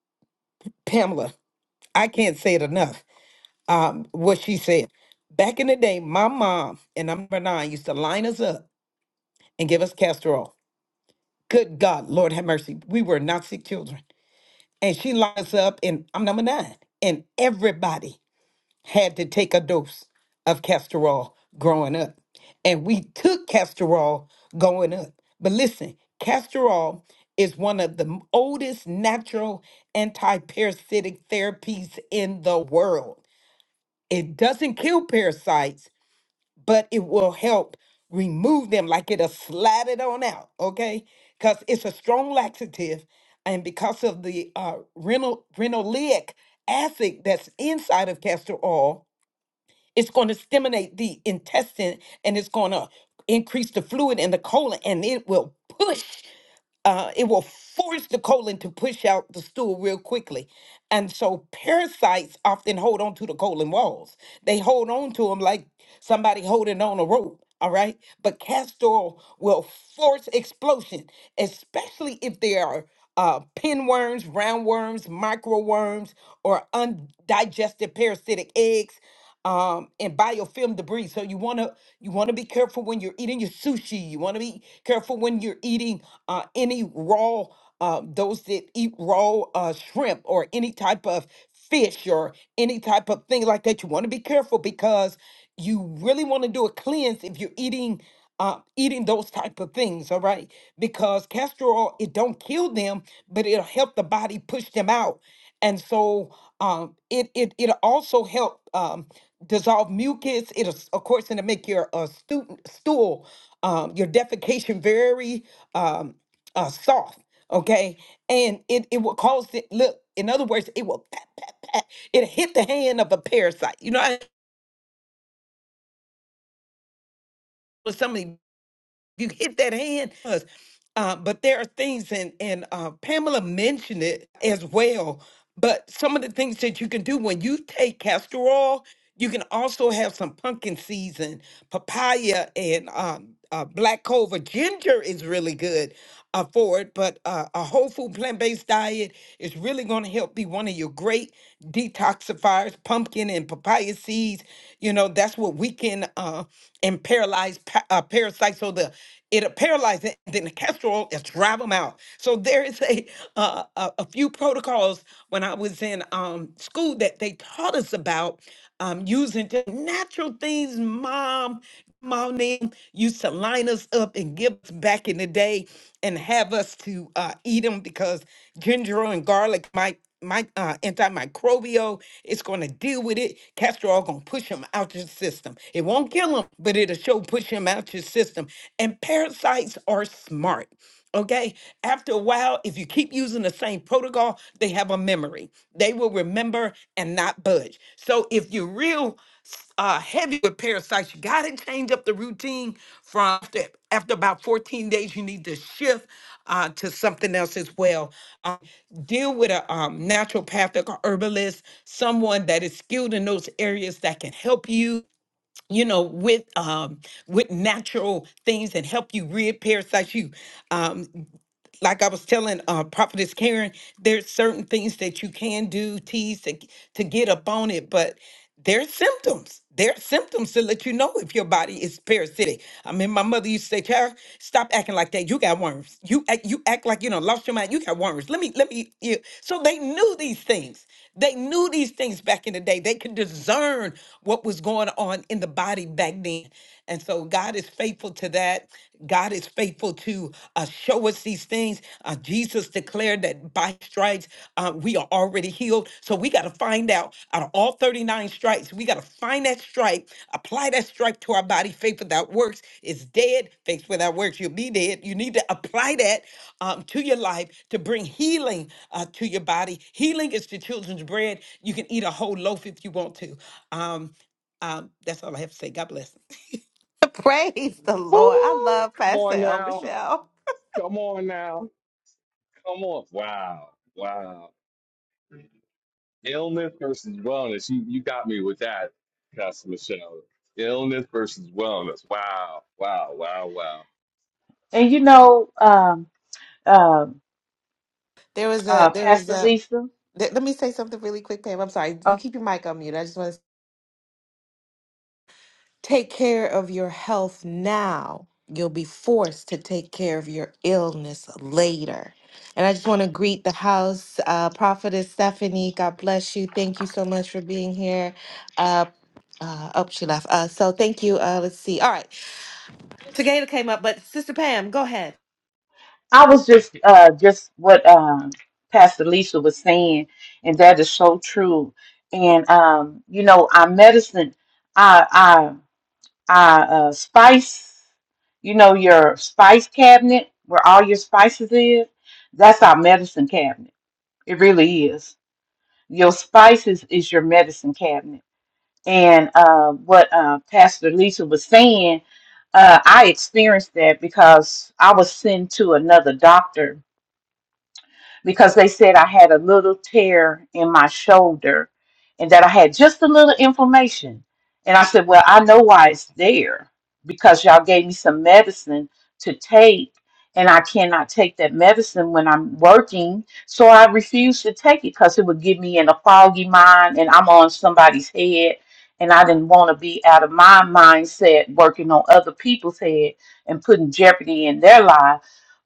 S4: Pamela, I can't say it enough um, what she said. Back in the day, my mom and number nine used to line us up and give us castor oil. Good God, Lord have mercy. We were not sick children. And she lined us up, and I'm number nine. And everybody had to take a dose of castor oil growing up. And we took castor oil going up. But listen, castor oil is one of the oldest natural anti parasitic therapies in the world. It doesn't kill parasites but it will help remove them like it'll slide it on out, okay? Because it's a strong laxative, and because of the uh, renal, renoleic acid that's inside of castor oil, it's going to stimulate the intestine and it's going to increase the fluid in the colon, and it will push uh, it will force the colon to push out the stool real quickly. And so parasites often hold on to the colon walls. They hold on to them like somebody holding on a rope. All right. But castor oil will force explosion, especially if there are uh, pinworms, roundworms, microworms, or undigested parasitic eggs um, and biofilm debris. So you want to you want to be careful when you're eating your sushi. You want to be careful when you're eating uh, any raw uh, those that eat raw uh, shrimp or any type of fish or any type of thing like that. You want to be careful because you really want to do a cleanse if you're eating uh, eating those type of things, all right? Because castor oil, it don't kill them, but it'll help the body push them out. And so um, it, it, it'll also help um, dissolve mucus. It'll, s- of course, it'll make your uh, stu- stool, um, your defecation very um, uh, soft, okay? And it, it will cause it, look, in other words, it will pat, pat, pat. It'll hit the hand of a parasite. You know, I- with some of these You hit that hand. Uh, but there are things, and, and uh, Pamela mentioned it as well. But some of the things that you can do when you take castor oil, you can also have some pumpkin season papaya and um, uh, black clover. Ginger is really good uh, for it, but uh, a whole food plant based diet is really going to help be one of your great detoxifiers. Pumpkin and papaya seeds, you know, that's what we can uh, and paralyze pa- uh, parasites. So the it'll paralyze it, and then the castor oil is drive them out. So there is a, uh, a a few protocols when I was in um, school that they taught us about um, using just natural things, mom, mom name used to line us up and give us back in the day and have us to uh, eat them because ginger and garlic might my uh, antimicrobial it's going to deal with it castor oil going to push them out your system it won't kill them but it'll show push them out your system and parasites are smart Okay. After a while, if you keep using the same protocol, they have a memory. They will remember and not budge. So if you're real s- uh, heavy with parasites, you got to change up the routine from after, after about 14 days, you need to shift uh, to something else as well. Um, deal with a um, naturopathic or herbalist, someone that is skilled in those areas that can help you you know, with um, with natural things and help you rid parasites. You, um, like I was telling uh, Prophetess Karen, there's certain things that you can do, tease to, to get up on it, but there's symptoms. There's symptoms to let you know if your body is parasitic. I mean, my mother used to say, "Child, stop acting like that. You got worms. You act, you act like you know lost your mind. You got worms. Let me, let me." You. So they knew these things. They knew these things back in the day. They could discern what was going on in the body back then. And so God is faithful to that. God is faithful to uh, show us these things. Uh, Jesus declared that by stripes uh, we are already healed. So we got to find out out of all 39 stripes. We got to find that stripe, apply that stripe to our body. Faith without works is dead. Faith without works, you'll be dead. You need to apply that um, to your life to bring healing uh, to your body. Healing is the children's bread. You can eat a whole loaf if you want to. Um, um, that's all I have to say. God bless.
S1: Praise the Lord. I
S2: Woo!
S1: love
S2: Come
S1: Pastor
S2: on
S1: El
S2: now.
S1: Michelle.
S2: Come on now. Come on. Wow. Wow. illness versus wellness. You you got me with that, Pastor Michelle. Illness versus wellness. Wow, wow, wow, wow.
S6: And you know, um um
S1: There was a
S6: uh
S1: there was
S6: Pastor
S1: a
S6: Lisa,
S1: th- let me say something really quick, Pam. I'm sorry.
S6: uh,
S1: You keep your mic on mute. I just want to take care of your health now. You'll be forced to take care of your illness later. And I just want to greet the house, uh, Prophetess Stephanie. God bless you. Thank you so much for being here. Uh, uh, oh, she left. Uh, so thank you. Uh, let's see. All right, Tagada came up, but Sister Pam, go ahead.
S6: I was just uh just what um Pastor Lisa was saying, and that is so true. And um, you know, our medicine. I I uh, spice, you know, your spice cabinet where all your spices is. That's our medicine cabinet. It really is. Your spices is your medicine cabinet. And uh, what uh, Pastor Lisa was saying, uh, I experienced that because I was sent to another doctor because they said I had a little tear in my shoulder and that I had just a little inflammation. And I said, Well, I know why it's there because y'all gave me some medicine to take, and I cannot take that medicine when I'm working. So I refused to take it because it would get me in a foggy mind and I'm on somebody's head. And I didn't want to be out of my mindset working on other people's head and putting jeopardy in their life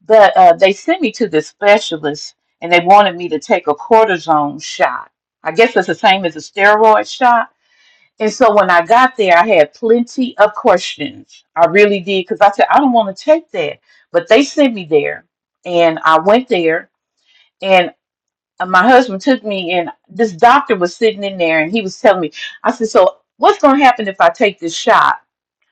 S6: but uh, they sent me to the specialist and they wanted me to take a cortisone shot. I guess it's the same as a steroid shot. And so when I got there, I had plenty of questions. I really did because I said, I don't want to take that. But they sent me there, and I went there, and uh, my husband took me, and this doctor was sitting in there, and he was telling me, I said, So what's going to happen if I take this shot?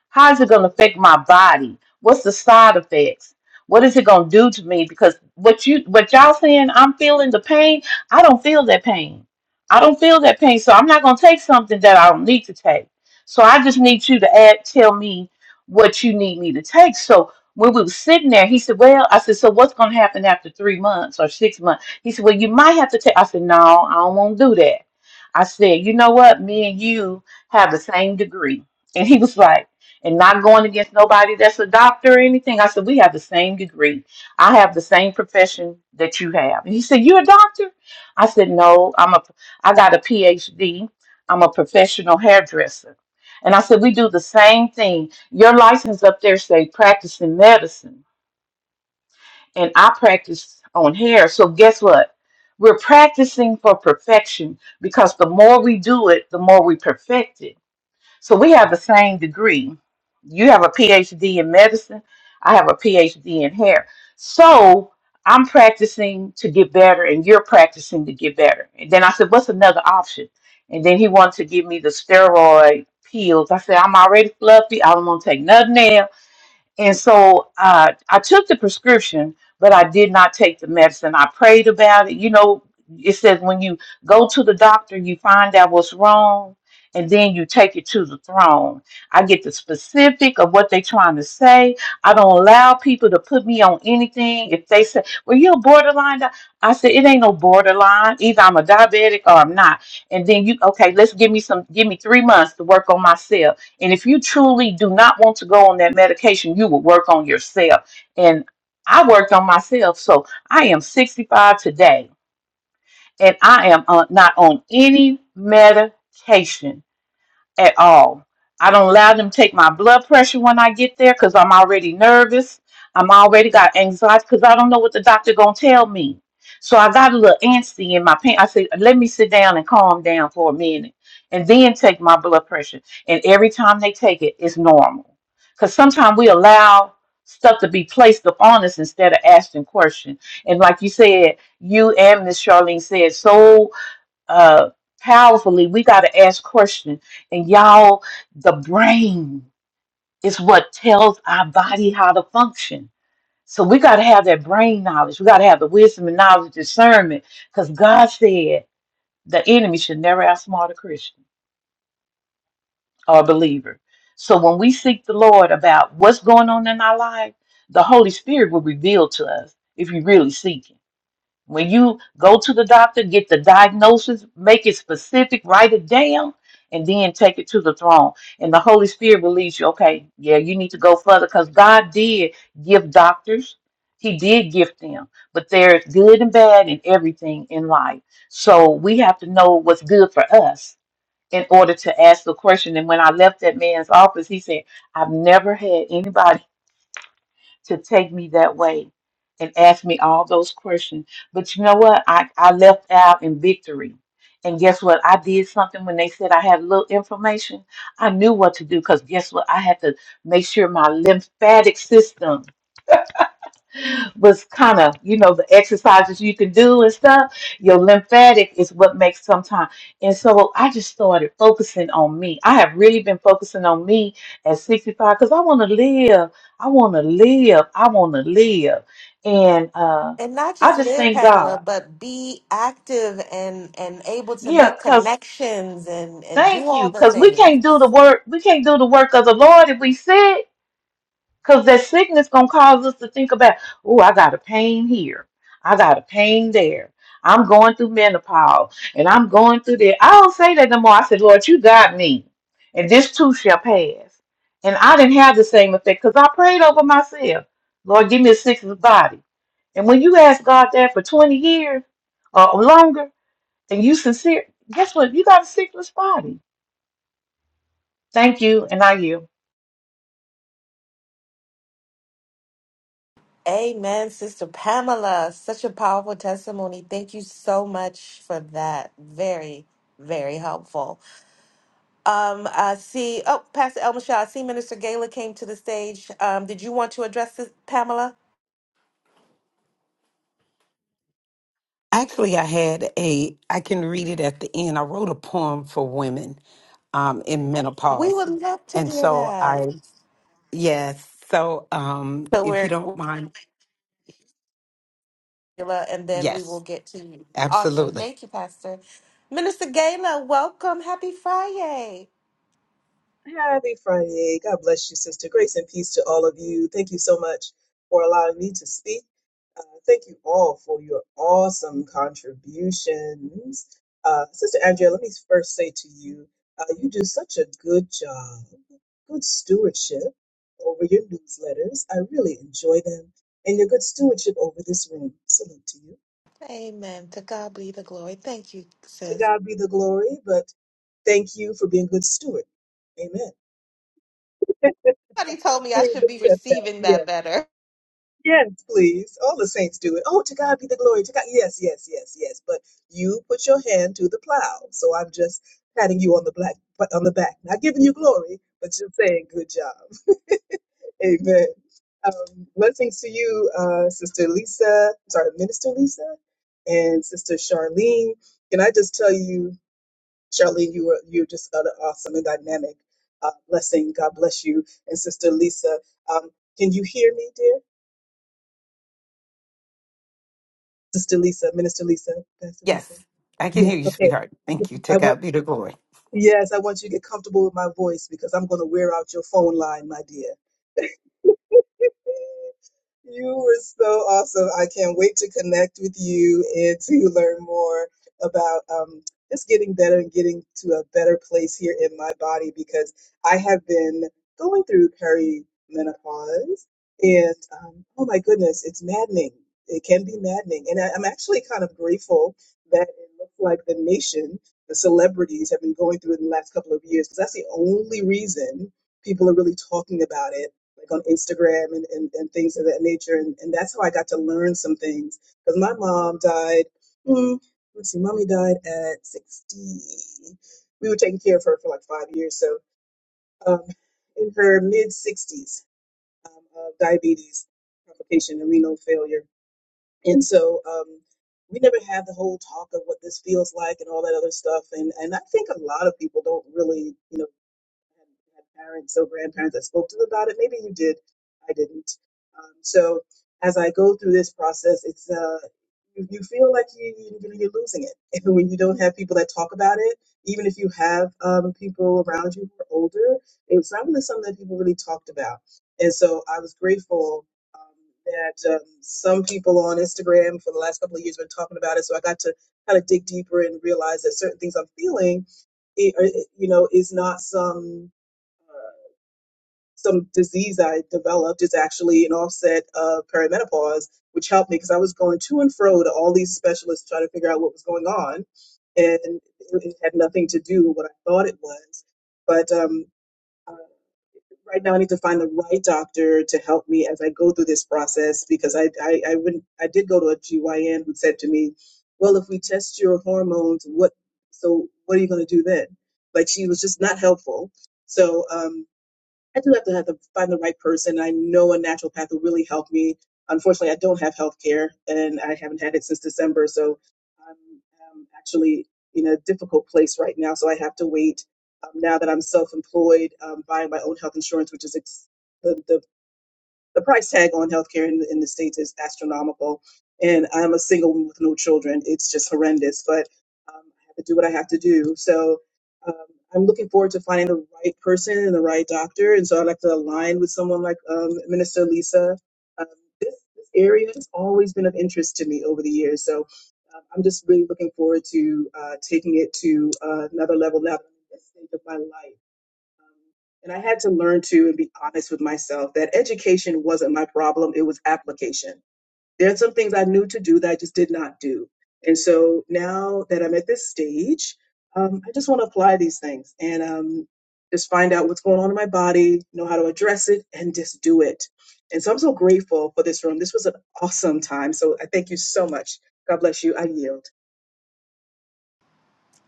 S6: How's it going to affect my body? What's the side effects? What is it going to do to me? Because what you what y'all saying, I'm feeling the pain. I don't feel that pain. I don't feel that pain. So I'm not going to take something that I don't need to take. So I just need you to add, tell me what you need me to take. So when we were sitting there, he said, Well, I said, So what's going to happen after three months or six months? He said, Well, you might have to take. I said, No, I don't want to do that. I said, You know what? Me and you have the same degree. And he was like, and not going against nobody that's a doctor or anything. I said, We have the same degree. I have the same profession that you have. And he said, You're a doctor? I said, No, I'm a I got a PhD. I'm a professional hairdresser. And I said, We do the same thing. Your license up there say practicing medicine. And I practice on hair. So guess what? We're practicing for perfection because the more we do it, the more we perfect it. So we have the same degree. You have a PhD in medicine. I have a PhD in hair. So I'm practicing to get better, and you're practicing to get better. And then I said, What's another option? And then he wanted to give me the steroid pills. I said, I'm already fluffy. I don't want to take nothing else. And so uh, I took the prescription, but I did not take the medicine. I prayed about it. You know, it says when you go to the doctor, you find out what's wrong, and then you take it to the throne. I get the specific of what they're trying to say. I don't allow people to put me on anything. If they say, well, you're borderline, di-" I said, it ain't no borderline. Either I'm a diabetic or I'm not. And then you, okay, let's give me some, give me three months to work on myself and if you truly do not want to go on that medication, you will work on yourself. And I worked on myself. So I am 65 today and I am uh, not on any medication at all. I don't allow them to take my blood pressure when I get there because I'm already nervous. I'm already got anxiety because I don't know what the doctor gonna tell me. So I got a little antsy in my pants. I said, let me sit down and calm down for a minute and then take my blood pressure. And every time they take it, it's normal. Because sometimes we allow stuff to be placed upon us instead of asking questions. And like you said, you and Miss Charlene said so uh, powerfully, we got to ask questions. And y'all, the brain is what tells our body how to function. So we got to have that brain knowledge. We got to have the wisdom and knowledge, discernment, because God said the enemy should never outsmart a Christian or a believer. So when we seek the Lord about what's going on in our life, the Holy Spirit will reveal to us if you really seek Him. When you go to the doctor, get the diagnosis, make it specific, write it down, and then take it to the throne. And the Holy Spirit will lead you, okay, yeah, you need to go further because God did give doctors, He did gift them. But there's good and bad in everything in life. So we have to know what's good for us in order to ask the question. And when I left that man's office, he said, I've never had anybody to take me that way and ask me all those questions. But you know what? I, I left out in victory. And guess what? I did something when they said I had little information. I knew what to do because guess what? I had to make sure my lymphatic system was kind of, you know, the exercises you can do and stuff. Your lymphatic is what makes sometimes. And so I just started focusing on me. I have really been focusing on me at 65 because I want to live. I want to live. I want to live. And uh,
S1: and not
S6: I
S1: just
S6: just
S1: live
S6: thank
S1: pamela
S6: God.
S1: but be active and and able to
S6: Yeah,
S1: make
S6: because
S1: connections and and do
S6: thank you.
S1: all the
S6: Because we can't do the
S1: things
S6: work. We can't do the work of the Lord if we sick. Because that sickness gonna cause us to think about, oh, I got a pain here. I got a pain there. I'm going through menopause and I'm going through that. I don't say that no more. I said, Lord, you got me. And this too shall pass. And I didn't have the same effect because I prayed over myself. Lord, give me a sickness body. And when you ask God that for 20 years or longer and you sincere, guess what? You got a sickness body. Thank you. And I you.
S1: amen sister pamela such a powerful testimony thank you so much for that very very helpful um i see oh pastor El Michelle, i see minister gala came to the stage um did you want to address this pamela
S4: Actually, I had a, I can read it at the end. I wrote a poem for women um, in
S1: we
S4: menopause.
S1: would love to
S4: And
S1: hear
S4: so
S1: that
S4: I, Yes. So, um,
S1: so
S4: if you
S1: we're
S4: don't mind,
S1: Gayla, and then we
S4: yes,
S1: will get to you. Awesome.
S4: absolutely.
S1: Thank you, Pastor. Minister Gayla, welcome. Happy Friday.
S7: Happy Friday. God bless you, sister. Grace and peace to all of you. Thank you so much for allowing me to speak. Uh, thank you all for your awesome contributions. Uh, sister Andrea, let me first say to you, uh, you do such a good job, good stewardship over your newsletters. I really enjoy them and your good stewardship over this room. Salute to you.
S1: Amen. To God be the glory. Thank you,
S7: To
S1: sis.
S7: God be the glory, but thank you for being good steward. Amen.
S1: Somebody told me I
S7: Please
S1: should be
S7: accept
S1: receiving
S7: that.
S1: that better.
S7: Yes, please. All the saints do it. Oh, to God be the glory. To God. Yes, yes, yes, yes. But you put your hand to the plow. So I'm just patting you on the black but on the back. Not giving you glory, but just saying good job. Amen. Um, blessings to you, uh, Sister Lisa. Sorry, Minister Lisa and Sister Charlene. Can I just tell you, Charlene, you were you're just an awesome and dynamic uh, blessing. God bless you. And Sister Lisa, um, can you hear me, dear? Sister Lisa, Minister Lisa, Pastor Lisa.
S4: Yes, I can
S7: Yes,
S4: hear you,
S7: okay.
S4: sweetheart.
S7: I just-
S4: Thank you. To
S7: I want,
S4: God be the glory.
S7: yes, I want you to get comfortable with my voice because I'm going to wear out your phone line, my dear. You were so awesome. I can't wait to connect with you and to learn more about um, just getting better and getting to a better place here in my body because I have been going through perimenopause and um, oh my goodness, it's maddening. It can be maddening. And I, I'm actually kind of grateful that it looks like the nation, the celebrities have been going through it in the last couple of years because that's the only reason people are really talking about it like on Instagram and, and, and things of that nature. And, and that's how I got to learn some things. Because my mom died, mm, let's see, mommy died at 60. We were taking care of her for like five years. So um, in her mid 60s um, of diabetes complication and renal failure. And so um, we never had the whole talk of what this feels like and all that other stuff. And, and I think a lot of people don't really, you know, had, had parents or grandparents that spoke to them about it. Maybe you did. I didn't. Um, so as I go through this process, it's uh, you, you feel like you, you you're losing it And when you don't have people that talk about it. Even if you have um, people around you who are older, it's not really something that people really talked about. And so I was grateful. um, That um, some people on Instagram for the last couple of years have been talking about it, so I got to kind of dig deeper and realize that certain things I'm feeling it, it- you know, is not some uh, some disease I developed is actually an offset of perimenopause, which helped me because I was going to and fro to all these specialists trying to figure out what was going on, and it it had nothing to do with what I thought it was. But um, uh, right now, I need to find the right doctor to help me as I go through this process because I I I, wouldn't, I did go to a GYN who said to me, "Well, if we test your hormones, what so what are you going to do then?" Like she was just not helpful. So um, I do have to have to find the right person. I know a naturopath will really help me. Unfortunately, I don't have health care and I haven't had it since December. So I'm, um actually in a difficult place right now. So I have to wait. Um, now that I'm self employed, um, buying my own health insurance, which is ex- the, the the price tag on healthcare in, in the states is astronomical. And I'm a single woman with no children. It's just horrendous, but um, I have to do what I have to do. So um, I'm looking forward to finding the right person and the right doctor. And so I'd like to align with someone like um, Minister Lisa. Um, this, this area has always been of interest to me over the years. So um, I'm just really looking forward to uh, taking it to uh, another level now in this stage of my life um, And I had to learn to and be honest with myself that education wasn't my problem, it was application. There are some things I knew to do that I just did not do. And so now that I'm at this stage, um, I just want to apply these things and um, just find out what's going on in my body, know how to address it, and just do it. And so I'm so grateful for this room. This was an awesome time. So I thank you so much. God bless you. I yield.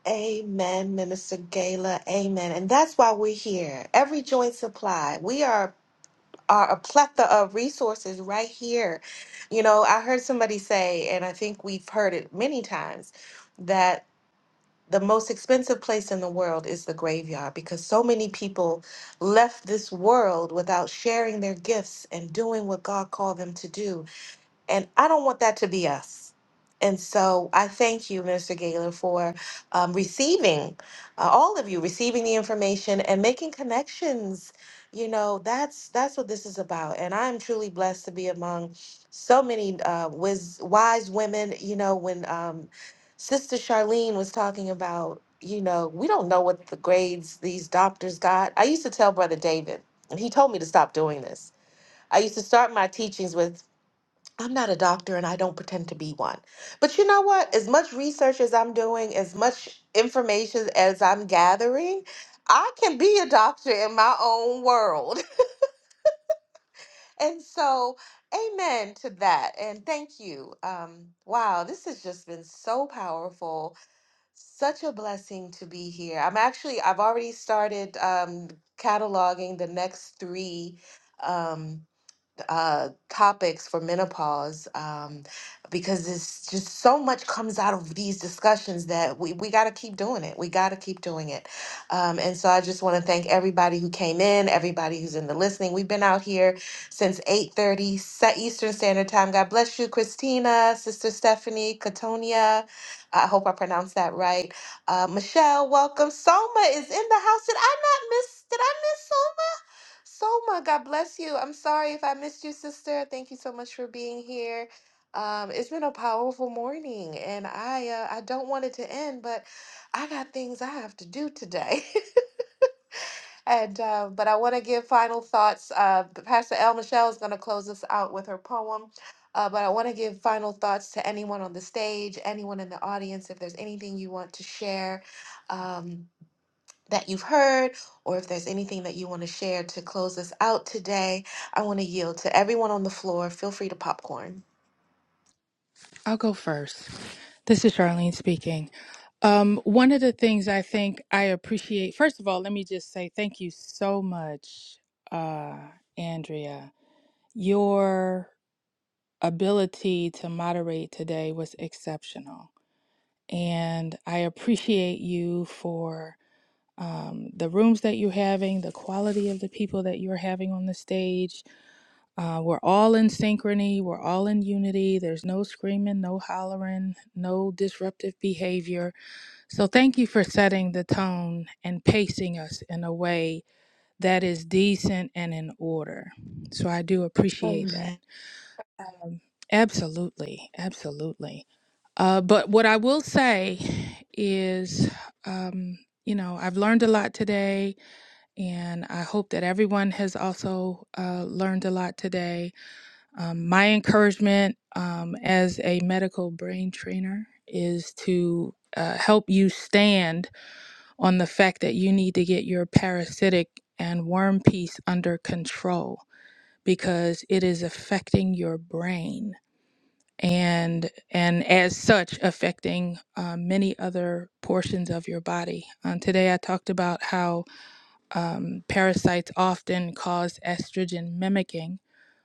S1: Amen, Minister Gala. Amen. And that's why we're here. Every joint supply. We are are a plethora of resources right here. You know, I heard somebody say, and I think we've heard it many times, that. the most expensive place in the world is the graveyard because so many people left this world without sharing their gifts and doing what God called them to do and I don't want that to be us. And so I thank you, Minister Gaylor, for um, receiving, uh, all of you receiving the information and making connections. You know, that's that's what this is about. And I'm truly blessed to be among so many uh, wis- wise women. You know, when um, Sister Charlene was talking about, you know, we don't know what the grades these doctors got. I used to tell Brother David, and he told me to stop doing this. I used to start my teachings with I'm not a doctor and I don't pretend to be one. But you know what? As much research as I'm doing, as much information as I'm gathering, I can be a doctor in my own world. And so, amen to that. And thank you. Um, wow, this has just been so powerful. Such a blessing to be here. I'm actually, I've already started um, cataloging the next three. Um, uh, topics for menopause um, because it's just so much comes out of these discussions that we, we got to keep doing it. We got to keep doing it. Um, and so I just want to thank everybody who came in, everybody who's in the listening. We've been out here since 8.30 Eastern Standard Time. God bless you, Christina, Sister Stephanie, Katonia. I hope I pronounced that right. Uh, Michelle, welcome. Soma is in the house. Did I not miss? Did I miss Soma? Soma, God bless you. I'm sorry if I missed you, sister. Thank you so much for being here. Um, it's been a powerful morning, and I uh, I don't want it to end, but I got things I have to do today. and uh, but I want to give final thoughts. Uh, Pastor El Michelle is going to close us out with her poem. Uh, but I want to give final thoughts to anyone on the stage, anyone in the audience. If there's anything you want to share, um, that you've heard, or if there's anything that you want to share to close us out today, I want to yield to everyone on the floor. Feel free to popcorn.
S5: I'll go first. This is Charlene speaking. Um, one of the things I think I appreciate, first of all, let me just say thank you so much, uh, Andrea. Your ability to moderate today was exceptional and I appreciate you for um, the rooms that you're having, the quality of the people that you're having on the stage. Uh, we're all in synchrony, we're all in unity. There's no screaming, no hollering, no disruptive behavior. So, thank you for setting the tone and pacing us in a way that is decent and in order. So, I do appreciate
S1: Amen.
S5: that. Um, absolutely, absolutely. Uh, but what I will say is, um, you know, I've learned a lot today, and I hope that everyone has also uh, learned a lot today. Um, my encouragement um, as a medical brain trainer is to uh, help you stand on the fact that you need to get your parasitic and worm piece under control because it is affecting your brain and and as such affecting uh, many other portions of your body. Um, today I talked about how um, parasites often cause estrogen mimicking,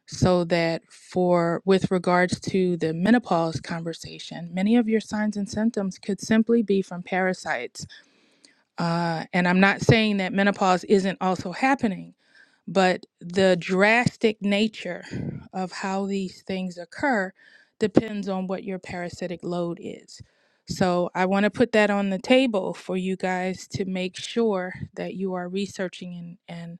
S5: so that for with regards to the menopause conversation, many of your signs and symptoms could simply be from parasites uh, and I'm not saying that menopause isn't also happening, but the drastic nature of how these things occur depends on what your parasitic load is. So I want to put that on the table for you guys to make sure that you are researching and, and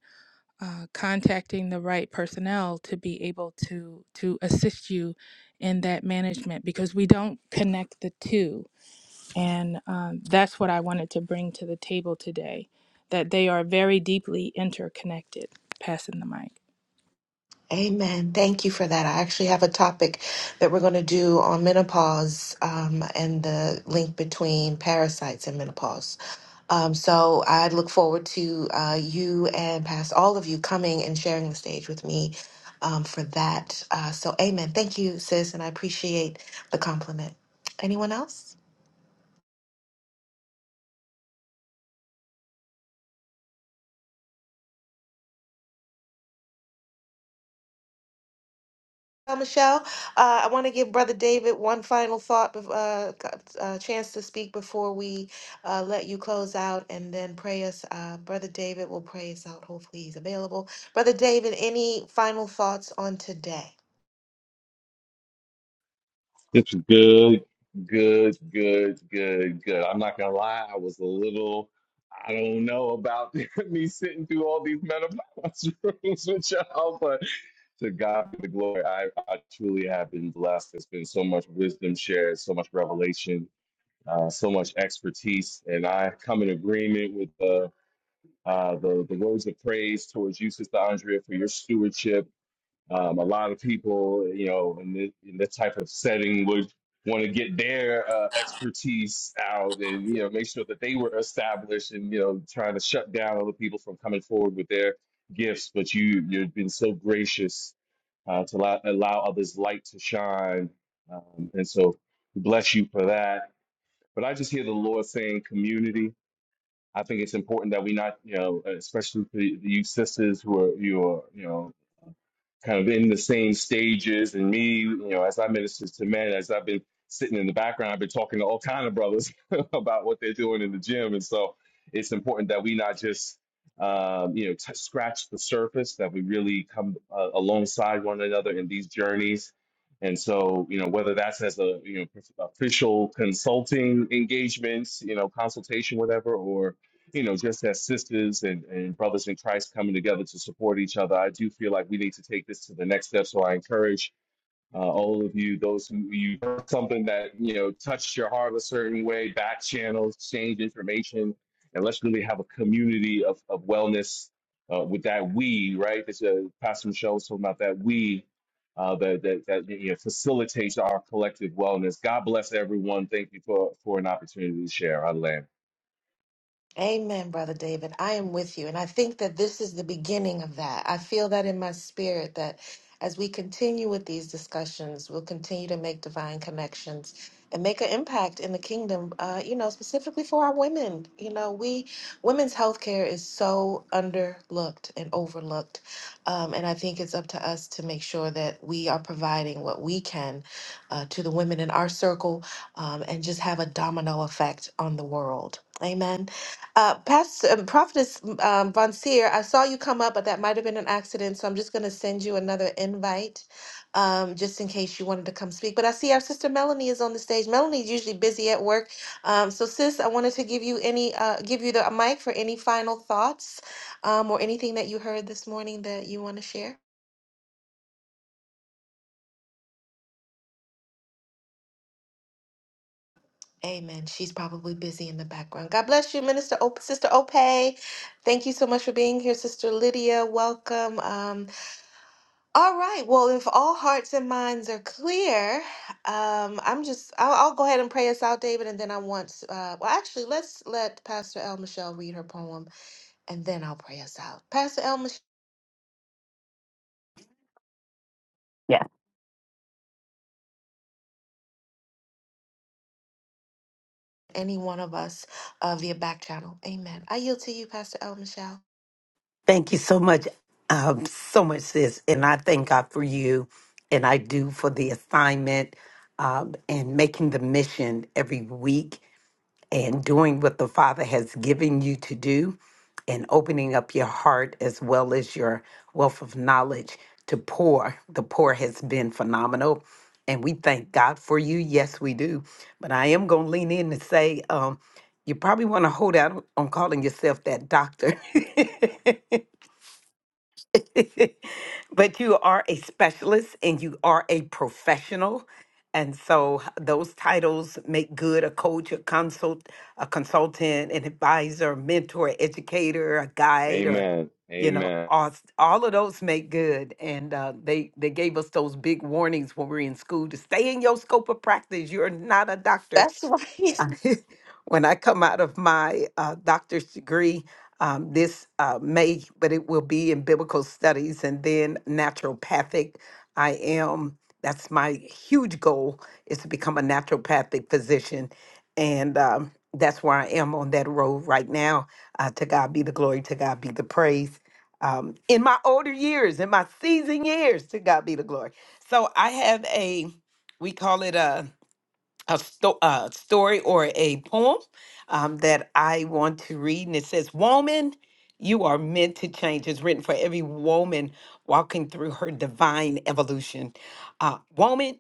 S5: uh, contacting the right personnel to be able to to assist you in that management because we don't connect the two and um, that's what I wanted to bring to the table today that they are very deeply interconnected. Passing the mic.
S1: Amen. Thank you for that. I actually have a topic that we're going to do on menopause um, and the link between parasites and menopause. Um, so I look forward to uh, you and past all of you coming and sharing the stage with me um, for that. Uh, so, amen. Thank you, sis, and I appreciate the compliment. Anyone else? Uh, Michelle, uh, I want to give Brother David one final thought, bef- uh, c- uh, chance to speak before we uh, let you close out and then pray us. Uh, Brother David will pray us out. Hopefully, he's available. Brother David, any final thoughts on today?
S2: This is good, good, good, good, good. I'm not gonna lie, I was a little. I don't know about me sitting through all these menopause rooms with y'all, but to God be the glory. I, I truly have been blessed. There's been so much wisdom shared, so much revelation, uh, so much expertise, and I come in agreement with. uh, uh, the, the words of praise towards you, Sister Andrea, for your stewardship. Um, a lot of people, you know, in, this, in this type of setting would want to get their uh, expertise out and, you know, make sure that they were established and, you know, trying to shut down other people from coming forward with their gifts. But you, you've been so gracious uh, to allow, allow others' light to shine. Um, and so bless you for that. But I just hear the Lord saying community I think it's important that we not, you know, especially for the you sisters who are you are, you know, kind of in the same stages, and me, you know, as I minister to men, as I've been sitting in the background, I've been talking to all kind of brothers about what they're doing in the gym, and so it's important that we not just, um, you know, t- scratch the surface, that we really come uh, alongside one another in these journeys. And so, you know, whether that's as a you know official consulting engagements, you know, consultation, whatever, or you know, just as sisters and, and brothers in Christ coming together to support each other, I do feel like we need to take this to the next step. So I encourage uh, all of you, those who you heard something that, you know, touched your heart a certain way, back channels, exchange information, and let's really have a community of, of wellness uh, with that we, right? That uh, Pastor Michelle was talking about that we. Uh, that, that, that you know, facilitates our collective wellness. God bless everyone. Thank you for, for an opportunity to share our land.
S1: Amen, Brother David. I am with you. And I think that this is the beginning of that. I feel that in my spirit that as we continue with these discussions, we'll continue to make divine connections and make an impact in the kingdom, uh, you know, specifically for our women. You know, we women's health care is so underlooked and overlooked. Um, and I think it's up to us to make sure that we are providing what we can uh, to the women in our circle um, and just have a domino effect on the world. Amen. Uh, Pastor um, Prophetess um, Von Seer, I saw you come up, but that might have been an accident. So I'm just going to send you another invite um, just in case you wanted to come speak. But I see our sister Melanie is on the stage. Melanie's usually busy at work. Um, so, sis, I wanted to give you any, uh, give you the mic for any final thoughts um, or anything that you heard this morning that you want to share. Amen. She's probably busy in the background. God bless you, Minister Op- Sister Ope. Thank you so much for being here, Sister Lydia. Welcome. Um, All right. Well, if all hearts and minds are clear, um, I'm just, I'll, I'll go ahead and pray us out, David, and then I want, uh, well, actually, let's let Pastor El Michelle read her poem, and then I'll pray us out. Pastor El Michelle,
S4: Yeah.
S1: any one of us uh, via back channel. Amen. I yield to you, Pastor El Michelle.
S4: Thank you so much, um, so much, sis. And I thank God for you, and I do for the assignment um, and making the mission every week. and doing what the Father has given you to do and opening up your heart as well as your wealth of knowledge to pour. The pour has been phenomenal. And we thank God for you. Yes, we do. But I am going to lean in and say, um, you probably want to hold out on calling yourself that doctor but you are a specialist and you are a professional. And so those titles make good a coach, a consult, a consultant, an advisor, mentor, educator, a guide, or
S2: Amen.
S4: you know,
S2: Amen.
S4: all, all of those make good. And uh, they they gave us those big warnings when we were in school to stay in your scope of practice. You're not a doctor
S1: That's right.
S4: I- when I come out of my uh, doctor's degree um, this uh, May, but it will be in biblical studies and then naturopathic. I am, that's my huge goal is to become a naturopathic physician. And um, that's where I am on that road right now. Uh, to God be the glory, to God be the praise. Um, in my older years, in my seasoned years, to God be the glory. So I have a, we call it a, a, sto- a story or a poem um, that I want to read, and it says, "Woman, you are meant to change." It's written for every woman walking through her divine evolution. Uh, woman,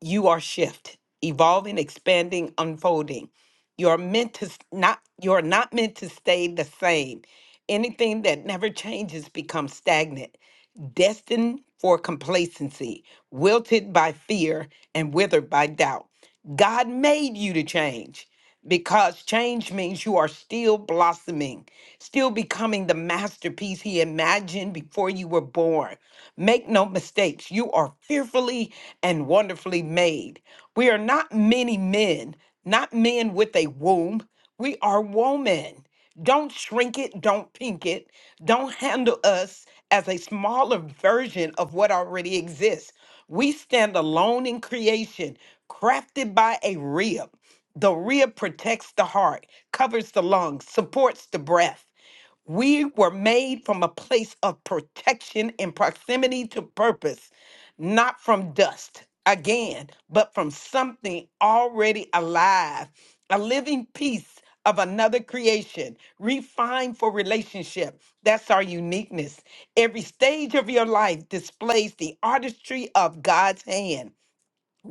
S4: you are shift evolving expanding unfolding you're meant to s- not you're not meant to stay the same anything that never changes becomes stagnant destined for complacency wilted by fear and withered by doubt god made you to change because change means you are still blossoming still becoming the masterpiece he imagined before you were born Make no mistakes, you are fearfully and wonderfully made. We are not many men, not men with a womb. We are woman. Don't shrink it, don't pink it, don't handle us as a smaller version of what already exists. We stand alone in creation, crafted by a rib. The rib protects the heart, covers the lungs, supports the breath. We were made from a place of protection and proximity to purpose, not from dust again, but from something already alive, a living piece of another creation, refined for relationship. That's our uniqueness. Every stage of your life displays the artistry of God's hand.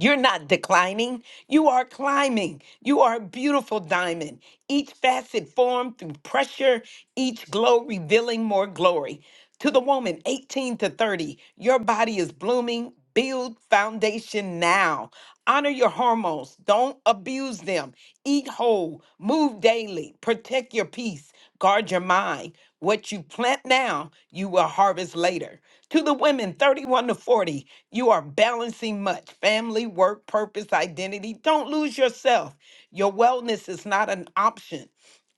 S4: You're not declining. You are climbing. You are a beautiful diamond, each facet formed through pressure, each glow revealing more glory. To the woman 18 to 30, your body is blooming. Build foundation now. Honor your hormones. Don't abuse them. Eat whole. Move daily. Protect your peace. Guard your mind. What you plant now, you will harvest later. To the women 31 to 40, you are balancing much family, work, purpose, identity. Don't lose yourself. Your wellness is not an option,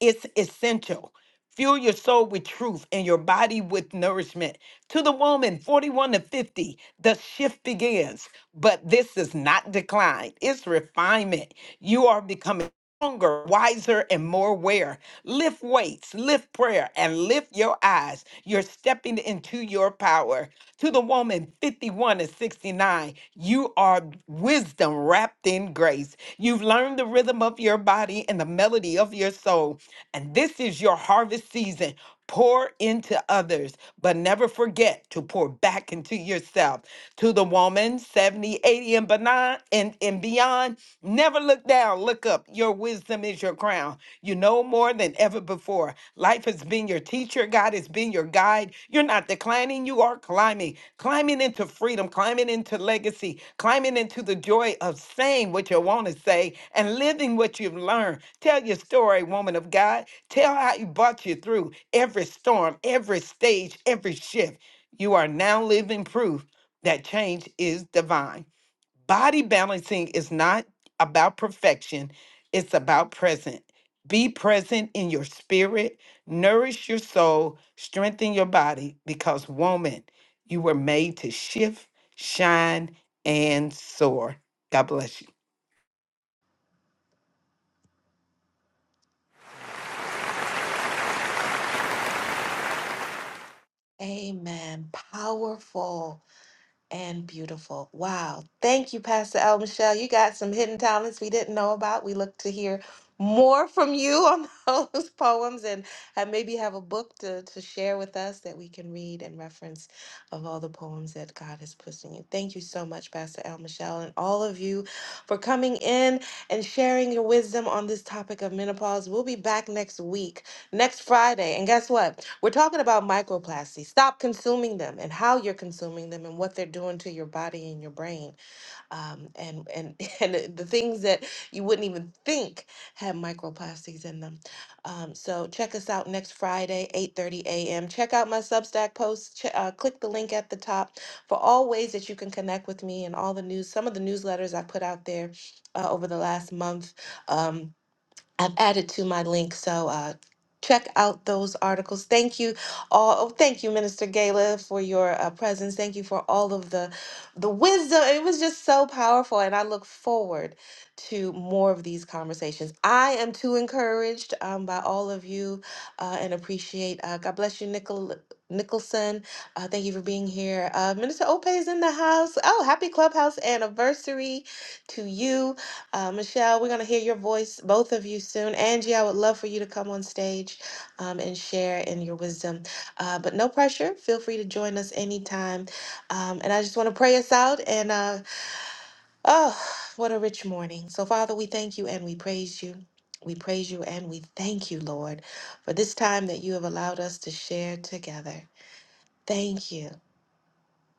S4: it's essential. Fuel your soul with truth and your body with nourishment. To the woman 41 to 50, the shift begins, but this is not decline, it's refinement. You are becoming stronger, wiser, and more aware. Lift weights, lift prayer, and lift your eyes. You're stepping into your power. To the woman 51 and 69, you are wisdom wrapped in grace. You've learned the rhythm of your body and the melody of your soul. And this is your harvest season. Pour into others, but never forget to pour back into yourself to the woman 70, 80, and benign and, and beyond never look down look up your wisdom is your crown you know more than ever before life has been your teacher god has been your guide you're not declining you are climbing climbing into freedom climbing into legacy climbing into the joy of saying what you want to say and living what you've learned tell your story woman of god tell how he brought you through every storm every stage every shift you are now living proof that change is divine. Body balancing is not about perfection, it's about present. Be present in your spirit, nourish your soul, strengthen your body, because, woman, you were made to shift, shine, and soar. God bless you.
S1: Amen. Powerful. and beautiful. Wow. Thank you, Pastor El Michelle. You got some hidden talents we didn't know about. We look to hear more from you on those poems and uh, maybe have a book to, to share with us that we can read and reference of all the poems that God has put in you. Thank you so much, Pastor El Michelle, and all of you for coming in and sharing your wisdom on this topic of menopause. We'll be back next week Next Friday. And guess what? We're talking about microplastics. Stop consuming them and how you're consuming them and what they're doing to your body and your brain. Um, and and and the the things that you wouldn't even think had microplastics in them. Um, so check us out next Friday, 8:30 a.m. Check out my Substack posts. Ch- uh, click the link at the top for all ways that you can connect with me and all the news, some of the newsletters I put out there uh, over the last month. Um, I've added to my link, so uh, check out those articles. Thank you all. Oh, thank you, Minister Gala, for your uh, presence. Thank you for all of the the wisdom. It was just so powerful, and I look forward to more of these conversations. I am too encouraged um, by all of you, uh, and appreciate. Uh, God bless you, Nicol. Nicholson, uh, thank you for being here. Uh, Minister Ope is in the house. Oh, happy clubhouse anniversary to you. Uh, Michelle, we're going to hear your voice, both of you soon. Angie, I would love for you to come on stage um, and share in your wisdom. Uh, but no pressure. Feel free to join us anytime. Um, and I just want to pray us out. And uh, oh, what a rich morning. So, Father, we thank you and we praise you. We praise you and we thank you, Lord, for this time that you have allowed us to share together. Thank you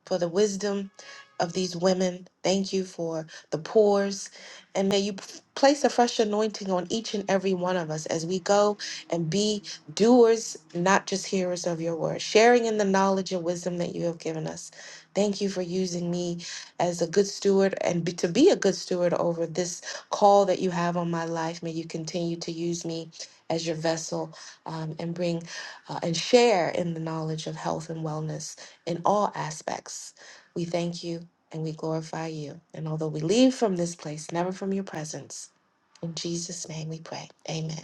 S1: for the wisdom of these women. Thank you for the pores. And may you p- place a fresh anointing on each and every one of us as we go and be doers, not just hearers of your word, sharing in the knowledge and wisdom that you have given us. Thank you for using me as a good steward and be, to be a good steward over this call that you have on my life. May you continue to use me as your vessel um, and bring uh, and share in the knowledge of health and wellness in all aspects. We thank you and we glorify you. And although we leave from this place, never from your presence, in Jesus' name we pray. Amen.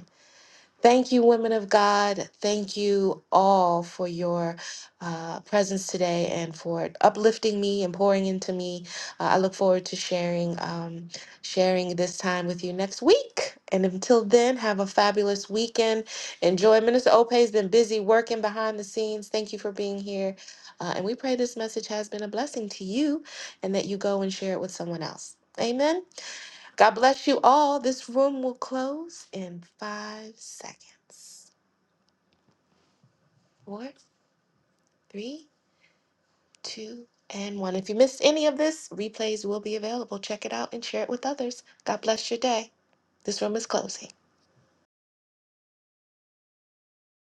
S1: Thank you, women of God. Thank you all for your uh, presence today and for uplifting me and pouring into me. Uh, I look forward to sharing um, sharing this time with you next week. And until then, have a fabulous weekend. Enjoy. Minister Ope has been busy working behind the scenes. Thank you for being here. Uh, and we pray this message has been a blessing to you and that you go and share it with someone else. Amen. God bless you all. This room will close in five seconds. Four, three, two, and one. If you missed any of this, replays will be available. Check it out and share it with others. God bless your day. This room is closing.